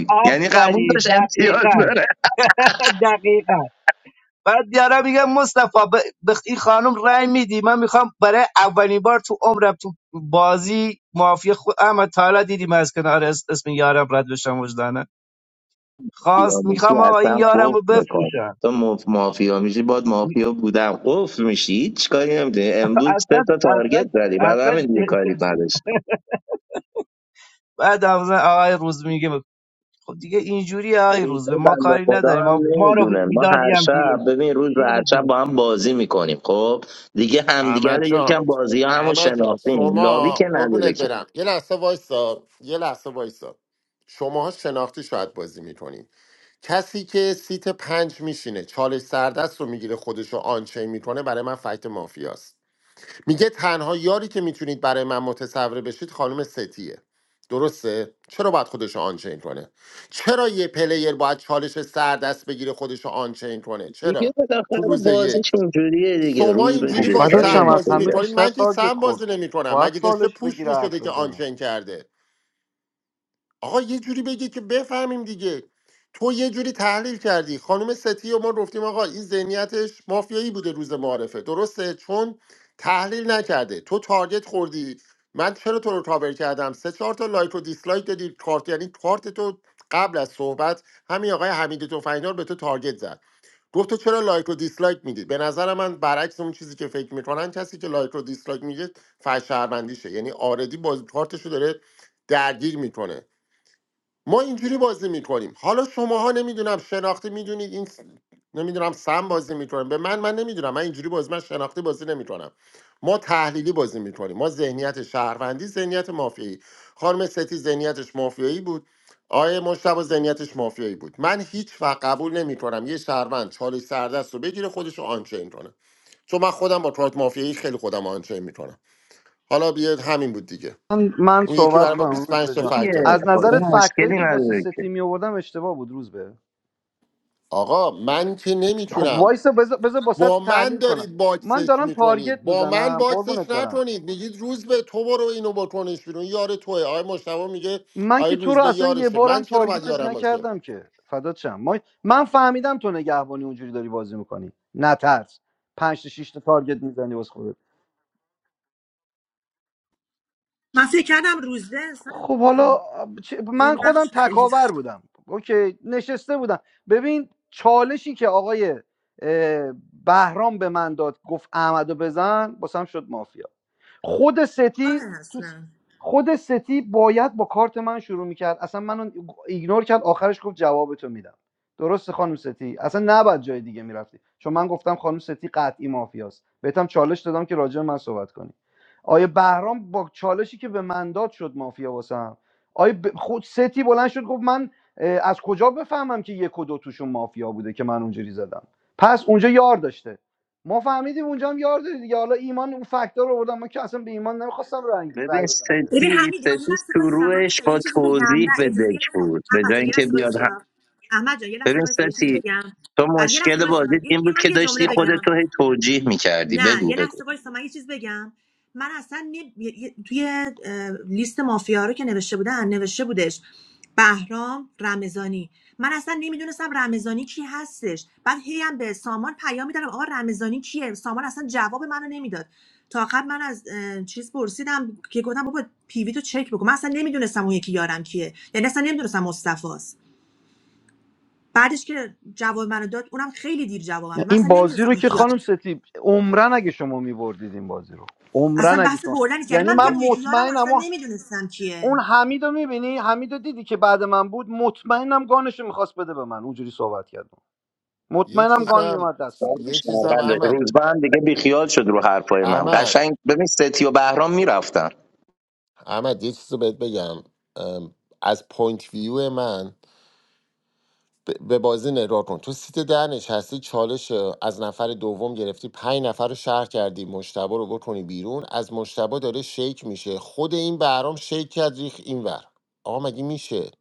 Speaker 5: آفرین دقیقا دقیقا بعد بیارم میگم مصطفی ب... به این خانم رأی میدی من میخوام برای اولین بار تو عمرم تو بازی مافیا خود احمد تا حالا دیدیم از کنار اس- اسم یارم رد بشم وجدانه خواست میخوام آقا این یارم رو بفروشم می- اصلا اصلا اصلا (laughs) بعد مثلا آقای روز میگه خب دیگه اینجوری آقای روز به ما کاری نداریم ما ما رو میدادی هم بیرون شیلد میره
Speaker 13: احمد جان احمد جان شما قربونت برم یه لحظه وایسا یه لحظه وایسا شماها شناختی شاید بازی میکنین کسی که سیت پنج میشینه چالش سردست رو میگیره خودش رو آنچه میکنه برای من فکت مافیاست میگه تنها یاری که میتونید برای من متصوره بشید خانم ستیه درسته چرا باید خودش رو آنچین کنه چرا یه پلیر باید چالش سردست بگیره خودش رو آنچین کنه چرا تو روز یک شما
Speaker 4: خب
Speaker 13: اینجوری با
Speaker 4: فدات
Speaker 13: سم
Speaker 4: از
Speaker 13: بازی
Speaker 4: همه
Speaker 13: میکنید
Speaker 4: بیشتر
Speaker 13: من که
Speaker 4: تارگت
Speaker 13: سم
Speaker 4: خورد
Speaker 13: بازی نمیکنم
Speaker 4: باید
Speaker 13: مگه داشته
Speaker 4: سالش
Speaker 13: پوش
Speaker 4: بگیره
Speaker 13: میشده
Speaker 4: حرف
Speaker 13: که
Speaker 4: بزنه
Speaker 13: آنچن کرده آقا یه جوری بگی که بفهمیم دیگه تو یه جوری تحلیل کردی خانم ستی و ما گفتیم آقا این ذهنیتش مافیایی بوده روز معارفه درسته چون تحلیل نکرده تو تارگت خوردی من چرا تو رو کاور کردم سه چهار تا لایک و دیسلایک دادی کارت یعنی کارت تو قبل از صحبت همین آقای حمید تفنگدار به تو تارگت زد گفت تو چرا لایک و دیسلایک میدی به نظر من برعکس اون چیزی که فکر میکنن کسی که لایک و دیسلایک میده فش شهروندیشه یعنی آردی باز کارتشو داره درگیر میکنه ما اینجوری بازی میکنیم حالا شماها نمیدونم شناختی میدونید این نمیدونم سم بازی میکنیم به من من نمیدونم من اینجوری بازی من شناختی بازی نمیکنم ما تحلیلی بازی میکنیم ما ذهنیت شهروندی ذهنیت مافیایی خانم ستی ذهنیتش مافیایی بود آیه مشتبه ذهنیتش مافیایی بود من هیچ وقت قبول نمیکنم یه شهروند چالش سردست رو بگیره خودش رو آنچین کنه چون من خودم با کارت مافیایی خیلی خودم آنچین میکنم حالا بیاد همین بود دیگه
Speaker 4: من, من
Speaker 13: اون یکی
Speaker 4: صحبت
Speaker 13: برای ما
Speaker 4: کنم روز
Speaker 13: 25
Speaker 4: به
Speaker 13: تا
Speaker 4: جان.
Speaker 13: فکت
Speaker 4: از
Speaker 13: آورد
Speaker 4: نظرت فکتایی که با سه تیمی آوردم اشتباه بود روز به.
Speaker 13: آقا من که
Speaker 4: خب
Speaker 13: نمیتونم
Speaker 4: وایسا بذار بذار
Speaker 13: با
Speaker 4: باست
Speaker 13: من
Speaker 4: تحلیل کنم
Speaker 13: دارید
Speaker 4: من
Speaker 13: باکسش
Speaker 4: دارم تارگت
Speaker 13: میکنید با من
Speaker 4: میزنم
Speaker 13: باکسش
Speaker 4: قربونت برم
Speaker 13: نکنید میگید روز به تو برو اینو بکنش بیرون یار توه آقای مشتبه میگه
Speaker 4: من
Speaker 13: آقای
Speaker 4: که تو
Speaker 13: روز
Speaker 4: رو
Speaker 13: به
Speaker 4: اصلا یه
Speaker 13: یارشه من
Speaker 4: بارم
Speaker 13: چرا باید
Speaker 4: تارگتت
Speaker 13: یارم باشه
Speaker 4: نکردم که فدات شم ما... من فهمیدم تو نگهبانی اونجوری داری بازی میکنی نترس پنج تا شیش تا تارگت میزنی واسه خودت
Speaker 11: من فکر کردم روزده اصلا
Speaker 4: خب حالا چه- من
Speaker 11: یه
Speaker 4: خودم
Speaker 11: نقش خیلی
Speaker 4: تکاور بودم اوکی نشسته بودم ببین چالشی که آقای اه، بهرام به من داد گفت احمدو بزن باسم شد مافیا خود ستی
Speaker 11: خوبه
Speaker 4: تو
Speaker 11: اصلا
Speaker 4: خود ستی باید با کارت من شروع میکرد اصلا منو ایگنور کرد آخرش گفت جوابتو میدم درسته خانم ستی اصلا نباید جای دیگه میرفتی چون من گفتم خانم ستی قطعی مافیاست بهتم چالش دادم که راجع به من صحبت کنی آیه بهرام با چالشی که به من داد شد مافیا واسم آیه ب... خود ستی بلند شد گفت من اه، از کجا بفهمم که یک و دو توشون مافیا بوده که من اونجوری زدم پس اونجا یار داشته ما فهمیدیم اونجا هم یار داری دیگه حالا ایمان اون فاکتور رو بردم من که اصلا به ایمان نمیخواستم رنگ رای, بدم که
Speaker 11: ببین حمید ما یه لحظه وایسا حمید جان یه چیزی بگم نه اجازه یه لحظه احمد جان یه لحظه وایسا احمد جان یه لحظه وایسا یه چیزی بگم علی یه لحظه وایسا یه- یه- من یه جمله بگم نه یه لحظه وایسا من یه چیز بگم من اصلا نی- یه- یه- توی اه، لیست مافیا رو که نوشته بودن نوشته بودش بهرام رمضانی من اصلا نمیدونستم رمضانی کی هستش بعد هی هم به سامان پیام میدادم آقا رمضانی کیه سامان اصلا جواب منو نمیداد تا آخر من از اه، چیز پرسیدم که گفتم بابا پیوی تو چک بکن من اصلا نمیدونستم اون یکی یارم کیه یعنی اصلا نمیدونستم مصطفی است بعدش که جواب منو داد اونم خیلی دیر جوابم داد. من
Speaker 4: این
Speaker 11: اصلا
Speaker 4: بازی
Speaker 11: نمیدونستم
Speaker 4: رو
Speaker 11: اون
Speaker 4: که
Speaker 11: یکی یارم
Speaker 4: خانم ستی عمرن اگه شما میبردید این بازی رو عمرن
Speaker 11: اصلا
Speaker 4: اگه
Speaker 11: بحث
Speaker 4: شما
Speaker 11: بردن نیست یعنی
Speaker 4: یعنی
Speaker 11: من
Speaker 4: من
Speaker 11: میگم
Speaker 13: یه,
Speaker 11: اون یکی یارم
Speaker 4: مطمئنم
Speaker 11: اصلا
Speaker 4: اون
Speaker 11: نمیدونستم
Speaker 4: اون
Speaker 11: کیه
Speaker 4: حمید رو میبینی حمید رو دیدی که بعد من بود مطمئنم گانش رو میخواست بده به من اونجوری صحبت کردم
Speaker 13: یه
Speaker 4: مطمئنم گان
Speaker 13: چیزم
Speaker 4: میومد دست من
Speaker 13: یه چیزم احمد احمد احمد یه چیز رو بهت بگم ام، از پوینت ویو من ب- به بازی نگاه کن تو سیت ده نشستی چالش از نفر دوم گرفتی پنج نفر رو شهر کردی مشتبه رو بکنی بیرون از مشتبه داره شیک میشه خود این بهرام شیک کرد ریخ اینور آقا مگه میشه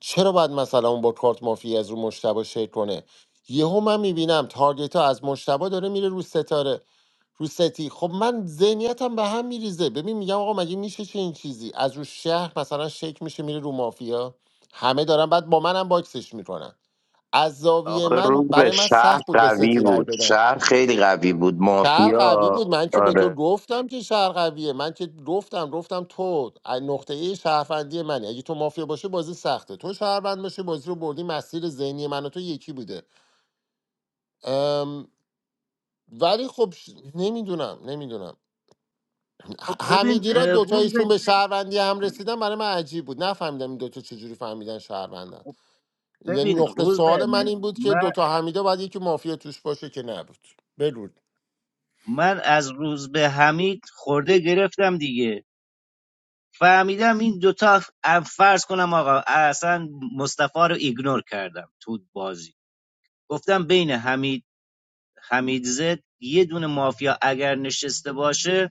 Speaker 13: چرا باید مثلا اون با کارت مافی از رو مشتبه شیک کنه یهو من میبینم تارگت ها از مشتبه داره میره رو ستاره رو ستی خب من ذهنیتم به هم میریزه ببین میگم آقا مگه میشه چه این چیزی از رو شهر مثلا شیک میشه میره رو مافیا همه دارن بعد با منم باکسش میکنن از زاویه من برای من سخت بود به ستی رای بدم شهر قوی بود من که به تو گفتم که شهر قویه من که گفتم گفتم تو از نقطه ای شهروندی منی اگه تو مافیا باشه بازی سخته تو شهروند باشه بازی رو بردی مسیر ذهنی من و تو یکی بوده ام، ولی خب نمیدونم نمیدونم
Speaker 5: خب ببین
Speaker 13: حمیدی را
Speaker 5: اه، روز
Speaker 13: دوتایشون
Speaker 5: به-
Speaker 13: به شهروندی هم رسیدن برای من عجیب بود نفهمیدم این دوتا چجوری فهمیدن شهروندن یعنی
Speaker 5: ببین
Speaker 13: نقطه
Speaker 5: روز به
Speaker 13: سوال من این بود که
Speaker 5: من
Speaker 13: دوتا حمیده باید یکی مافیا توش باشه که نبود بگو
Speaker 5: من از روز به حمید خورده گرفتم دیگه فهمیدم این دوتا ا- فرض کنم آقا اصلا مصطفی رو ایگنور کردم تو بازی گفتم بین حمید حمید یه دونه مافیا اگر نشسته باشه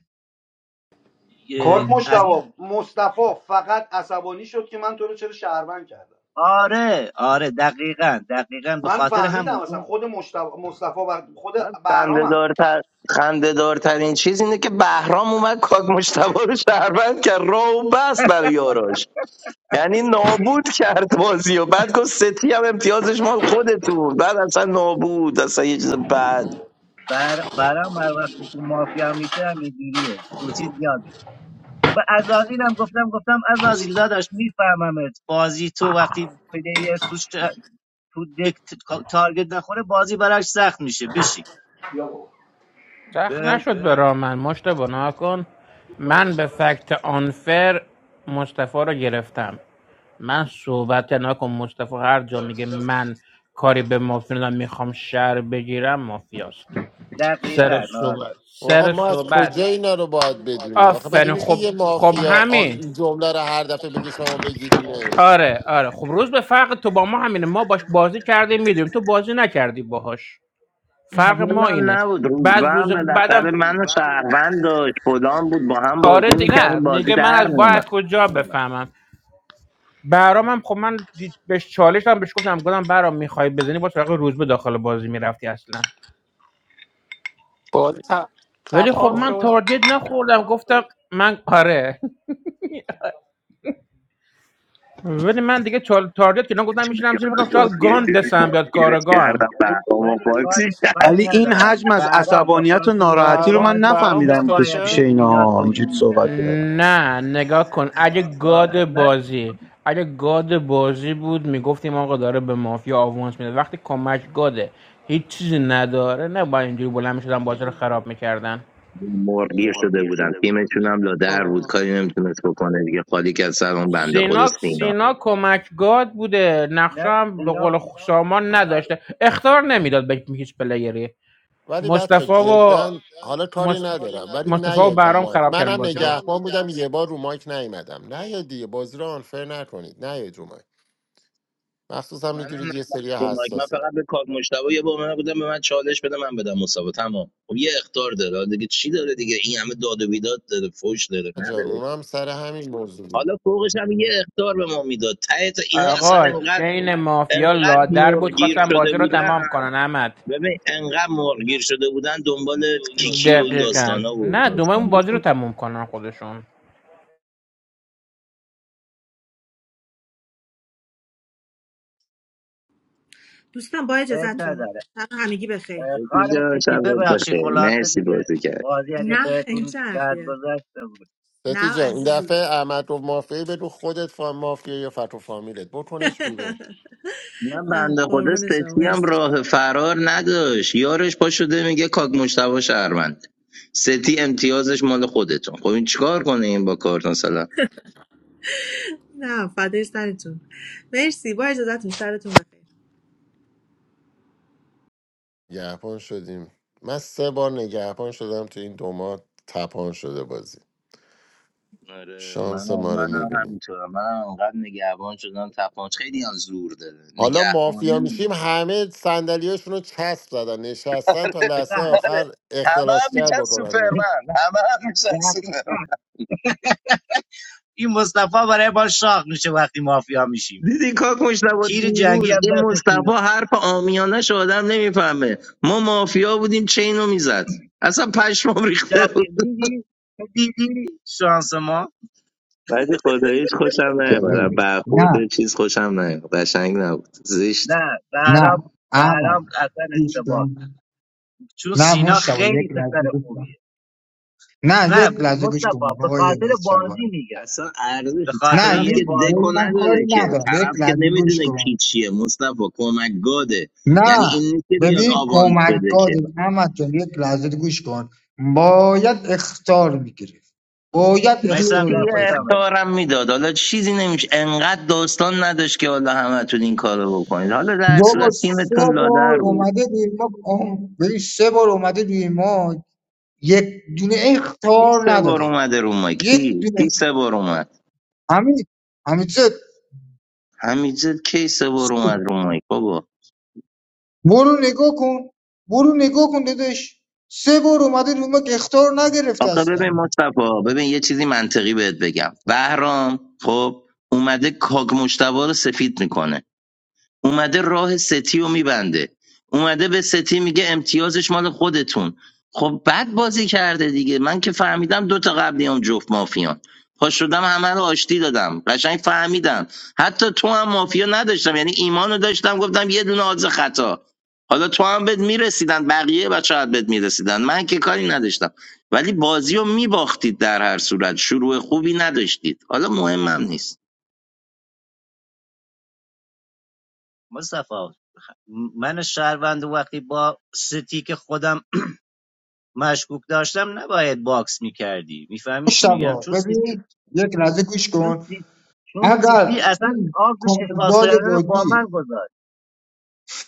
Speaker 4: کارت
Speaker 5: یه- از
Speaker 4: مشتبه
Speaker 5: این
Speaker 4: مصطفی فقط عصبانی شد که من تو رو چرا شهروند کردم
Speaker 5: آره آره دقیقا دقیقا به
Speaker 4: من
Speaker 5: خاطر
Speaker 4: فهمیدم
Speaker 5: همون
Speaker 4: اصلا
Speaker 5: اون
Speaker 4: خود مشتبه مصطفی و خود بهرامم
Speaker 5: بر برام هر وقت اون مافیا میشه همینجوریه تو چیز یاد و ازازیلم گفتم گفتم ازازیل داداش میفهممت بازی تو وقتی پلیر تو, تو دک تارگت نخوره بازی براش سخت میشه بشین
Speaker 9: سخت
Speaker 5: اه،
Speaker 9: نشد برا من مشت بنا کن من به فکت آنفر مصطفی رو گرفتم من صحبت نکن مصطفی هر جا میگه من کاری به مافیا ندارم میخوام شهر بگیرم مافیاست
Speaker 5: دقیقا
Speaker 9: سر
Speaker 5: آره
Speaker 9: صحبت
Speaker 13: آقا
Speaker 9: سر
Speaker 13: ما از
Speaker 9: صحبت
Speaker 13: کجا اینا رو باید بدونیم آخه مگه
Speaker 9: آفرین
Speaker 13: میشه
Speaker 9: خب
Speaker 13: یه
Speaker 9: خب
Speaker 13: مافیا آ-
Speaker 9: همین
Speaker 13: این جمله رو هر دفعه بگه شما بگیرینش
Speaker 9: آره آره خب روز به فرق تو با ما همینه ما باش بازی کردیم میدونیم تو بازی نکردی باهاش فرق ما اینه بعد روز بعدم آره دیگه نه میگه من از با از کجا بفهمم برام هم خب من دی- بهش چالش هم بهش گفتم گفتم برام میخوای بزنی با سراغ روز به داخل بازی میرفتی اصلا
Speaker 14: بازی ت...
Speaker 9: ولی خب
Speaker 14: تپان
Speaker 9: من
Speaker 14: شد
Speaker 9: تارگت نخوردم گفتم من آره (laughs) ولی من دیگه چال تارگت که گفتم میشینم زیر فکرم شاید گان دستم بیاد کارگاهم
Speaker 5: ولی, ولی کاری, کاری
Speaker 4: ولی این حجم
Speaker 5: ندارم
Speaker 4: از
Speaker 5: برام به
Speaker 4: عصبانیت و
Speaker 5: خاطر یه
Speaker 4: ناراحتی رو من
Speaker 14: برام
Speaker 5: بازی
Speaker 14: برام
Speaker 4: نفهمیدم
Speaker 14: دیسکارد
Speaker 4: پیش
Speaker 5: نباید
Speaker 4: پیش
Speaker 5: به
Speaker 14: کرد
Speaker 5: سینا
Speaker 4: اینها
Speaker 5: توهین
Speaker 4: اینجوری
Speaker 5: میکرد
Speaker 4: صحبت کردن
Speaker 9: نه نگاه کن اگه گاد
Speaker 5: نه
Speaker 9: بازی اگه گاد بازی بود میگفتیم آقا داره به مافیا آوانس میده وقتی کمک گاده هیچ چیزی نداره نه با اینجوری بلند میشدن بازی رو خراب میکردن سینا سینا کمک گاد بوده نقشه
Speaker 5: نه
Speaker 9: هم به
Speaker 5: سینا
Speaker 9: قول خ- سامان نداشته اختار نمیداد به هیچ پلیری
Speaker 13: ولی بچه
Speaker 9: مصطفی اینا و
Speaker 13: جدا حالا کاری ندارم ولی
Speaker 9: مصطفی و
Speaker 13: نیاد رو
Speaker 9: برام
Speaker 13: مایک
Speaker 9: خراب کردن
Speaker 13: منم
Speaker 9: بازی رو
Speaker 13: نگهبان بودم یه بار رو مایک نیومدم نیاد دیگه بازی رو آنفر نکنید نیاد رو مایک مخصوصا میدونید یه سری حساسم جان اونا هم سر همین موضوع بود
Speaker 9: آقا چین مافیا لادر بود خواستم بازی رو تمام کنن احمد دقیقاً نه دومه اون بازی رو تمام کنن خودشون
Speaker 11: دوستان با
Speaker 5: عیب
Speaker 11: اجازتون
Speaker 5: نداره
Speaker 11: شب همگی
Speaker 5: اه،
Speaker 11: بخیر
Speaker 5: خانم سیتی ببخشی خلاصه دیگه بازی اگه
Speaker 11: نه این چه
Speaker 5: بهتون بد
Speaker 11: حرفیه
Speaker 5: گذشته بود
Speaker 13: ستی
Speaker 11: نه
Speaker 13: جان این
Speaker 11: عزیزی
Speaker 13: دفعه احمد رو مافیایی به رو خودت فا مافیا یا فتو فامیلت بکنش بیرون
Speaker 11: (laughs) نه قربون شما مرسی نه فدای سرتون مرسی با اجازتون سرتون بخیر
Speaker 13: نگهبان شدیم من سه بار نگهبان شدم تو این دو ماه تپان شده بازی شانس ما رو میبینیم حالا مافیا میشیم همه صندلیاشون رو چسب زدن نشستن تا لحظه
Speaker 5: دقیقا
Speaker 13: آخر اختلاس بکنم
Speaker 5: دقیقا این مصطفی برای ما شاق میشه وقتی مافیا میشیم تیر جنگی هم دستش میره دقیق دیدی دیدی شانس ما
Speaker 3: جالب. نه
Speaker 5: نه
Speaker 3: نه
Speaker 5: بهرام
Speaker 3: احمد
Speaker 5: بهرام اصلا
Speaker 3: گوش
Speaker 5: اشتباه کرد.
Speaker 3: کن
Speaker 5: چون
Speaker 3: نه
Speaker 5: سینا
Speaker 3: مشتبه یک
Speaker 5: خیلی پسر
Speaker 3: لحظه گوش کن
Speaker 5: خوبیه
Speaker 3: نه
Speaker 5: نه
Speaker 3: یک لحظه گوش کن
Speaker 5: مصطفی به
Speaker 3: آقای
Speaker 5: خاطر بازی
Speaker 3: مشتبه
Speaker 5: میگم به خاطر
Speaker 3: نه
Speaker 5: یه
Speaker 3: می به
Speaker 5: بازی
Speaker 3: من کاری ندارم یک لحظه گوش کن نه ببین کمک دادیم احمد جان یک لحظه گوش کن باید اختار میگرفت باید
Speaker 5: میسم
Speaker 3: اختار
Speaker 5: در خوش
Speaker 3: میگرفت اینا
Speaker 5: آمدی
Speaker 3: دو بار سه بار اومده روی ما آم، ببین سه بار اومده روی ما یک دونه اختار نداده یک دونه همین همین برو نگاه کن برو نگاه کن دادش سه بار اومده رو ما که اخطار نگرفته اصلا
Speaker 5: مصطفی من شهروند وقتی با ستی که خودم مشکوک داشتم نباید باکس میکردی میفهمی چی میگم
Speaker 3: مشتبا
Speaker 5: چون ستی
Speaker 3: ببین یک لحظه گوش
Speaker 5: چون
Speaker 3: کن
Speaker 5: سی... چون
Speaker 3: اگر
Speaker 5: سیتی اصلا
Speaker 3: این
Speaker 5: آب شفا
Speaker 3: کمکگاد
Speaker 5: سایانه رو با
Speaker 3: بازی
Speaker 5: من گذاشت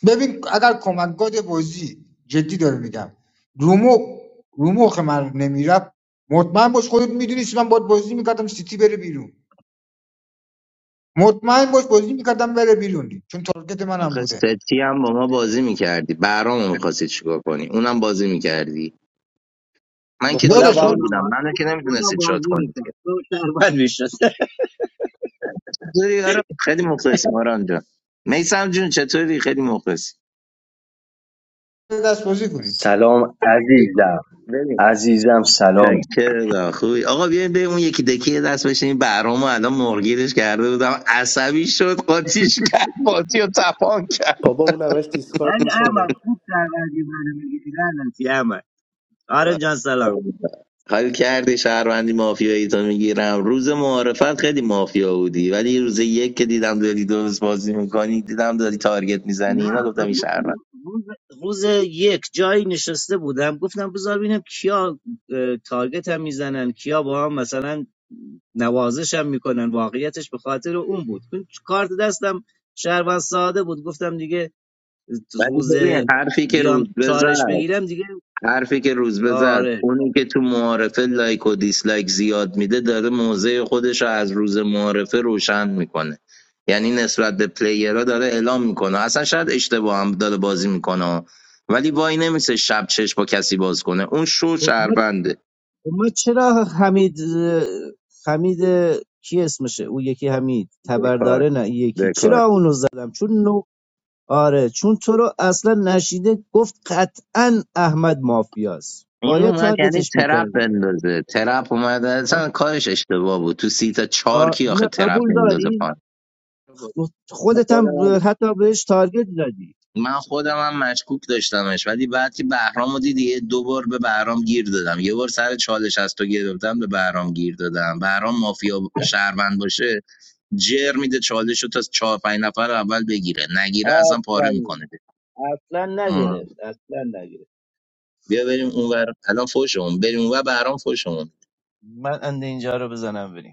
Speaker 3: ببین اگر کمکگاد بازی جدی داره میگم رومو رومخ من نمیرفت مطمئن باش خودت میدونی من باید بازی میکردم سیتی بره بیرون مطمئن باش بازی میکردم بره بیرون چون تارگت منم بوده
Speaker 5: به خدا
Speaker 3: دادش
Speaker 5: با
Speaker 3: من
Speaker 5: اونم با اونم بازی میکرد تو شربت میشد (laughs)
Speaker 3: دست بازی کنید
Speaker 19: Salam, azizam. Azizam, salam.
Speaker 20: Papa, un a vesti scurt
Speaker 5: ولی
Speaker 20: micone.
Speaker 5: احمد خوب شربتی منو میگیری لعنتی احمد آره جان سلام نه خب رو- روز, روز یک جایی نشسته بودم گفتم بذار ببینم کیا اه، تارگت هم میزنن کیا با هم مثلا نوازش هم میکنن واقعیتش به خاطر اون بود چون کارت دستم شهروند ساده بود گفتم دیگه روز بیام چالش بگیرم دیگه آره خب من خب من چرا حمید حمید کی اسمشه او یکی حمید تبرداره نه این یکی چرا اونو زدم چون نو آره چون تو رو اصلا نشیده گفت قطعا احمد مافیاست باید تارگتش میکردم نه قبول داری خودت
Speaker 17: ببخشید
Speaker 5: هم حتی بهش تارگت زدی آفرین اصلا نگرفت اصلا نگرفت من اند اینجا رو بزنم بریم